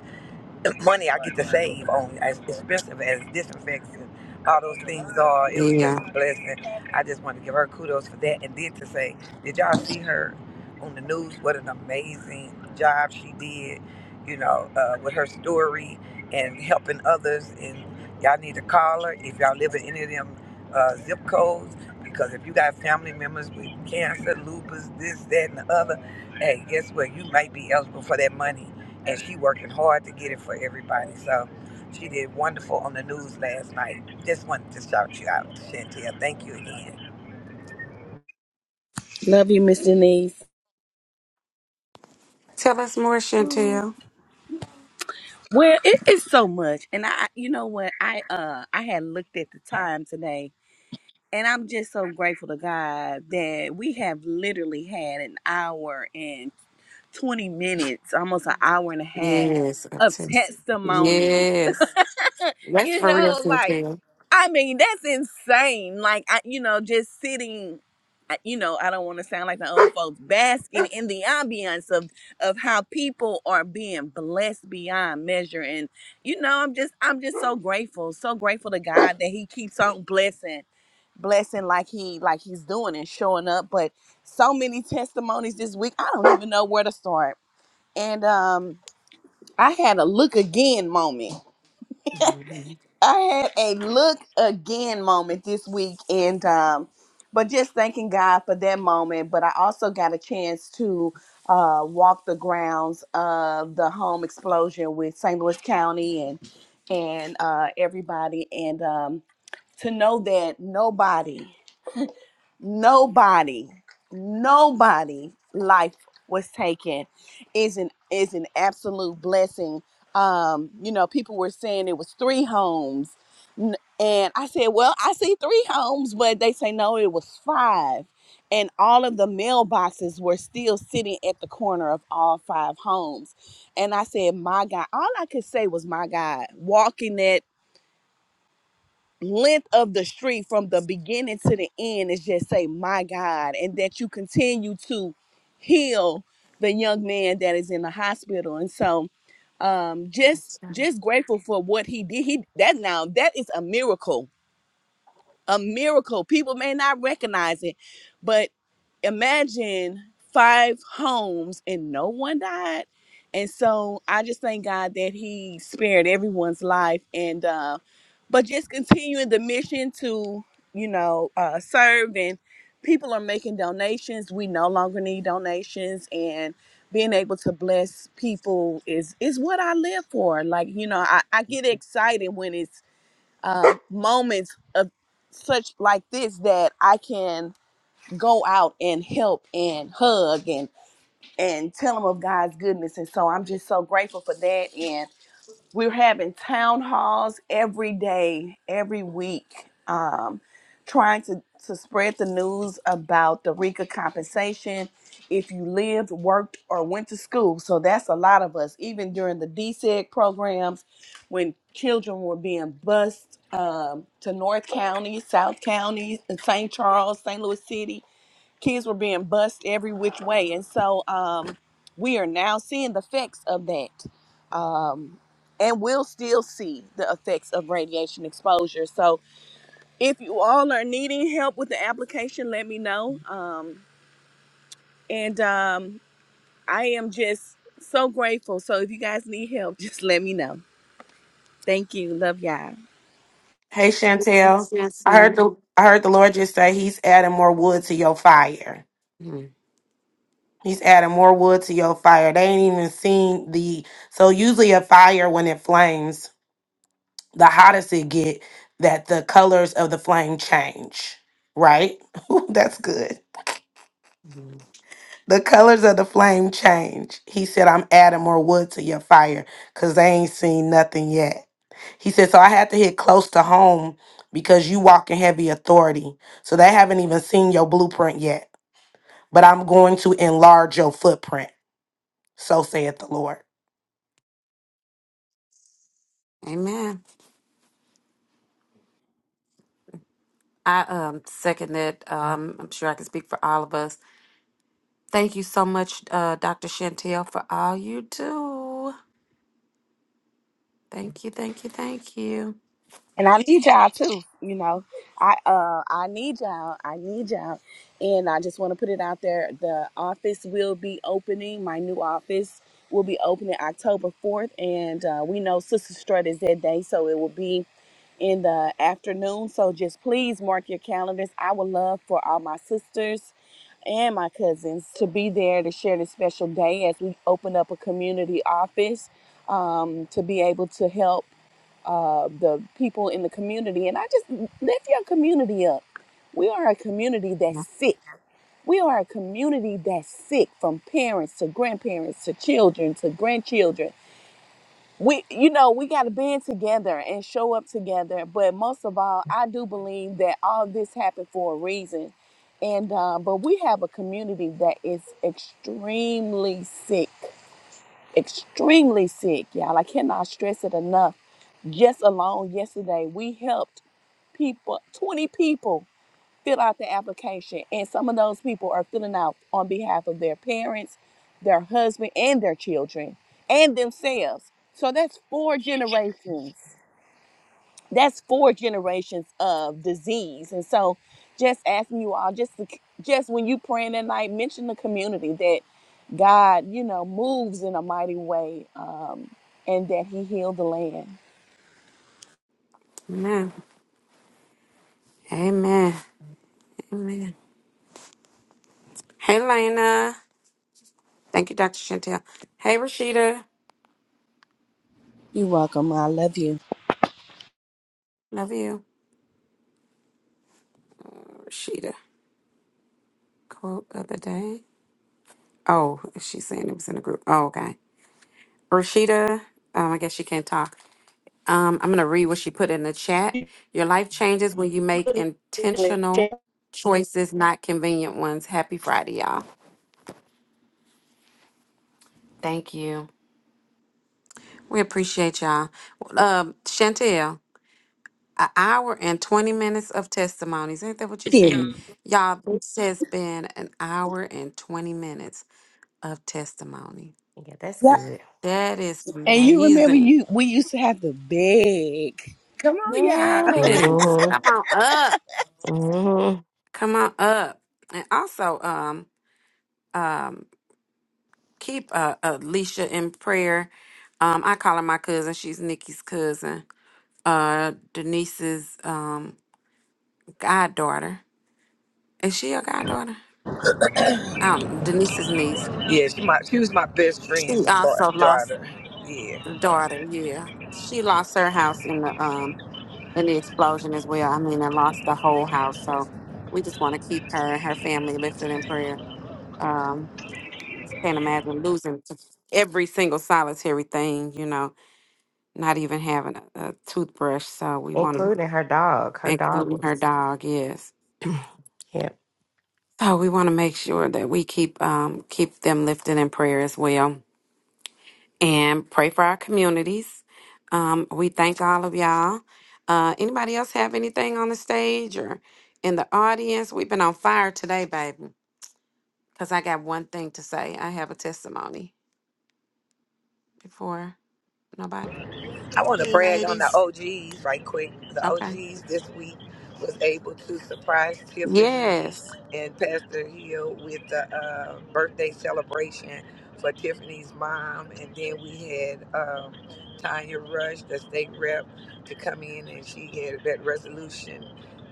money I get to save on as expensive as disinfectants and all those things are. It was just
Yeah.
a blessing. I just want to give her kudos for that. And then to say, did y'all see her on the news? What an amazing job she did, you know, uh, with her story and helping others. And y'all need to call her if y'all live in any of them uh, zip codes. Because if you got family members with cancer, lupus, this, that, and the other, hey, guess what? You might be eligible for that money and she working hard to get it for everybody. So she did wonderful on the news last night. Just wanted to shout you out, Chantel. Thank you again.
Love you, Miss Denise.
Tell us more,
Oh,
Chantel.
Well, it is so much, and I, you know what, I uh, I had looked at the time today, and I'm just so grateful to God that we have literally had an hour and twenty minutes, almost an hour and a half
Yes. of
of
course.
testimonies.
Yes. That's
you
for real,
know like
Chantel.
i mean that's insane like I, you know just sitting I- you know i don't want to sound like the old folks basking (laughs) in the ambiance of of how people are being blessed beyond measure and you know i'm just i'm just so grateful so grateful to god that he keeps on blessing blessing like he like he's doing and showing up but so many testimonies this week i don't even know where to start and um i had a look again moment
Mhm.
I had a look again moment this week, and um, but just thanking God for that moment. But I also got a chance to uh, walk the grounds of the home explosion with St. Louis County and and uh, everybody, and um, to know that nobody nobody nobody life was taken is an is an absolute blessing um you know people were saying it was three homes N- and i said well i see three homes but they say no it was five and all of the mailboxes were still sitting at the corner of all five homes and i said my god all i could say was my god walking that length of the street from the beginning to the end is just say my god and that you continue to heal the young man that is in the hospital and so um just
That's right.
just grateful for what he did he that now that is a miracle a miracle. People may not recognize it, but imagine five homes and no one died. And so I just thank God that He spared everyone's life, and uh, but just continuing the mission to you know uh, serve and people are making donations. We no longer need donations, and being able to bless people is is what I live for. Like you know, I, I get excited when it's um, moments of such like this that I can go out and help and hug and and tell them of God's goodness. And so I'm just so grateful for that. And we're having town halls every day, every week, um, trying to, to spread the news about the RICA compensation if you lived, worked, or went to school. So that's a lot of us, even during the DSEG programs when children were being bused um, to North County, South County, and St. Charles, St. Louis City kids were being bussed every which way and so um, we are now seeing the effects of that um, and we'll still see the effects of radiation exposure so if you all are needing help with the application let me know um, and um, i am just so grateful so if you guys need help (laughs) just let me know thank you love y'all
Hey
Yes, yes,
Chantel,
yes.
I heard the I heard the Lord just say He's adding more wood to your fire.
Mhm.
He's adding more wood to your fire. They ain't even seen the so usually a fire when it flames, the hottest it get, that the colors of the flame change. Right? (laughs) Ooh, That's good.
Mhm.
The colors of the flame change. He said, I'm adding more wood to your fire because they ain't seen nothing yet. He said, So I had to hit close to home because you walk in heavy authority. So they haven't even seen your blueprint yet. But I'm going to enlarge your footprint. So saith the Lord.
Amen. I um, second that. Um, I'm sure I can speak for all of us. Thank you so much, uh, Dr. Chantel, for all you do. Thank you, thank you, thank you.
And I need y'all too, you know. I uh I need y'all. I need y'all. And I just want to put it out there. The office will be opening. My new office will be opening October 4th. And uh, we know Sister Strut is that day, so it will be in the afternoon. So just please mark your calendars. I would love for all my sisters and my cousins to be there to share this special day as we open up a community office um, to be able to help uh, the people in the community. And I just lift your community up. We are a community that's sick. We are a community that's sick from parents to grandparents to children to grandchildren. We, you know, we got to band together and show up together. But most of all, I do believe that all this happened for a reason. And, uh, but we have a community that is extremely sick, extremely sick, y'all. I cannot stress it enough just alone yesterday, we helped people, 20 people, fill out the application. And some of those people are filling out on behalf of their parents, their husband, and their children, and themselves. So that's four generations. That's four generations of disease. And so just asking you all, just to, just when you praying at night, mention the community that God, you know, moves in a mighty way um, and that he healed the land.
Amen. Amen. Amen. Hey, Lena. Thank you, Dr. Chantel. Hey, Rashida.
You're welcome. I love you.
Love you. Rashida. Quote of the day. Oh, she's saying it was in the group. Oh, okay. Rashida, um, I guess she can't talk. Um, I'm going to read what she put in the chat. Your life changes when you
Put
make
it in the
intentional
chat.
choices, not convenient ones. Happy Friday, y'all. Thank you. We appreciate y'all. Um, Chantel, an hour and 20 minutes of testimonies. Ain't that what you said?
Period.
Y'all, this has been an hour and 20 minutes. of testimony.
Yeah, that's
Yeah.
good.
That is
And you remember
amazing.
you we used to have to beg. Come on, y'all.
Yes.
hmm
Come on up.
hmm
Come on up. And also, um, um, keep uh, Alicia in prayer. Um, I call her my cousin. She's Nikki's cousin. Uh, Denise's um goddaughter. Is she a goddaughter? Um, Denise's niece.
Yeah, she my she was my best
She
friend's
also
daugh-
lost
daughter. Yeah.
a daughter. Yeah, she lost her house in the um and the explosion as well. I mean, I lost the whole house. So we just want to keep her and her family lifted in prayer. Um, can't imagine losing to every single solitary thing, you know, not even having a, a toothbrush. So we want to,
Including her dog. Her dog
including her
was.
dog, yes.
(clears throat) yep.
So we want to make sure that we keep um, keep them lifted in prayer as well. and pray for our communities. Um, we thank all of y'all. Uh, anybody else have anything on the stage or in the audience? We've been on fire today, baby. Because I got one thing to say. I have a testimony before nobody.
I want to
Hey,
brag on the
ladies.
OGs right quick. The
Okay.
OGs this week was able to surprise Tiffany
Yes.
and Pastor Hill with the uh, birthday celebration for Tiffany's mom, and then we had um, Tanya Rush, the state rep, to come in, and she had that resolution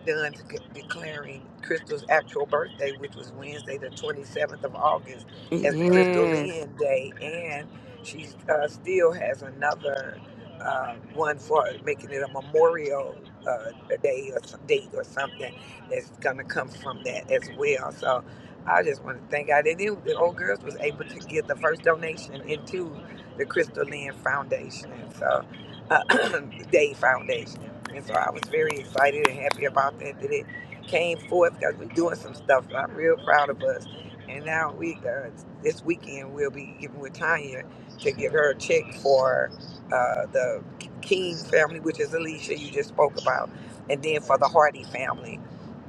done to c- declaring Crystal's actual birthday, which was Wednesday, the 27th of August, as the Crystal
Yes.
Lynn Day, and she uh, still has another uh, one for making it a memorial uh, day or some date or something that's gonna come from that as well. So I just want to thank God. And then the old girls was able to get the first donation into the Crystal Lynn Foundation, and so uh, (clears throat) Day Foundation. And so I was very excited and happy about that that it came forth because we're doing some stuff. I'm real proud of us. And now we uh, this weekend we'll be giving with Tanya to give her a check for uh, the King family, which is Alicia you just spoke about, and then for the Hardy family,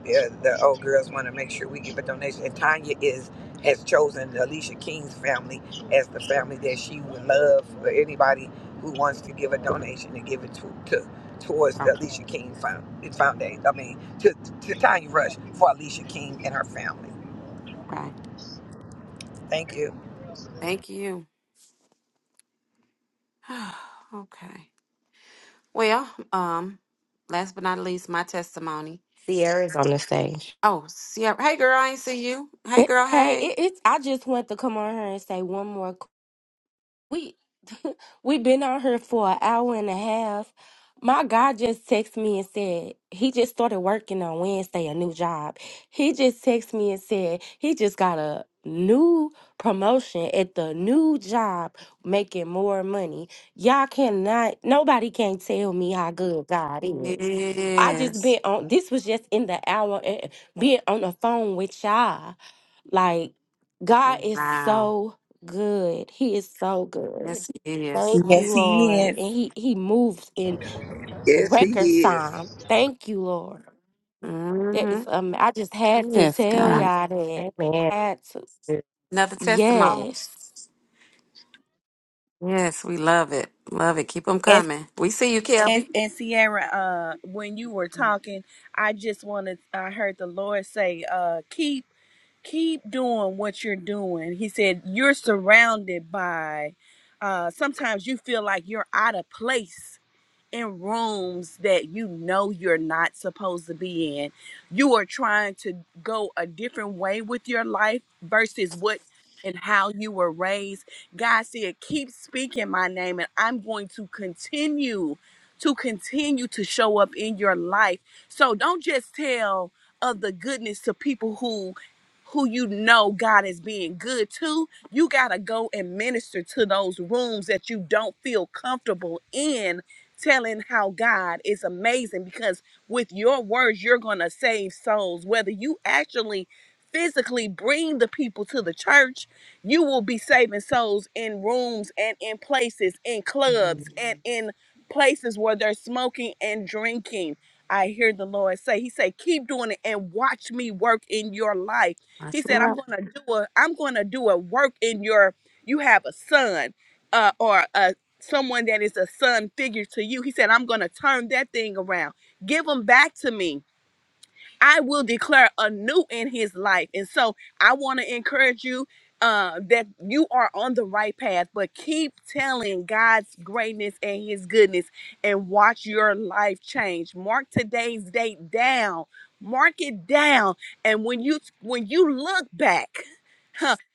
the, the old girls want to make sure we give a donation. And Tanya is has chosen Alicia King's family as the family that she would love for anybody who wants to give a donation to give it to, to towards the
Okay.
Alicia King found, Foundation. I mean, to, to Tanya Rush for Alicia King and her family.
Okay.
Thank you.
Thank you. (sighs) okay. Well, um, last but not least, my testimony.
Sierra's on the stage.
Oh, Sierra. Hey, girl. I ain't see you. Hey,
Eh,
girl.
Hey,
Hey.
it, it's I just want to come on here and say one more We (laughs) we been out here for an hour and a half. My guy just texted me and said he just started working on Wednesday, a new job. He just texted me and said he just got a new promotion at the new job, making more money. Y'all cannot, nobody can tell me how good God is. I just
Yes.
been on. This was just in the hour, and being on the phone with y'all. Like, God
Oh,
is
Wow.
so good. He is so good.
Yes, it is.
Thank you,
Yes, he
Lord.
is.
And he, he moves in
Yes, he
record
is.
time. Thank you, Lord. That is
Mm-hmm.
um I just had to
Yes,
tell
God.
y'all that.
Amen.
I had to.
Yeah.
Another testimony.
Yes.
Yes, we love it. Love it. Keep them
And
coming. We see you,
and,
Kelby.
and Sierra, uh, when you were talking, I just wanted I heard the Lord say, uh, keep keep doing what you're doing. He said, You're surrounded by uh sometimes you feel like you're out of place in rooms that you know you're not supposed to be in. You are trying to go a different way with your life versus what and how you were raised. God said, Keep speaking my name, and I'm going to continue to continue to show up in your life. So don't just tell of the goodness to people who who you know God is being good to. You got to go and minister to those rooms that you don't feel comfortable in telling how God is amazing because with your words, you're going to save souls. Whether you actually physically bring the people to the church, you will be saving souls in rooms and in places, in
Mhm.
clubs and in places where they're smoking and drinking. I hear the Lord say, He said, keep doing it and watch me work in your life.
Watch
He
me
said, I'm
up.
gonna do a I'm gonna do a work in your you have a son uh, or a, someone that is a son figure to you. He said, I'm going to turn that thing around. Give him back to me. I will declare anew in his life. And so I want to encourage you uh, that you are on the right path, but keep telling God's greatness and his goodness and watch your life change. Mark today's date down. Mark it down. And when you when you look back,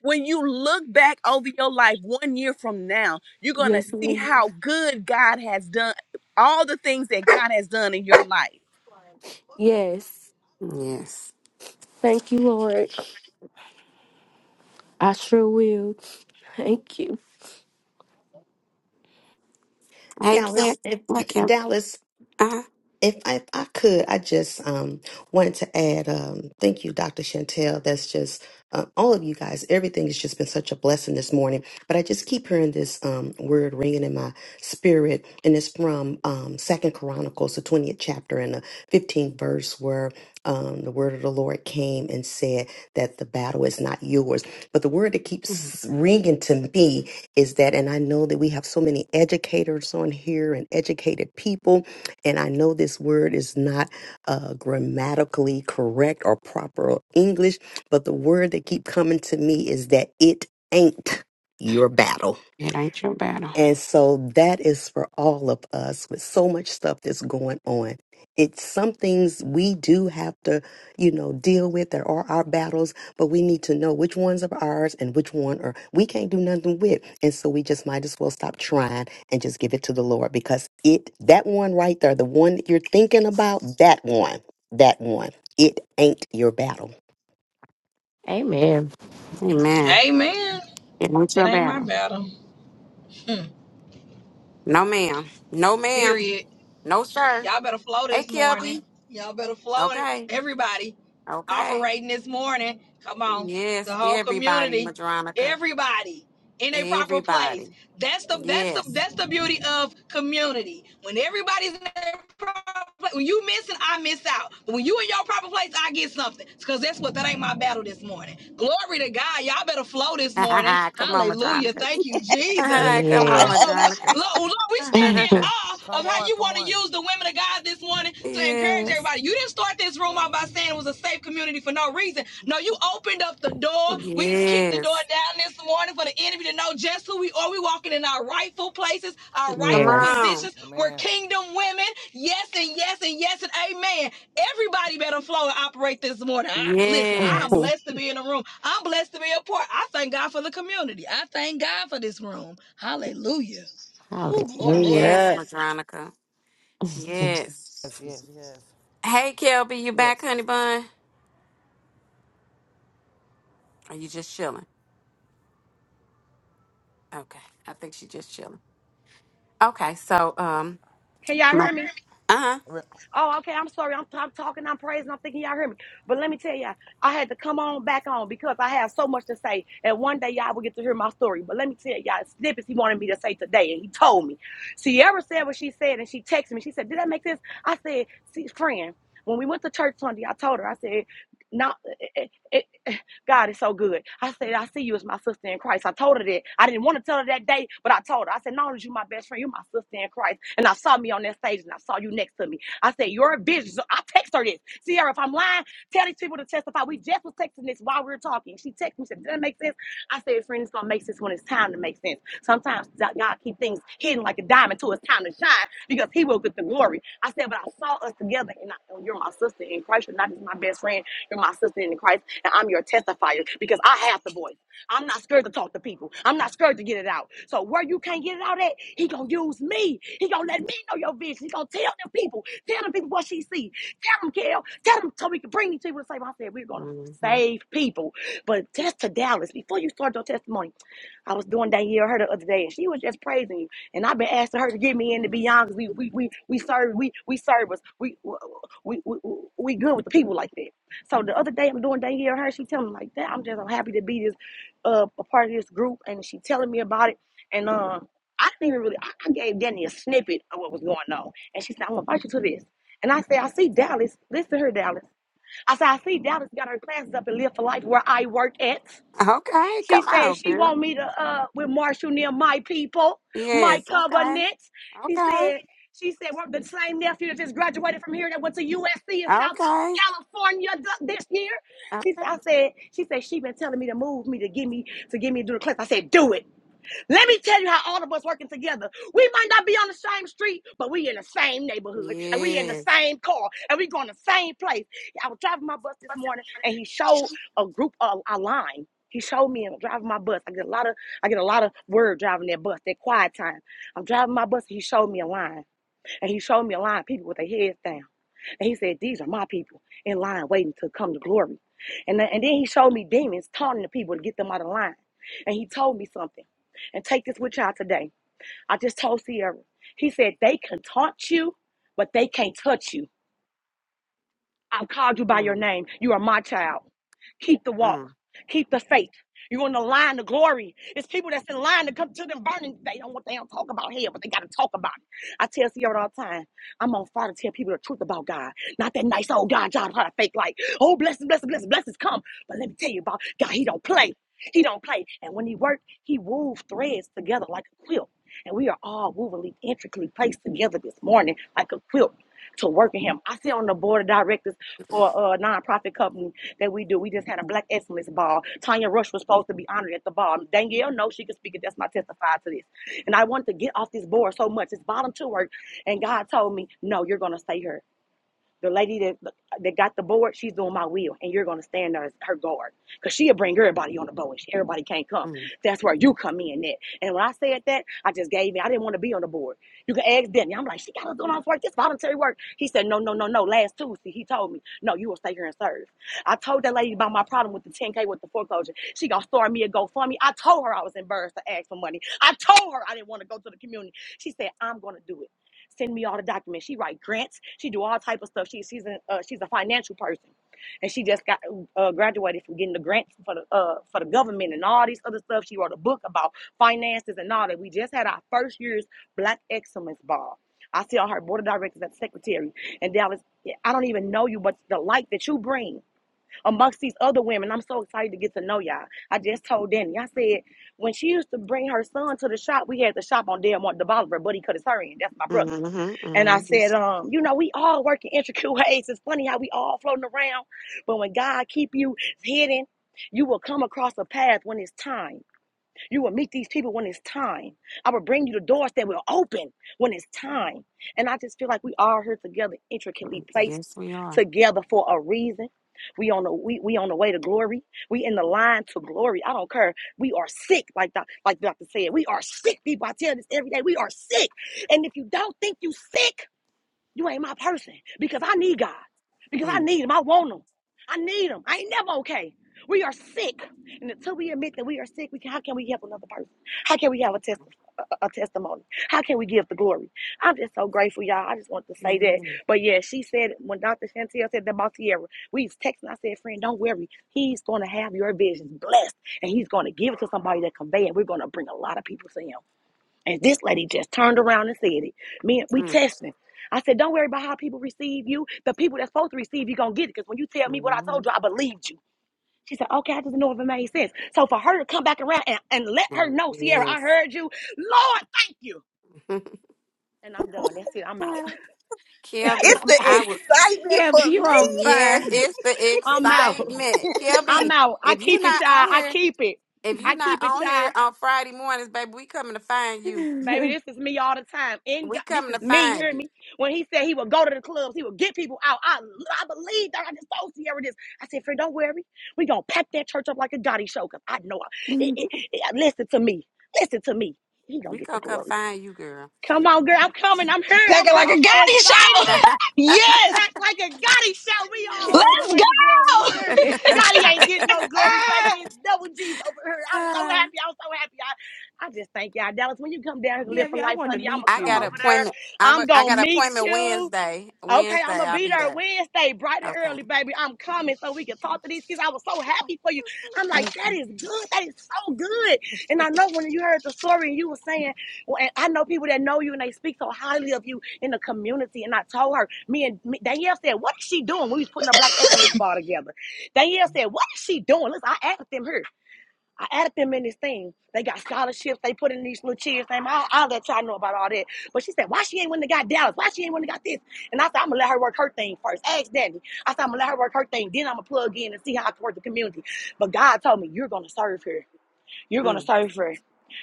when you look back over your life one year from now, you're going to
Yes,
see
Lord.
how good God has done, all the things that God has done in your life.
Yes.
Yes.
Thank you, Lord. I sure will. Thank you.
Hey, Kim.
Dallas, eh,
Look,
(clears throat)
Kim.
Dallas.
Uh-huh.
If I, if I could, I just um, wanted to add, um, thank you, Dr. Chantel. That's just uh, all of you guys. Everything has just been such a blessing this morning. But I just keep hearing this um, word ringing in my spirit, and it's from um, Second Chronicles, the twentieth chapter and the fifteenth verse, where um, the word of the Lord came and said that the battle is not yours. But the word that
Mhm.
keeps ringing to me is that, and I know that we have so many educators on here and educated people and I know this word is not uh, grammatically correct or proper English, but the word that keep coming to me is that it ain't your battle
It ain't your battle.
and so that is for all of us with so much stuff that's going on. It's some things we do have to, you know, deal with. There are our battles, but we need to know which ones are ours and which one are we can't do nothing with. And so we just might as well stop trying and just give it to the Lord because it that one right there, the one that you're thinking about, that one, that one, it ain't your battle.
Amen.
Amen.
Amen.
It ain't
It
your
ain't my
battle.
battle. Hmm.
No, ma'am. No, ma'am.
Period.
No, sir.
Y'all better flow
Hey,
this morning.
Kelby.
Y'all better flow.
Okay.
Everybody
Okay.
operating this morning. Come on.
Yes,
The whole
everybody,
community.
Madronica.
Everybody in a proper place.
Everybody.
That's the that's the
Yes.
that's the beauty of community. When everybody's in their proper place, when you missing, I miss out. But when you in your proper place, I get something. It's Cause that's what that ain't my battle this morning. Glory to God. Y'all better flow this morning.
(laughs) Come on,
Hallelujah.
Madronica.
Thank you, Jesus.
(laughs) Come
I
on,
Yeah.
don't, want,
Madronica.
Lord, Lord, we stand in
(laughs)
(laughs)
awe of
Come
how
on,
you
come
want to
on.
use the women of God this morning to encourage
yes.
everybody. You didn't start this room out
Amen.
by saying it was a safe community for no reason. No, you opened up the door. We kicked the
Yes.
door down this morning for the enemy to know just who we are. We walking in our rightful places, our
Come
rightful
yes.
on.
positions. We're
Amen.
kingdom women. Yes and yes and yes and amen. Everybody better flow and operate this morning. I, listen,
(laughs)
I'm
Yes.
blessed to be in the room. I'm blessed to be a part. I thank God for the community. I thank God for this room. Hallelujah. Ooh, glory.
Yes,
Hallelujah.
Madronica.
(laughs)
Yes.
Yes, yes, yes.
Hey, Kelby, you back,
Yes.
honey bun? Are you just chilling? Okay. I think she just chilling. Okay. So, um,
Can y'all hear me?
uh huh.
Re-
Oh, okay. I'm sorry. I'm, I'm talking. I'm praising. I'm thinking y'all hear me. But let me tell y'all, I had to come on back on because I have so much to say. And one day y'all will get to hear my story. But let me tell y'all, snippets he wanted me to say today. And he told me. Sierra said what she said. And she texted me. She said, Did that make sense? I said, See, friend, when we went to church Sunday, I told her, I said, No, it, it, it- God is so good. I said, I see you as my sister in Christ. I told her that. I didn't want to tell her that day, but I told her, I said, Not only is you my best friend, you're my sister in Christ. And I saw me on that stage and I saw you next to me. I said, You're a bitch." So I text her this. Sierra, if I'm lying, tell these people to testify. We just was texting this while we were talking. She texted me, said, Does that make sense? I said, Friend, it's going to make sense when it's time to make sense. Sometimes God God keep things hidden like a diamond till it's time to shine because He will get the glory. I said, But I saw us together, and I, oh, you're my sister in Christ. You're not just my best friend. You're my sister in Christ, and I'm your testifier because I have the voice. I'm not scared to talk to people. I'm not scared to get it out. So where you can't get it out at, he gonna use me. He gonna let me know your vision. He gonna tell the people, tell the people what she see. Tell them, Kel. Tell them so we can bring these people to save. I said, we're going to
hmm
save people. But test to Dallas, before you start your testimony, I was doing that here, her the other day, and she was just praising you. And I've been asking her to get me in to be honest. We we we we serve we we service we we we, we good with the people like that. So the other day I'm doing that here, her she telling me like that. I'm just I'm happy to be this uh, a part of this group, and she telling me about it. And um, I didn't even really I, I gave Danny a snippet of what was going on, and she said I'm gonna invite you to this. And I say, I see Dallas. Listen to her, Dallas. I said, I see Dallas got her classes up and Live for Life where I work at.
Okay.
She
Come on,
said she
girl.
want me to uh with Marshall near my people, my
Yes. Okay.
covenant. She
Okay.
said, she said, well, the same nephew that just graduated from here that went to USC in South
Okay.
California th- this year. She said,
Okay.
I said, she said she been telling me to move me to give me to give me to do the class. I said, do it. Let me tell you how all of us working together. We might not be on the same street, but we in the same neighborhood and we in the
Yes.
same car and we going to the same place. I was driving my bus this morning and he showed a group a, a line. He showed me and I'm driving my bus. I get a lot of I get a lot of word driving that bus, that quiet time. I'm driving my bus and he showed me a line. And he showed me a line of people with their heads down. And he said, These are my people in line waiting to come to glory. And, then- and then he showed me demons taunting the people to get them out of line. And he told me something. And take this with y'all today. I just told Sierra. He said, They can taunt you, but they can't touch you. I've called you by your
Mm-hmm.
name. You are my child. Keep the walk. Keep the faith. You're on the line to glory. It's people that's in line to come to them burning. They don't want they don't talk about hell, but they gotta talk about it. I tell Sierra all the time, I'm on fire to tell people the truth about God. Not that nice old God job trying to fake like, oh blessings, blessings, blessings, blessings come. But let me tell you about God, he don't play. He don't play. And when he worked, he wove threads together like a quilt. And we are all wovenly, intricately placed together this morning like a quilt to work in him. I sit on the board of directors for a nonprofit company that we do. We just had a black excellence ball. Tanya Rush was supposed to be honored at the ball. Danielle, no, she could speak it. That's my testify to this. And I wanted to get off this board so much. It's volunteer work. And God told me, no, you're going to stay here. The lady that that got the board, she's doing my wheel, and you're gonna stand there as her guard, cause she'll bring everybody on the board. She- Everybody can't come.
Mm,
That's where you come in. At. And when I said that, I just gave in. I didn't want to be on the board. You can ask Denny. I'm like, she got us doing all this work. This voluntary work. He said, no, no, no, no. Last Tuesday, he told me, no, you will stay here and serve. I told that lady about my problem with the 10K with the foreclosure. She gonna start me a GoFundMe. I told her I was embarrassed to ask for money. I told her I didn't want to go to the community. She said, I'm gonna do it send me all the documents. She write grants. She do all type of stuff. She she's a uh, she's a financial person, and she just got uh, graduated from getting the grants for the uh, for the government and all these other stuff. She wrote a book about finances and all that. We just had our first year's Black Excellence Ball. I sit on her board of directors and secretary. And Dallas, I don't even know you, but the light that you bring amongst these other women, I'm so excited to get to know y'all. I just told Danny, I said, when she used to bring her son to the shop, we had the shop on Delmont de Bolivar. Buddy cut his hair in. That's my brother.
mhm,
And I
mhm,
said,
Yes,
um, you know, we all work in intricate (laughs) ways. It's funny how we all floating around, but when God keep you hidden, you will come across a path when it's time. You will meet these people when it's time. I will bring you the doors that will open when it's time. And I just feel like we all here together,
mm,
intricately placed
yes, we are.
together for a reason. We on the we, we on the way to glory. We in the line to glory. I don't care. We are sick, like doc, like doctor said. We are sick people. I tell this every day. We are sick. And if you don't think you sick. You ain't my person because I need God, because I
Mm,
need Him. I want Him. I need Him. I ain't never okay. We are sick, and until we admit that we are sick, we can, how can we help another person? How can we have a, test, a, a testimony? How can we give the glory? I'm just so grateful, y'all. I just want to say that.
mm,
But yeah, she said when Dr. Chantel said that about Tierra, we was texting. I said, friend, don't worry. He's gonna have your visions blessed, and he's gonna give it to somebody that convey it. We're gonna bring a lot of people to him. And this lady just turned around and said it. Man, we
mm,
testing. I said, don't worry about how people receive you. The people that's supposed to receive you gonna get it. Cause when you tell me what I told
mhm,
you, I believed you. She said, okay, I just didn't know if it made sense. So for her to come back around and, and let her
mm,
know, Sierra, I
Yes.
heard you. Lord, thank you.
(laughs)
And I'm done. That's it. I'm out. (laughs)
Well, Kelby,
It's the
I'm out.
I was.
excitement
Yeah, but
for
you
me.
on
Yes,
fire.
it's the
I'm out.
excitement.
I'm
Kelby,
out. I
if you
keep it,
not
child.
on
I
here,
keep it.
if you
I
not
keep it,
on
child.
here on Friday mornings, baby, we coming to
(laughs)
find you.
Baby,
yeah,
this
but
is me all the time. In
We
God, this
coming to
is me.
find
Hear
you.
me? When he said he would go to the clubs, he would get people out. I, I believe that. I just told Sierra this. I said, friend, don't worry. We gonna pack that church up like a Gotti show. Cause I know. I, it, it, it- listen to me. Listen to me. He gonna
We
get the
gonna come
glory.
find you, girl.
Come on, girl. I'm coming. I'm here. I'm
Packing
here.
like
I'm
a
so
goddess shout.
excited.
(laughs)
(laughs)
yes.
Pack like a Gotti show. We all on
Let's
our way to glory. You
go. (laughs)
hear me?
Yes.
Gotti ain't
(laughs)
getting no glory,
Ah.
baby. It's double G's over here. I'm so
Ah.
happy. I'm so happy. I, I just thank y'all. Dallas, when you come down here to live for
I
life,
want to
honey, I'm going
meet
to
I
come
got an
you.
over there.
appointment. I'm a,
I'm
I
going to
got an
meet
appointment
you.
Wednesday.
Okay, I'm
Wednesday
gonna
I'll
be
be
there
there.
Wednesday, bright and
Okay.
early, baby. I'm coming so we can talk to these kids. I was so happy for you. I'm like,
Thank
that
you.
is good. That is so good. And I know when you heard the story and you were saying, well, and I know people that know you and they speak so highly of you in the community. And I told her, me and me, Danielle said, what is she doing? We was putting a Black Excellence Bar together. Danielle said, what is she doing? Listen, I asked them here. I added them in this thing. They got scholarships. They put in these little cheers. Thing. I'll, I'll let y'all know about all that. But she said, why she ain't win the got Dallas? Why she ain't win the got this? And I said, I'm going to let her work her thing first. Ask Danny. I said, I'm going to let her work her thing. Then I'm going to plug in and see how I can work the community. But God told me, you're going to serve her. You're gonna
Mm.
serve her.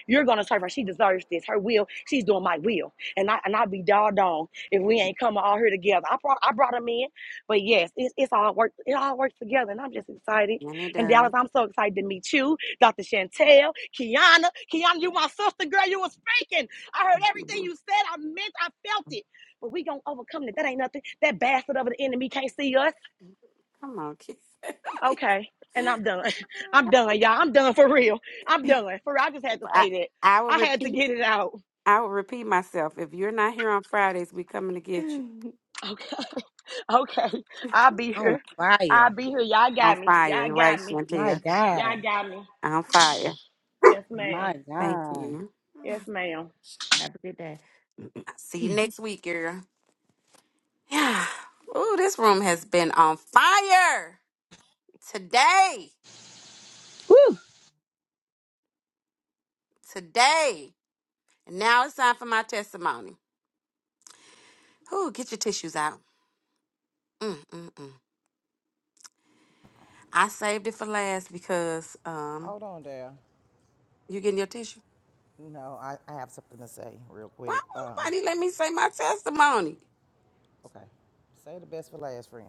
You're gonna serve her. She deserves this. Her will. She's doing my will. And I and I be dogged on if we ain't coming all here together. I brought I brought them in, but yes, it's it's all work. It all works together, and I'm just excited.
And it
And Dallas,
does.
I'm so excited to meet you, Dr. Chantel, Kiana, Kiana. You my sister, girl. You was speaking. I heard everything
Mhm.
you said. I meant. I felt it. But we gonna overcome it. That ain't nothing. That bastard of the enemy can't see us.
Come on, kid. (laughs)
Okay. And I'm done. (laughs) I'm done, y'all. I'm done for real. I'm done. For real. I just had to
I
say that.
I will
I had to
repeat.
get it out.
I will repeat myself. If you're not here on Fridays, we coming to get you.
Mm,
Okay. (laughs) Okay. I'll be
On
here. I'll
fire.
be here. Y'all
On
got me. Y'all
fire, right,
got me.
My
Chantel?
Y'all
God.
got me.
On fire.
Yes, ma'am.
My
Thank
God.
you.
Yes, madam
Have a good day.
I'll see
(clears throat)
you next week, girl. Yeah. Ooh, this room has been on fire today. Today. And now it's time for my testimony. Ooh, get your tissues out. Mm, mm, mm. I saved it for last because um,
Hold on there.
you getting your tissue?
No, I, I have something to say real
Why
quick. Um,
won't nobody let me say my testimony?
okay. Say the best for last, friend.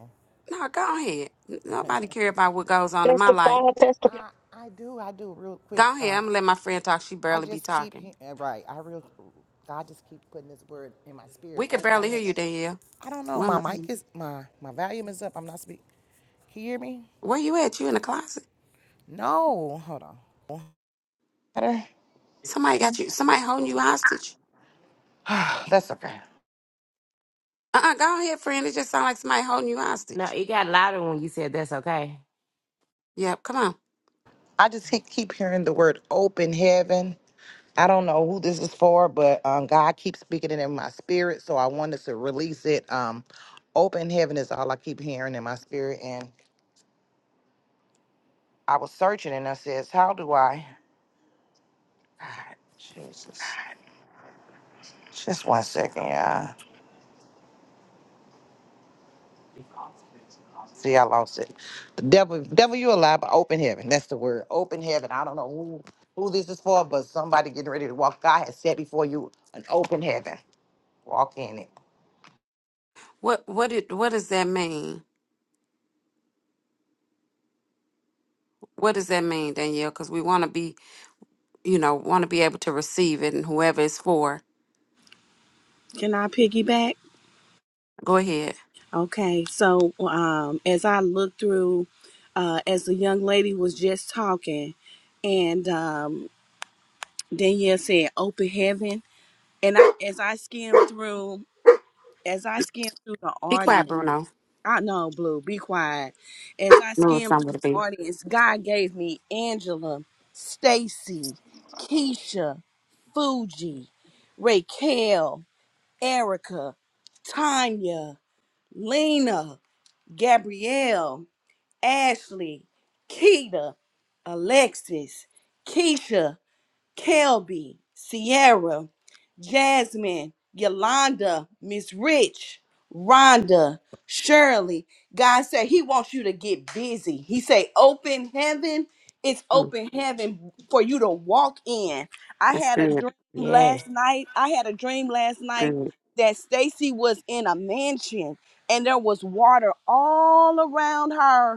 No, go ahead. N- Nobody care about what goes on in my life.
Testify, testify.
I, I do, I do, real quick.
Go ahead. I'm
Um,
gonna let my friend talk. She
I
barely be
just keep,
talking.
he- uh, right, I real, God just keep putting this word in my spirit,
We could
open
barely hear
it.
you, Danielle.
I don't know, my mic
One-
is, my, my volume is up. I'm not speaking. Can you hear me?
Where you at? You in the closet?
No, hold on. Better?
Somebody got you. Somebody holding you hostage.
(sighs) That's okay.
Uh uh Go ahead, friend. It just sounds like somebody holding you
no,
hostage.
it got louder when you said that's okay.
Yep. Come on.
I just he- keep hearing the word open heaven. I don't know who this is for, but um, God keeps speaking it in my spirit, so I wanted to release it. Um, open heaven is all I keep hearing in my spirit, and I was searching, and I says, "How do I?" (sighs) Jesus, just one second, y'all. See, I lost it. The devil, devil, you alive, but open heaven. That's the word. Open heaven. I don't know who, who this is for, but somebody getting ready to walk. God has set before you an open heaven. Walk in it.
What what did what does that mean? What does that mean, Danielle? Because we want to be, you know, want to be able to receive it, and whoever it's for.
Can I piggyback?
Go ahead.
Okay. So um as I look through uh as the young lady was just talking and um Danielle said open heaven and I as I skimmed through as I skimmed through the
Be quiet,
audience
Bruno.
I know, Blue. Be quiet. As I
No, it's
skimmed
not going
through
to
the
be.
audience, God gave me Angela, Stacy, Keisha, Fuji, Raquel, Erica, Tanya, Lena, Gabrielle, Ashley, Keita, Alexis, Keisha, Kelby, Sierra, Jasmine, Yolanda, Miss Rich, Rhonda, Shirley. God said He wants you to get busy. He said, "Open heaven." It's
Mm,
open heaven for you to walk in. I
That's
had a
good. That's
dream
Yes.
last night. I had a dream last night
good.
that Stacy was in a mansion and there was water all around her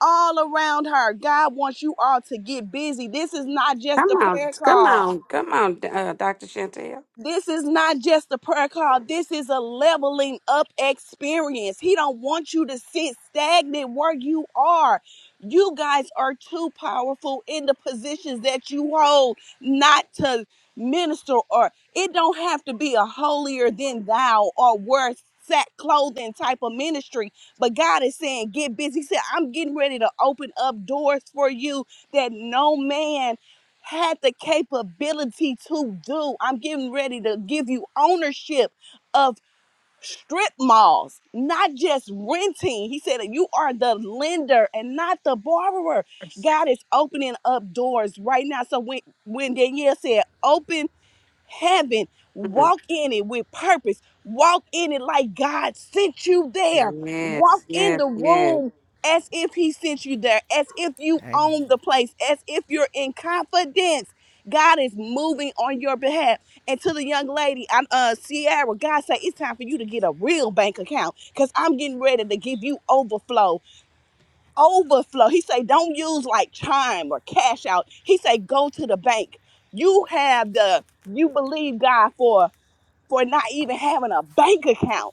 all around her. God wants you all to get busy. This is not just
Come
a
on,
prayer
come
call.
on, come on, uh, Doctor Chantel.
This is not just a prayer call. This is a leveling up experience. He don't want you to sit stagnant where you are. You guys are too powerful in the positions that you hold not to minister or it don't have to be a holier than thou or worse sack clothing type of ministry. But God is saying, get busy. He said, I'm getting ready to open up doors for you that no man had the capability to do. I'm getting ready to give you ownership of strip malls, not just renting. He said that you are the lender and not the borrower. God is opening up doors right now. So when when Danielle said open heaven. Walk in it with purpose. Walk in it like God sent you there. Walk
Yes,
in
yes,
the
yes.
room as if He sent you there, as if you
Amen.
own the place, as if you're in confidence. God is moving on your behalf. And to the young lady, I'm uh Sierra, God say it's time for you to get a real bank account because I'm getting ready to give you overflow overflow. He say, don't use like chime or cash out. He say, go to the bank. You have the you believe God for for not even having a bank account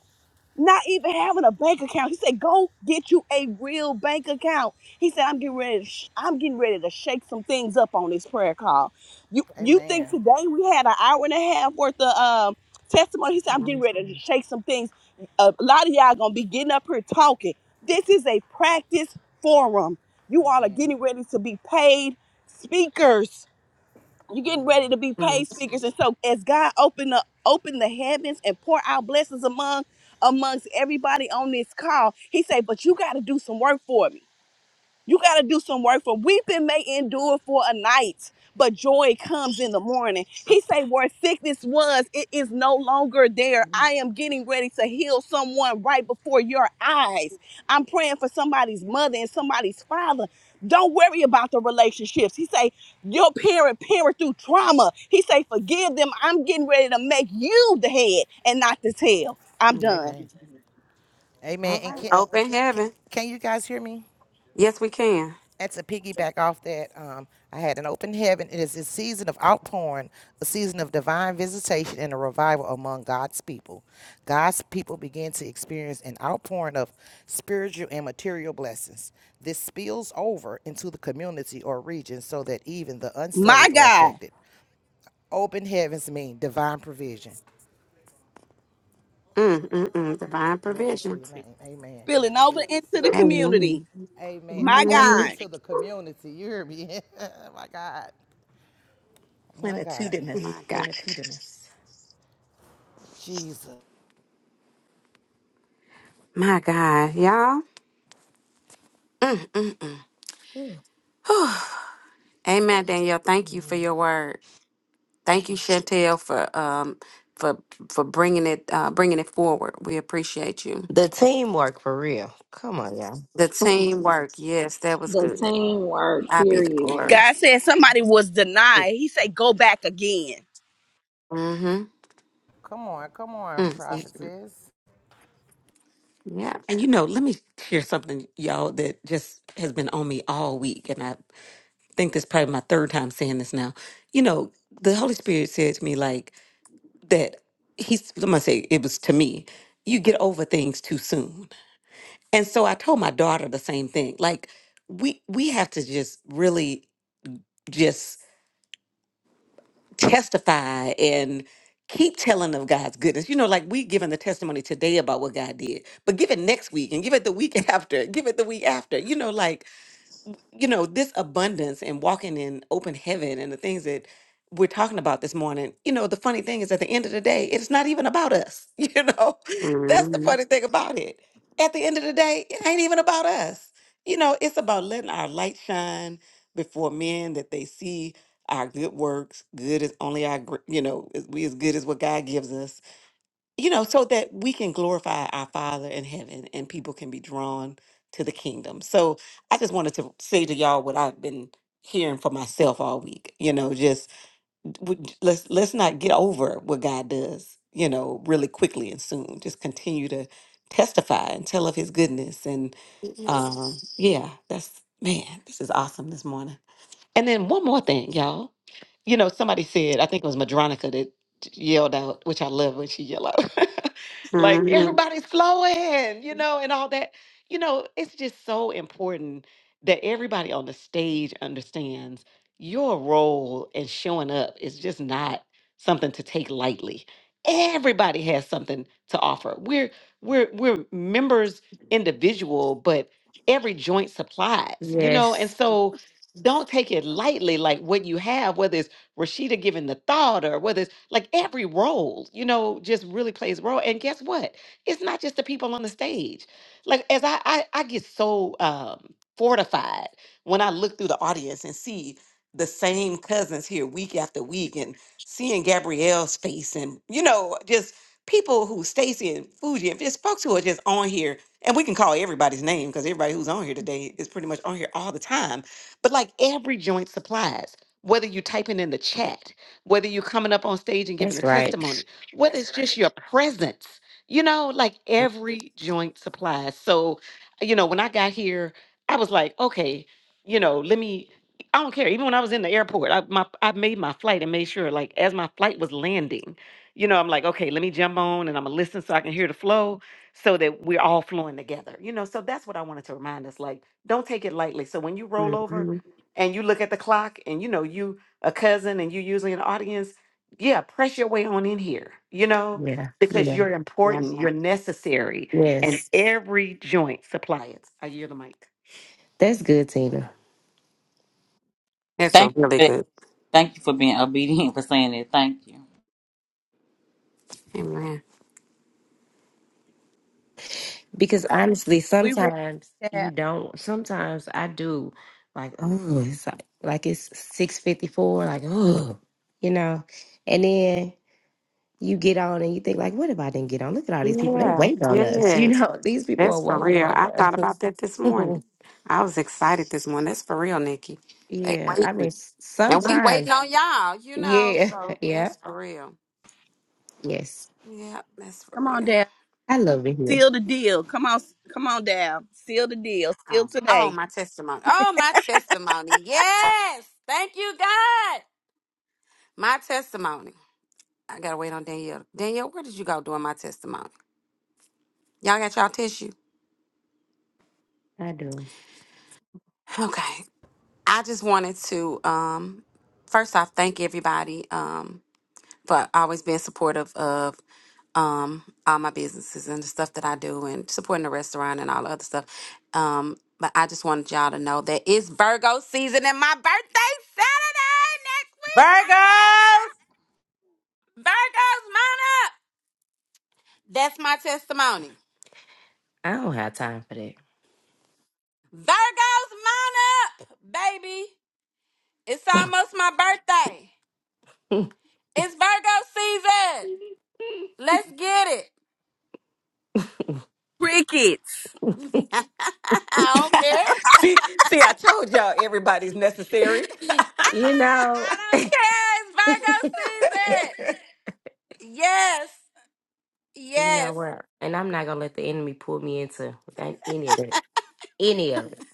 not even having a bank account. He said, "Go get you a real bank account." He said, "I'm getting ready. To sh- I'm getting ready to shake some things up on this prayer call." You you think
Amen.
today we had an hour and a half worth of um,
Just-
testimony? He said, "I'm getting ready to shake some things." A lot of y'all gonna be getting up here talking. This is a practice forum. You all are
Amen.
getting ready to be paid speakers. You're getting
Amen.
ready to be paid
Mm-hmm.
speakers. And so as God open the open the heavens and pour out blessings among amongst everybody on this call, he said, But you gotta do some work for me. You got to do some work for weeping may endure for a night, but joy comes in the morning. He say where sickness was, it is no longer there. I am getting ready to heal someone right before your eyes. I'm praying for somebody's mother and somebody's father. Don't worry about the relationships. He say your parent parent through trauma. He say forgive them. I'm getting ready to make you the head and not the tail. I'm done.
Amen.
All
Amen. And
right.
can,
Open
can
heaven.
can you guys hear me?
Yes, we can.
That's a piggyback off that. Um, I had an open heaven. It is a season of outpouring, a season of divine visitation and a revival among God's people. God's people begin to experience an outpouring of spiritual and material blessings. This spills over into the community or region so that even the
My
unsaved are
God,
affected. Open heavens mean divine provision.
Mm-mm-mm. Divine
Glory to
provision.
your name. Amen.
spilling
God,
over
yes.
into the
Amen.
community.
Amen.
Amen. I,
My
over
hmm
God.
into the community. You hear me? (laughs) Oh my God. My God.
My God.
Jesus.
My God. Y'all. Mm-mm-mm.
Ooh,
(sighs) Amen, Danielle. Thank you for
amen.
your word. Thank you, Chantel, for um for for bringing it uh bringing it forward. We appreciate you.
The teamwork for real. Come on, y'all.
The teamwork. Yes, that was
The
good.
teamwork,
I be the
period.
glory.
God said somebody was denied. He said, "Go back again."
Mm-hmm.
Come on. Come on,
Mm-hmm.
prophetess.
Yeah.
And you know, let me share something, y'all, that just has been on me all week. And I think this is probably my third time saying this now. You know, the Holy Spirit said to me, like, that he's, I'm going to say it was to me, you get over things too soon. And so I told my daughter the same thing. Like, we we have to just really just testify and keep telling of God's goodness. You know, like we giving the testimony today about what God did, but give it next week and give it the week (laughs) after, give it the week after. You know, like you know, this abundance and walking in open heaven and the things that we're talking about this morning, you know, the funny thing is at the end of the day, it's not even about us. (laughs) You know, that's the
Mhm.
funny thing about it. At the end of the day, it ain't even about us. You know, it's about letting our light shine before men that they see our good works. Good is only our, gr- you know, is- we as good as what God gives us you know, so that we can glorify our Father in heaven and people can be drawn to the kingdom. So I just wanted to say to y'all what I've been hearing for myself all week. You know, just w- j- let's let's not get over what God does, you know, really quickly and soon. Just continue to testify and tell of his goodness and um yeah, that's man, this is awesome this morning. And then one more thing, y'all you know, somebody said, I think it was Madronica that yelled out, which I love when she yelled out, (laughs) like
Mhm.
everybody's flowing, you know, and all that. You know, it's just so important that everybody on the stage understands your role in showing up is just not something to take lightly. Everybody has something to offer. We're we're we're members individual, but every joint supplies, you know, and
Yes,
so don't take it lightly like what you have, whether it's Rashida giving the thought or whether it's like every role, you know, just really plays a role. And guess what? It's not just the people on the stage. Like as I I, I get so um fortified when I look through the audience and see the same cousins here week after week and seeing Gabrielle's face and you know, just people who Stacy and Fuji and just folks who are just on here and we can call everybody's name because everybody who's on here today is pretty much on here all the time. But like every joint supplies whether you're typing in the chat, whether you're coming up on stage and giving a
that's right.
testimony, whether That's it's just right. your presence, you know, like every joint supplies. So, you know, when I got here, I was like, okay, you know, let me. I don't care. Even when I was in the airport, I my I made my flight and made sure, like, as my flight was landing, you know, I'm like, okay, let me jump on and I'm gonna listen so I can hear the flow, so that we're all flowing together. You know, so that's what I wanted to remind us. Like, don't take it lightly. So when you roll over,
Mhm.
and you look at the clock and you know you a cousin and you usually an audience yeah press your way on in here you know
Yeah,
because
yeah,
you're
Yeah,
important you're necessary and
yes.
every joint supply it i yield the mic
That's good, Tina.
that's a
Thank you. For
really
that.
good.
Thank you for being obedient for saying that. Thank you.
Amen.
Because honestly,
We ready,
sometimes you
that.
don't. Sometimes I do. Like, oh, it's like, like it's six fifty four. Like, oh, you know. And then you get on and you think like, what if I didn't get on? Look at all these people. They
Yeah,
wait on us. You
yes,
know, (laughs) these people are
that's for
waiting
real.
on
I thought about
us.
that this morning.
(laughs)
I was excited this morning. That's for real, Nikki. They
yeah, I mean,
waiting,
s-
and we
sometimes.
waiting on y'all. You know,
Yeah,
so
(laughs) yeah,
that's for real.
yes.
Yeah, that's for
Come on,
real.
Dad.
I love it here.
Seal the deal. Come on, come on, Dad. Seal the deal. Seal
Oh, oh,
today.
my testimony. Oh, my testimony. Yes, thank you, God. My testimony. I gotta wait on Danielle. Danielle, where did you go doing my testimony? Y'all got y'all tissue?
I do.
Okay. I just wanted to um first off thank everybody um for always being supportive of um all my businesses and the stuff that I do and supporting the restaurant and all the other stuff. Um but I just wanted y'all to know that it's Virgo season and my birthday Saturday next week. (laughs) Ah,
Virgos,
Virgos mine up. That's my testimony.
I don't have time for that.
Virgos mine up, baby. It's almost my birthday. It's Virgo season. Let's get it.
Crickets.
(laughs) I don't
(laughs)
care.
see, see, I told y'all everybody's necessary.
You
Ah,
know,
I don't care. It's Virgo season. Yes.
you know
Yes.
what? And I'm not gonna let the enemy pull me into an- any of it. Any of it.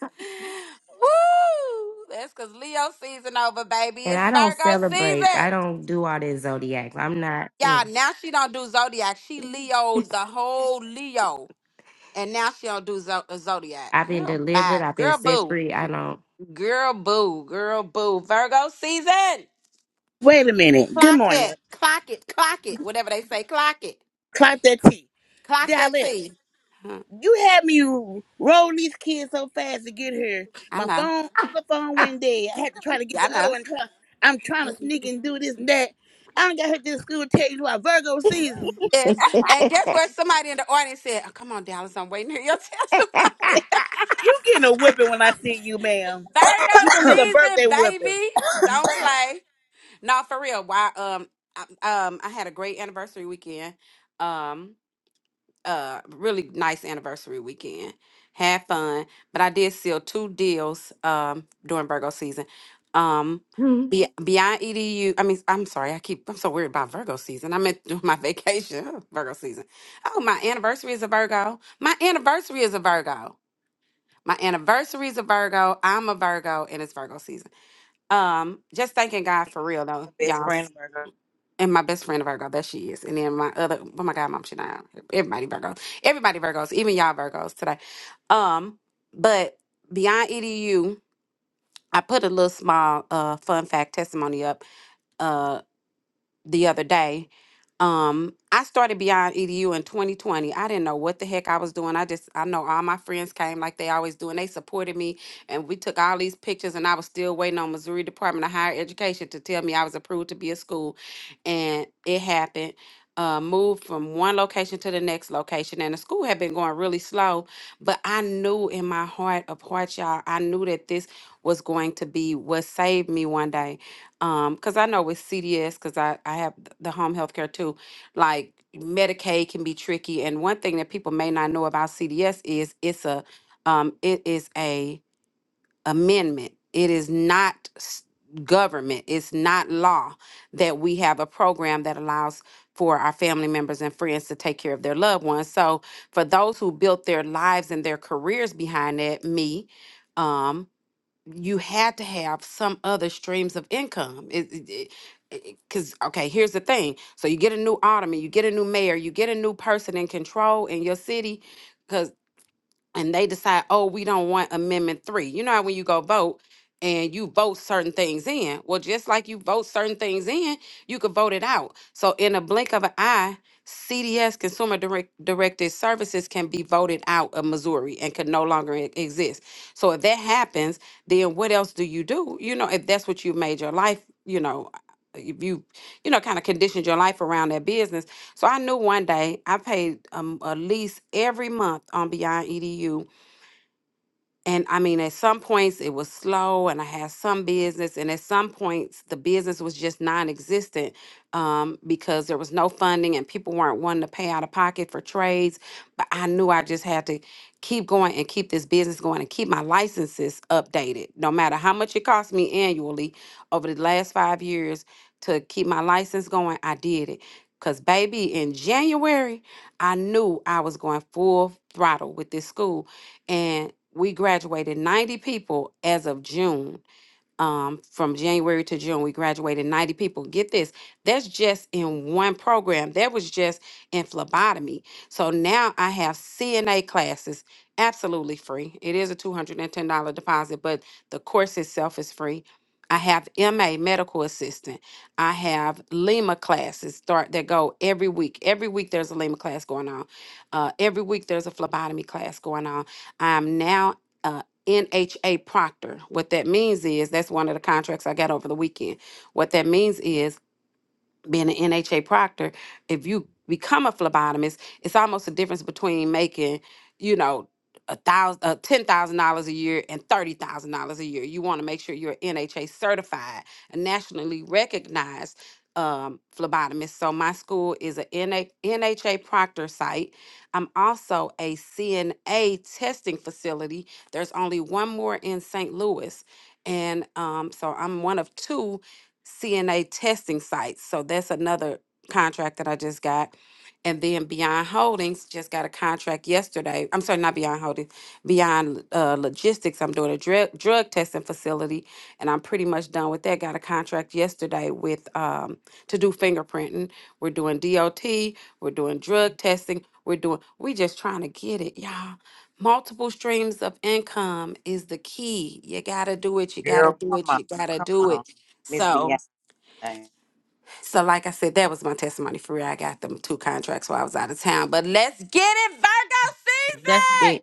Woo! That's because Leo season over, baby.
And
It's
I don't
Virgo
celebrate.
season.
I don't do all this zodiac. I'm not.
Y'all,
mm.
now she don't do Zodiac. She Leo
(laughs)
the whole Leo. And now she don't do zo- uh, Zodiac.
I've been
Girl, bye.
delivered. I've been
Girl,
set
boo.
free. I don't.
Girl, boo. Girl, boo. Virgo season.
Wait a minute. Good
Clock that.
morning.
Clock it. Clock it. Whatever they say, clock it.
Clap that tea.
Clock that
Dallas,
T. Huh,
you had me roll these kids so fast to get here.
I
My
know.
phone, other phone went dead. I had to try to get
Yeah, I
the other one.
know.
Try, I'm trying to sneak and do this and that. I don't got here to the school to tell you about Virgo season.
Yes. And guess what? Somebody in the audience said, oh, Come on, Dallas, I'm waiting to hear your
(laughs)
testimony.
You getting a whipping when
(laughs)
I see you, ma'am.
Virgo
You gonna get a birthday
season,
whipping.
baby. Don't play. No, for real. Why? Um, I, um, I had a great anniversary weekend. Um, uh really nice anniversary weekend. Had fun, but I did seal two deals um during Virgo season. Um
Mhm.
be, beyond edu i mean i'm sorry i keep i'm so worried about virgo season i meant during my (laughs) vacation oh, virgo season oh my anniversary is a virgo my anniversary is a virgo my anniversary is a virgo i'm a virgo and it's virgo season um just thanking god for real though
My best
y'all
friend Virgo.
and my best friend a Virgo, that she is. And then my other, oh my God, mom, she not. Everybody Virgos. Everybody Virgos, even y'all Virgos today. Um, but beyond EDU, I put a little small uh fun fact testimony up. uh, the other day. Um, I started Beyond EDU in 2020. I didn't know what the heck I was doing. I just I know all my friends came like they always do, and they supported me. And we took all these pictures, and I was still waiting on Missouri Department of Higher Education to tell me I was approved to be a school, and it happened. Uh, moved from one location to the next location, and the school had been going really slow. But I knew in my heart of hearts, y'all, I knew that this was going to be what saved me one day um because i know with cds because i i have th- the home health care too like medicaid can be tricky and one thing that people may not know about cds is it's a um it is a amendment it is not s- government it's not law that we have a program that allows for our family members and friends to take care of their loved ones so for those who built their lives and their careers behind that me um, you had to have some other streams of income. It, because okay here's the thing so you get a new alderman you get a new mayor you get a new person in control in your city and they decide, oh, we don't want amendment three. You know how when you go vote and you vote certain things in. Well, just like you vote certain things in, you could vote it out. So in a blink of an eye, CDS consumer direct, directed services can be voted out of Missouri and can no longer e- exist. So if that happens, then what else do you do? You know, if that's what you made your life, you know, if you, you know, kind of conditioned your life around that business so I knew one day I paid um, a lease every month on Beyond EDU and I mean, at some points it was slow, and I had some business, and at some points the business was just non-existent um, because there was no funding and people weren't wanting to pay out of pocket for trades. But I knew I just had to keep going and keep this business going and keep my licenses updated, no matter how much it cost me annually over the last five years to keep my license going. I did it because, baby, in January I knew I was going full throttle with this school and we graduated 90 people as of June um, from January to June, we graduated 90 people. Get this, that's just in one program. That was just in phlebotomy. So now I have CNA classes absolutely free. It is a $210 deposit, but the course itself is free. I have MA medical assistant. I have Lima classes start that go every week. Every week there's a Lima class going on. Uh, every week there's a phlebotomy class going on. I'm now uh, NHA Proctor. What that means is that's one of the contracts I got over the weekend. What that means is being an NHA proctor, if you become a phlebotomist, it's almost a difference between making, you know, a thousand, uh, ten thousand dollars a year and thirty thousand dollars a year. You want to make sure you're NHA certified, a nationally recognized um, phlebotomist. So my school is a NHA proctor site. I'm also a CNA testing facility. There's only one more in St. Louis, and um, so I'm one of two CNA testing sites. So that's another contract that I just got. And then Beyond Holdings just got a contract yesterday. I'm sorry, not Beyond Holdings, Beyond uh, Logistics. I'm doing a drug drug testing facility, and I'm pretty much done with that. Got a contract yesterday with um, to do fingerprinting. We're doing DOT. We're doing drug testing. We're doing. We just trying to get it, y'all. Multiple streams of income is the key. You gotta do it. You gotta
Girl,
do
come
it.
on,
You gotta
come
do
on,
it.
Miss
So.
Beyonce.
So, like I said, that was my testimony for real. I got them two contracts while I was out of town. But let's get it, Virgo
That's
season.
big.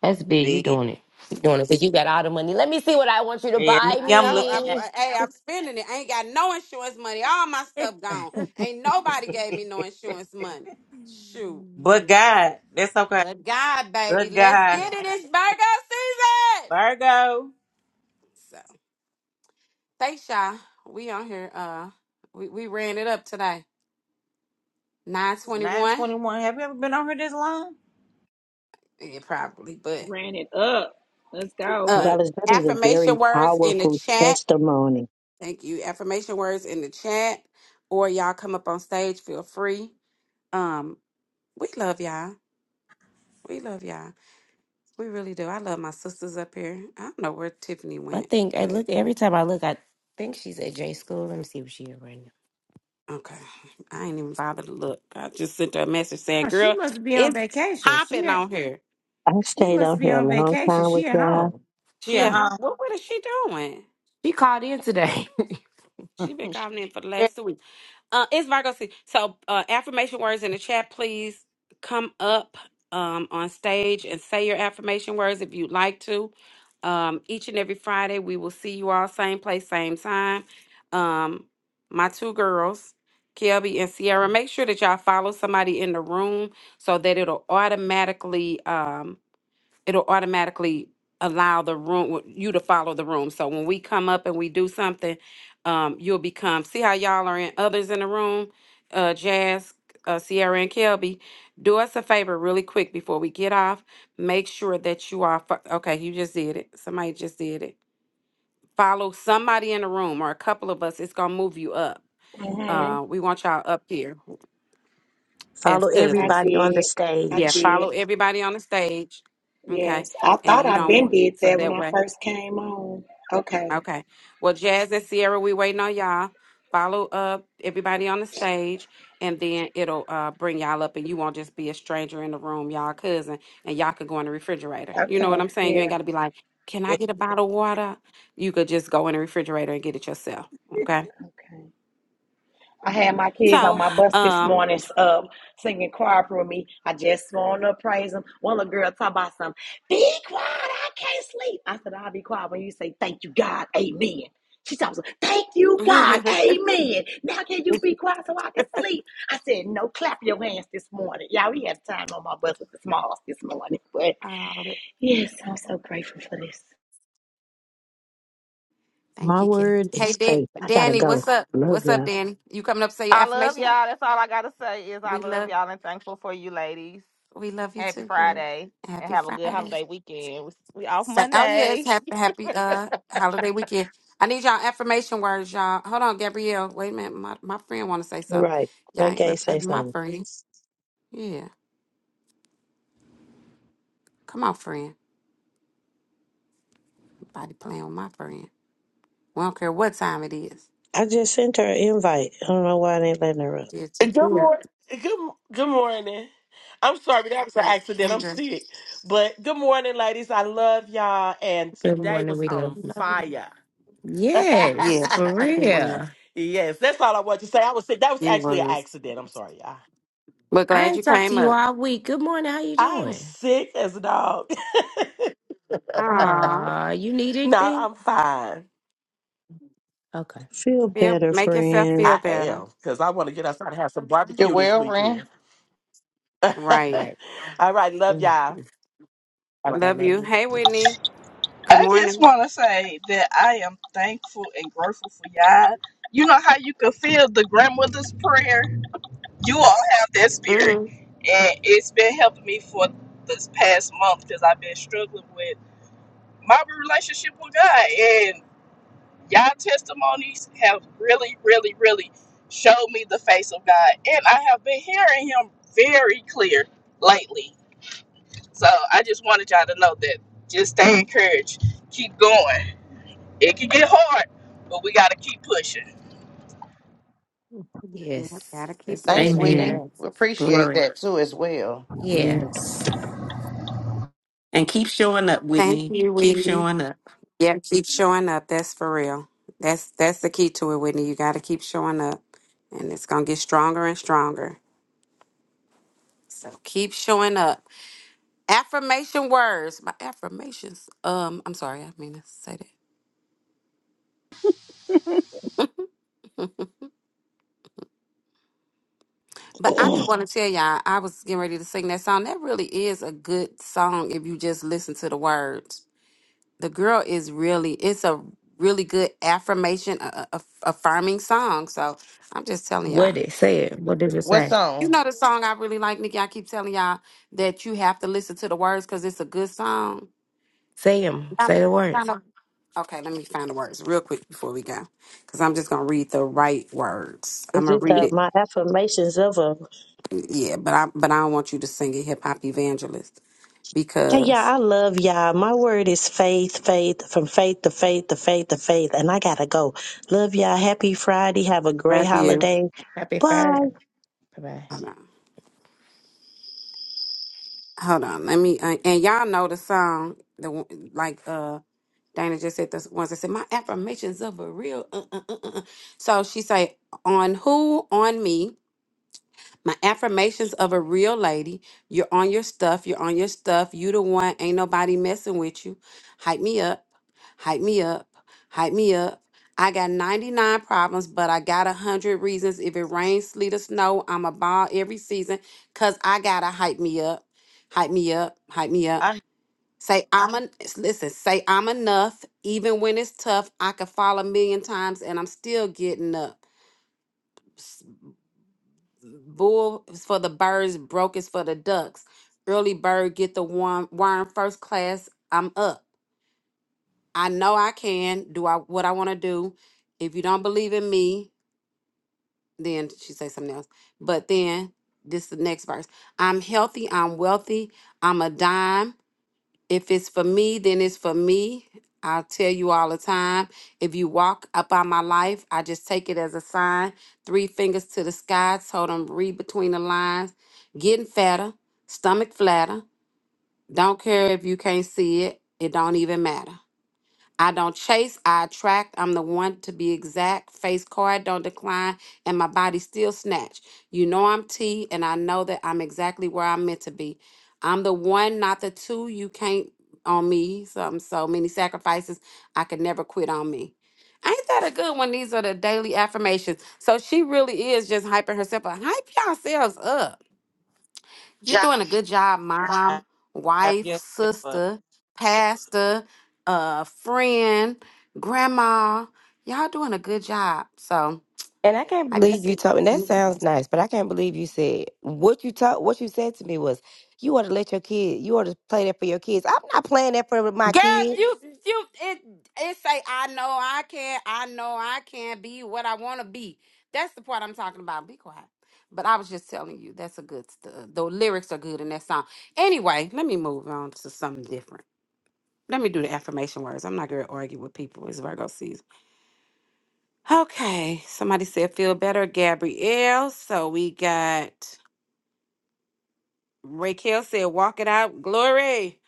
That's big. You
Big-
doing it. You doing it. But you got all the money. Let me see what I want you to
Yeah,
buy
Nikki,
I
I'm
don't.
looking
I'm.
at.
me.
I- Hey, I'm spending it. I ain't got no insurance money. All my stuff gone. Ain't nobody gave me no insurance money. Shoot.
But
(laughs)
God, that's okay.
But God, baby,
But
let's
God,
get
but
it. It's Virgo season.
Virgo.
So, thanks y'all. We on here. Uh, we we ran it up today. Nine
It's
twenty
nine
one.
twenty one. Have you ever been on here this long?
Yeah, probably. But
Ran it up. Let's go.
uh,
Good.
Dallas, that is a very
affirmation words in the
powerful
chat.
testimony.
Thank you. Affirmation words in the chat, or y'all come up on stage. Feel free. Um, we love y'all. We love y'all. We really do. I love my sisters up here. I don't know where Tiffany
I
went,
think I
but
look every time I look. I think she's at J school. Let me see what she is right now.
okay. I ain't even bothered to look. I just sent her a message saying,
Oh, she
"Girl,
must be on
it's
vacation. She
hopping
at,
on here."
I
she
stayed
must
on
be
here a
on
long
vacation.
time
She
with
at
y'all.
home.
She
Yeah,
a
Mm.
hop.
huh?
What? What is she doing?
She called in today. (laughs)
She been
(laughs)
calling in for the
yeah.
last two weeks. Uh, it's Virgo season. So, uh, affirmation words in the chat, please come up um, on stage and say your affirmation words if you'd like to. Um, each and every Friday, we will see you all same place, same time. Um, my two girls, Kelby and Sierra, make sure that y'all follow somebody in the room so that it'll automatically. um, it'll automatically allow the room you to follow the room. So when we come up and we do something, um, you'll become see how y'all are in others in the room, uh, Jazz, uh, Sierra, and Kelby. Do us a favor really quick before we get off. Make sure that you are fo- okay. You just did it. Somebody just did it. Follow somebody in the room or a couple of us. It's gonna move you up.
Mm-hmm.
Uh, we want y'all up here as
Follow
I
cousins.
everybody on the
did. I
Yeah,
stage.
follow
did.
everybody on the stage. Okay,
Yes. I
and
thought
you
I
don't
been
want
did
so
that when
that
I
way.
first came on. Okay.
Okay. Well, Jazz and Sierra, we waiting on y'all. Follow up everybody on the stage, and then it'll uh, bring y'all up, and you won't just be a stranger in the room, y'all cousin, and y'all could go in the refrigerator. You know what
Okay.
I'm saying? You ain't
Yeah.
got to be like, "Can I get a bottle of water?" You could just go in the refrigerator and get it yourself. Okay.
Okay. I had my kids on
So,
my bus this
um,
morning um, singing choir for me. I just want to praise them. One little girl talk about something. Be quiet, I can't sleep. I said, I'll be quiet when you say, thank you, God, amen. She talks, thank
(laughs)
you, God,
oh,
amen. Now can you be quiet so I can sleep? I said, no, clap your hands this morning. y'all. we had time on my bus with the smalls this morning. But yes, I'm so grateful for this.
thank
My
you, kid.
word is
Hey, Dan-
faith. I gotta
Danny,
go.
what's up?
Love
What's up,
y'all.
Danny? You coming up to say your
I love
affirmation?
y'all. That's all I gotta say is I
We
love
love,
y'all and thankful for you, ladies.
we love you
Happy
too, girl.
Friday and
Happy
have a good
Friday.
holiday weekend. We we off
Say, oh yes,
Monday.
happy happy uh holiday weekend. I need y'all affirmation words, y'all. Hold on, Gabrielle. Wait a minute, my, my friend want to say something.
Right.
Y'all ain't gonna
Reggae
play
say
with my
something.
friend. Yeah, come on, friend. Nobody playing with my friend. We don't care what time it is.
I just sent her an invite. I don't know why they letting her
I
up.
did too.
Good
yeah.
morning. Good, good morning. I'm sorry, that was an accident.
Hey,
I'm
Jess.
sick. But good morning, ladies. I love y'all. And
Good
today
morning.
was
We love
on
you.
Love you.
fire. (laughs)
Yes,
Yes,
for
it was.
real.
yes, that's all I wanted to say. I was sick. That was
It
actually an
was.
accident. I'm sorry, y'all.
We're
I
glad you
ain't talked to
came
you
up.
all week. Good morning. How you
I am
doing?
sick as a dog. (laughs)
Aw,
Ah, you need
no,
anything?
I'm fine.
Okay.
Feel
feel
better,
make yourself
friend.
feel
I
better.
am. Because I want to get outside and have some
You're
barbecue this
well, Ren.
weekend.
Right.
Right.
(laughs) all right. Love y'all.
Mhm.
All right.
Okay.
Love
Love
you.
you.
Hey, Whitney. Good
I just
morning.
want to say that I am thankful and grateful for y'all. You know how you can feel the grandmother's prayer? You all have that spirit.
Mm-hmm.
And it's been helping me for this past month because I've been struggling with my relationship with God. And y'all testimonies have really, really, really showed me the face of God. And I have been hearing Him very clear lately. So I just wanted y'all to know that just stay encouraged. Keep going. It can get hard, but we got to keep pushing.
Yep,
Yes,
gotta keep
that's
Thanks,
good.
pushing.
Whitney.
Amen.
Amen.
We appreciate
Glory.
that too as well.
Yeah.
Yes. And keep showing up,
Thank
Whitney.
you,
Keep
Whitney.
showing up.
Yeah, keep showing up. That's for real. That's that's the key to it, Whitney. You got to keep showing up, and it's gonna get stronger and stronger. So keep showing up. Affirmation words. My affirmations. Um, I'm sorry, I didn't mean to say that. (laughs) but I do want to tell y'all, I was getting ready to sing that song. That really is a good song if you just listen to the words. The girl is really. It's a really good affirmation, a, a, a- affirming song. So I'm just telling y'all.
What it say? It. What does it
What's
say?
You
on?
know the song I really like, Nikki. I keep telling y'all that you have to listen to the words because it's a good song.
Say them.
Yeah,
Say the words.
I know. Okay, let me find the words real quick before we go, because I'm just gonna read the right words.
It's
I'm gonna
just
read
uh,
it.
my affirmations of a
Yeah, but I but I don't want you to sing it, hip hop evangelist,
hey, y'all.
because
I love y'all. My word is faith, faith, from faith to faith to faith to faith. And I gotta go. Love y'all. Happy Friday. Have a great
love you.
holiday.
Happy Friday.
Bye.
Bye bye.
Hold on, hold on. Let me uh, and y'all know the song. The one- like uh Dana just said the ones that said my affirmations of a real. Uh, uh, uh, uh. uh." So she say on who on me. My affirmations of a real lady. You're on your stuff. You're on your stuff. You the one. Ain't nobody messing with you. Hype me up. Hype me up. Hype me up. I got 99 problems, but I got 100 reasons. If it rains, sleet, or snow, I'm a ball every season because I got to hype me up. Hype me up. Hype me up.
I
Say I'm a, listen, say I'm enough. Even when it's tough, I could fall a million times and I'm still getting up Bull is for the birds, broke is for the ducks. Early bird get the worm, worm first class. I'm up. I know I can do I what I want to do. If you don't believe in me, then she say something else. But then this is the next verse. I'm healthy. I'm wealthy. I'm a dime. If it's for me, then it's for me. I tell you all the time. If you walk up on my life, I just take it as a sign. Three fingers to the sky. Told them read between the lines. Getting fatter, stomach flatter. Don't care if you can't see it. It don't even matter. I don't chase, I attract. I'm the one to be exact. Face card, don't decline, and my body still snatch. You know I'm T, and I know that I'm exactly where I'm meant to be. I'm the one, not the two. You can't on me. Some so many sacrifices. I could never quit on me. Ain't that a good one? These are the daily affirmations. So she really is just hyping herself up. Hype yourselves up you're
Job.
doing a good job,
I
mom,
stop
wife,
yourself. But
sister, pastor, uh, friend, grandma. Y'all doing a good job. So
And I can't
I
believe
just
you told me that sounds nice, but I can't believe you said what you taught what you said to me was you ought to let your kid you ought to play that for your kids. I'm not playing that for my
Girl,
kids.
you you it it say I know I can I know I can be what I wanna be. That's the part I'm talking about. Be quiet. But I was just telling you that's a good st- uh, the lyrics are good in that song. Anyway, let me move on to something different. Let me do the affirmation words. I'm not gonna argue with people. It's Virgo season. Okay, somebody said feel better, Gabrielle. So we got Raquel said walk it out, glory.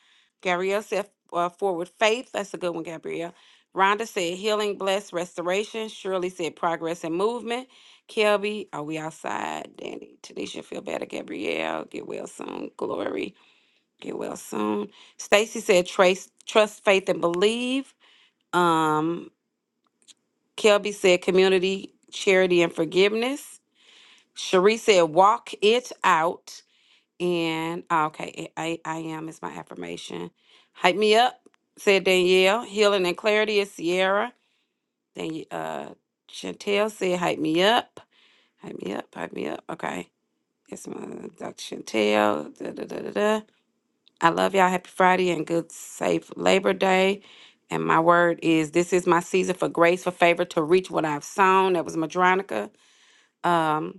Gabrielle said uh, forward faith. That's a good one, Gabrielle. Rhonda said healing, bless, restoration. Shirley said progress and movement. Kelby, are we outside? Danny, Tanisha, feel better, Gabrielle. Get well soon, glory. Get well soon. Stacy said trace, trust, faith, and believe. Um, Kelby said community, charity, and forgiveness. Cherie said, walk it out. And ah, okay, I, I I am is my affirmation. Hype me up, said Danielle. Healing and clarity is Sierra. Then uh Chantel said, hype me up. Hype me up, hype me up. Okay. It's my Dr. Chantel. Da, da, da, da, da. I love y'all. Happy Friday and good safe Labor Day. And my word is this is my season for grace, for favor to reach what I've sown. That was Madronica. Um,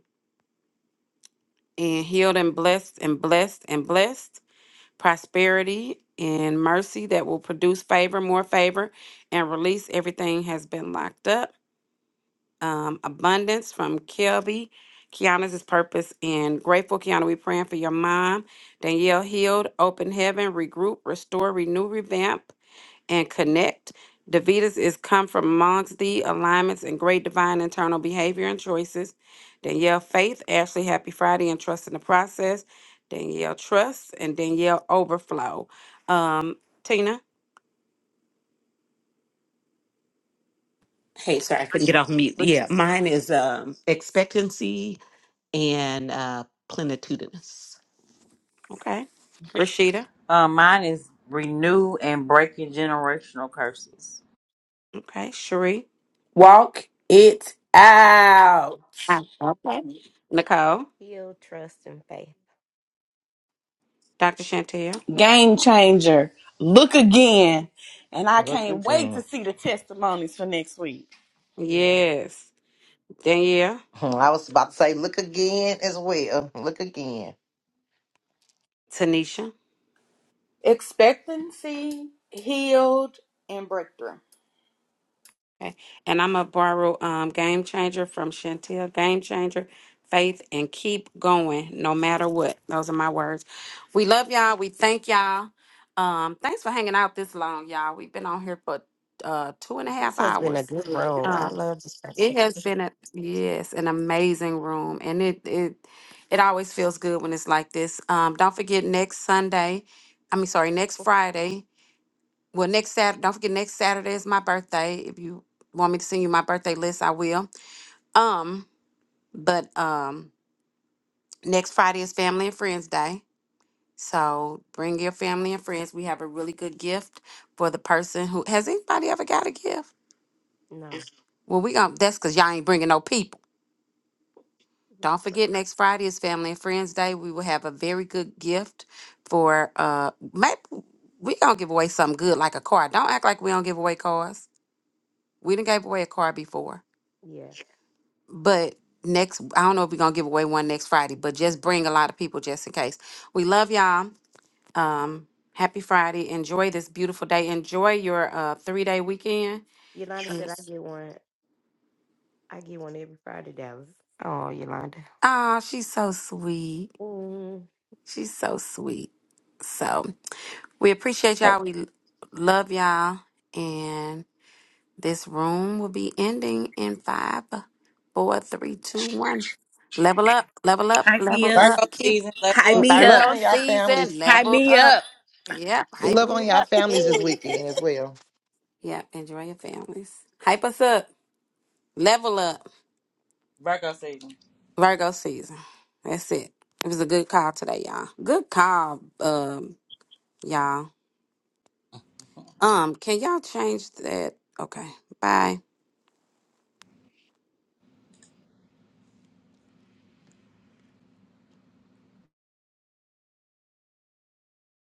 and healed and blessed and blessed and blessed prosperity and mercy that will produce favor more favor and release everything has been locked up um, abundance from kelby kiana's is purpose and grateful kiana we praying for your mom danielle healed open heaven regroup restore renew revamp and connect. Davidas is come from amongst the alignments and great divine internal behavior and choices. Danielle Faith, Ashley Happy Friday, and Trust in the Process. Danielle Trust and Danielle Overflow. Um, Tina.
Hey, sorry, I couldn't get off mute.
Rash-
Yeah, mine is um, expectancy and uh, plenitudinous.
Okay. Rashida.
um, mine is renew and breaking generational curses.
Okay. Cherie.
Walk it out.
Ah, Okay. Nicole.
Heal, trust, and faith.
Dr. Chantel.
Game changer. Look again. And I
Look
can't wait
again.
to see the testimonies for next week.
Yeah.
Yes. Danielle.
Hmm, I was about to say look again as well. Look again.
Tanisha.
Expectancy, healed, and breakthrough.
Okay. And I'm gonna borrow um Game Changer from Chantel. Game Changer, faith, and keep going no matter what. Those are my words. We love y'all. We thank y'all. Um, thanks for hanging out this long, y'all. We've been on here for uh two and a half
This has been a
hours.
good room. I
Uh,
love this.
it
session.
has been a yes, an amazing room, and it it it always feels good when it's like this. Um, don't forget next Sunday. I mean, sorry, next Friday. Well, next Saturday, don't forget next Saturday is my birthday. If you want me to send you my birthday list, I will. Um, but um next Friday is Family and Friends Day. So bring your family and friends. We have a really good gift for the person who has anybody ever got a gift?
No,
Well, we gonna that's cause y'all ain't bringing no people.
it was
Don't
great.
forget next Friday is Family and Friends Day. We will have a very good gift for uh maybe we gonna give away something good like a car. Don't act like we don't give away cars. We done gave away a car before.
Yeah,
but next i don't know if we're gonna give away one next friday but just bring a lot of people just in case we love y'all um happy friday enjoy this beautiful day enjoy your uh three day weekend
Yolanda said I get one. I get one every Friday, Dallas. Oh, Yolanda.
oh she's so sweet she's so sweet so we appreciate y'all we l- love y'all and this room will be ending in five four three two one level up level up
Hype me
level
up.
Virgo
up keep
season, level
Hype
up.
me
Virgo,
Love
up.
Virgo
on y'all
season,
families.
Hype
level
me up.
up. Yep, hype
Love
me
on y'all
up.
families this
Hey.
weekend as well.
Yep, enjoy your families. Hype us up, level up.
Virgo season.
Virgo season. That's it. It was a good call today, y'all. Good call, um, y'all. Um, can y'all change that? Okay, bye.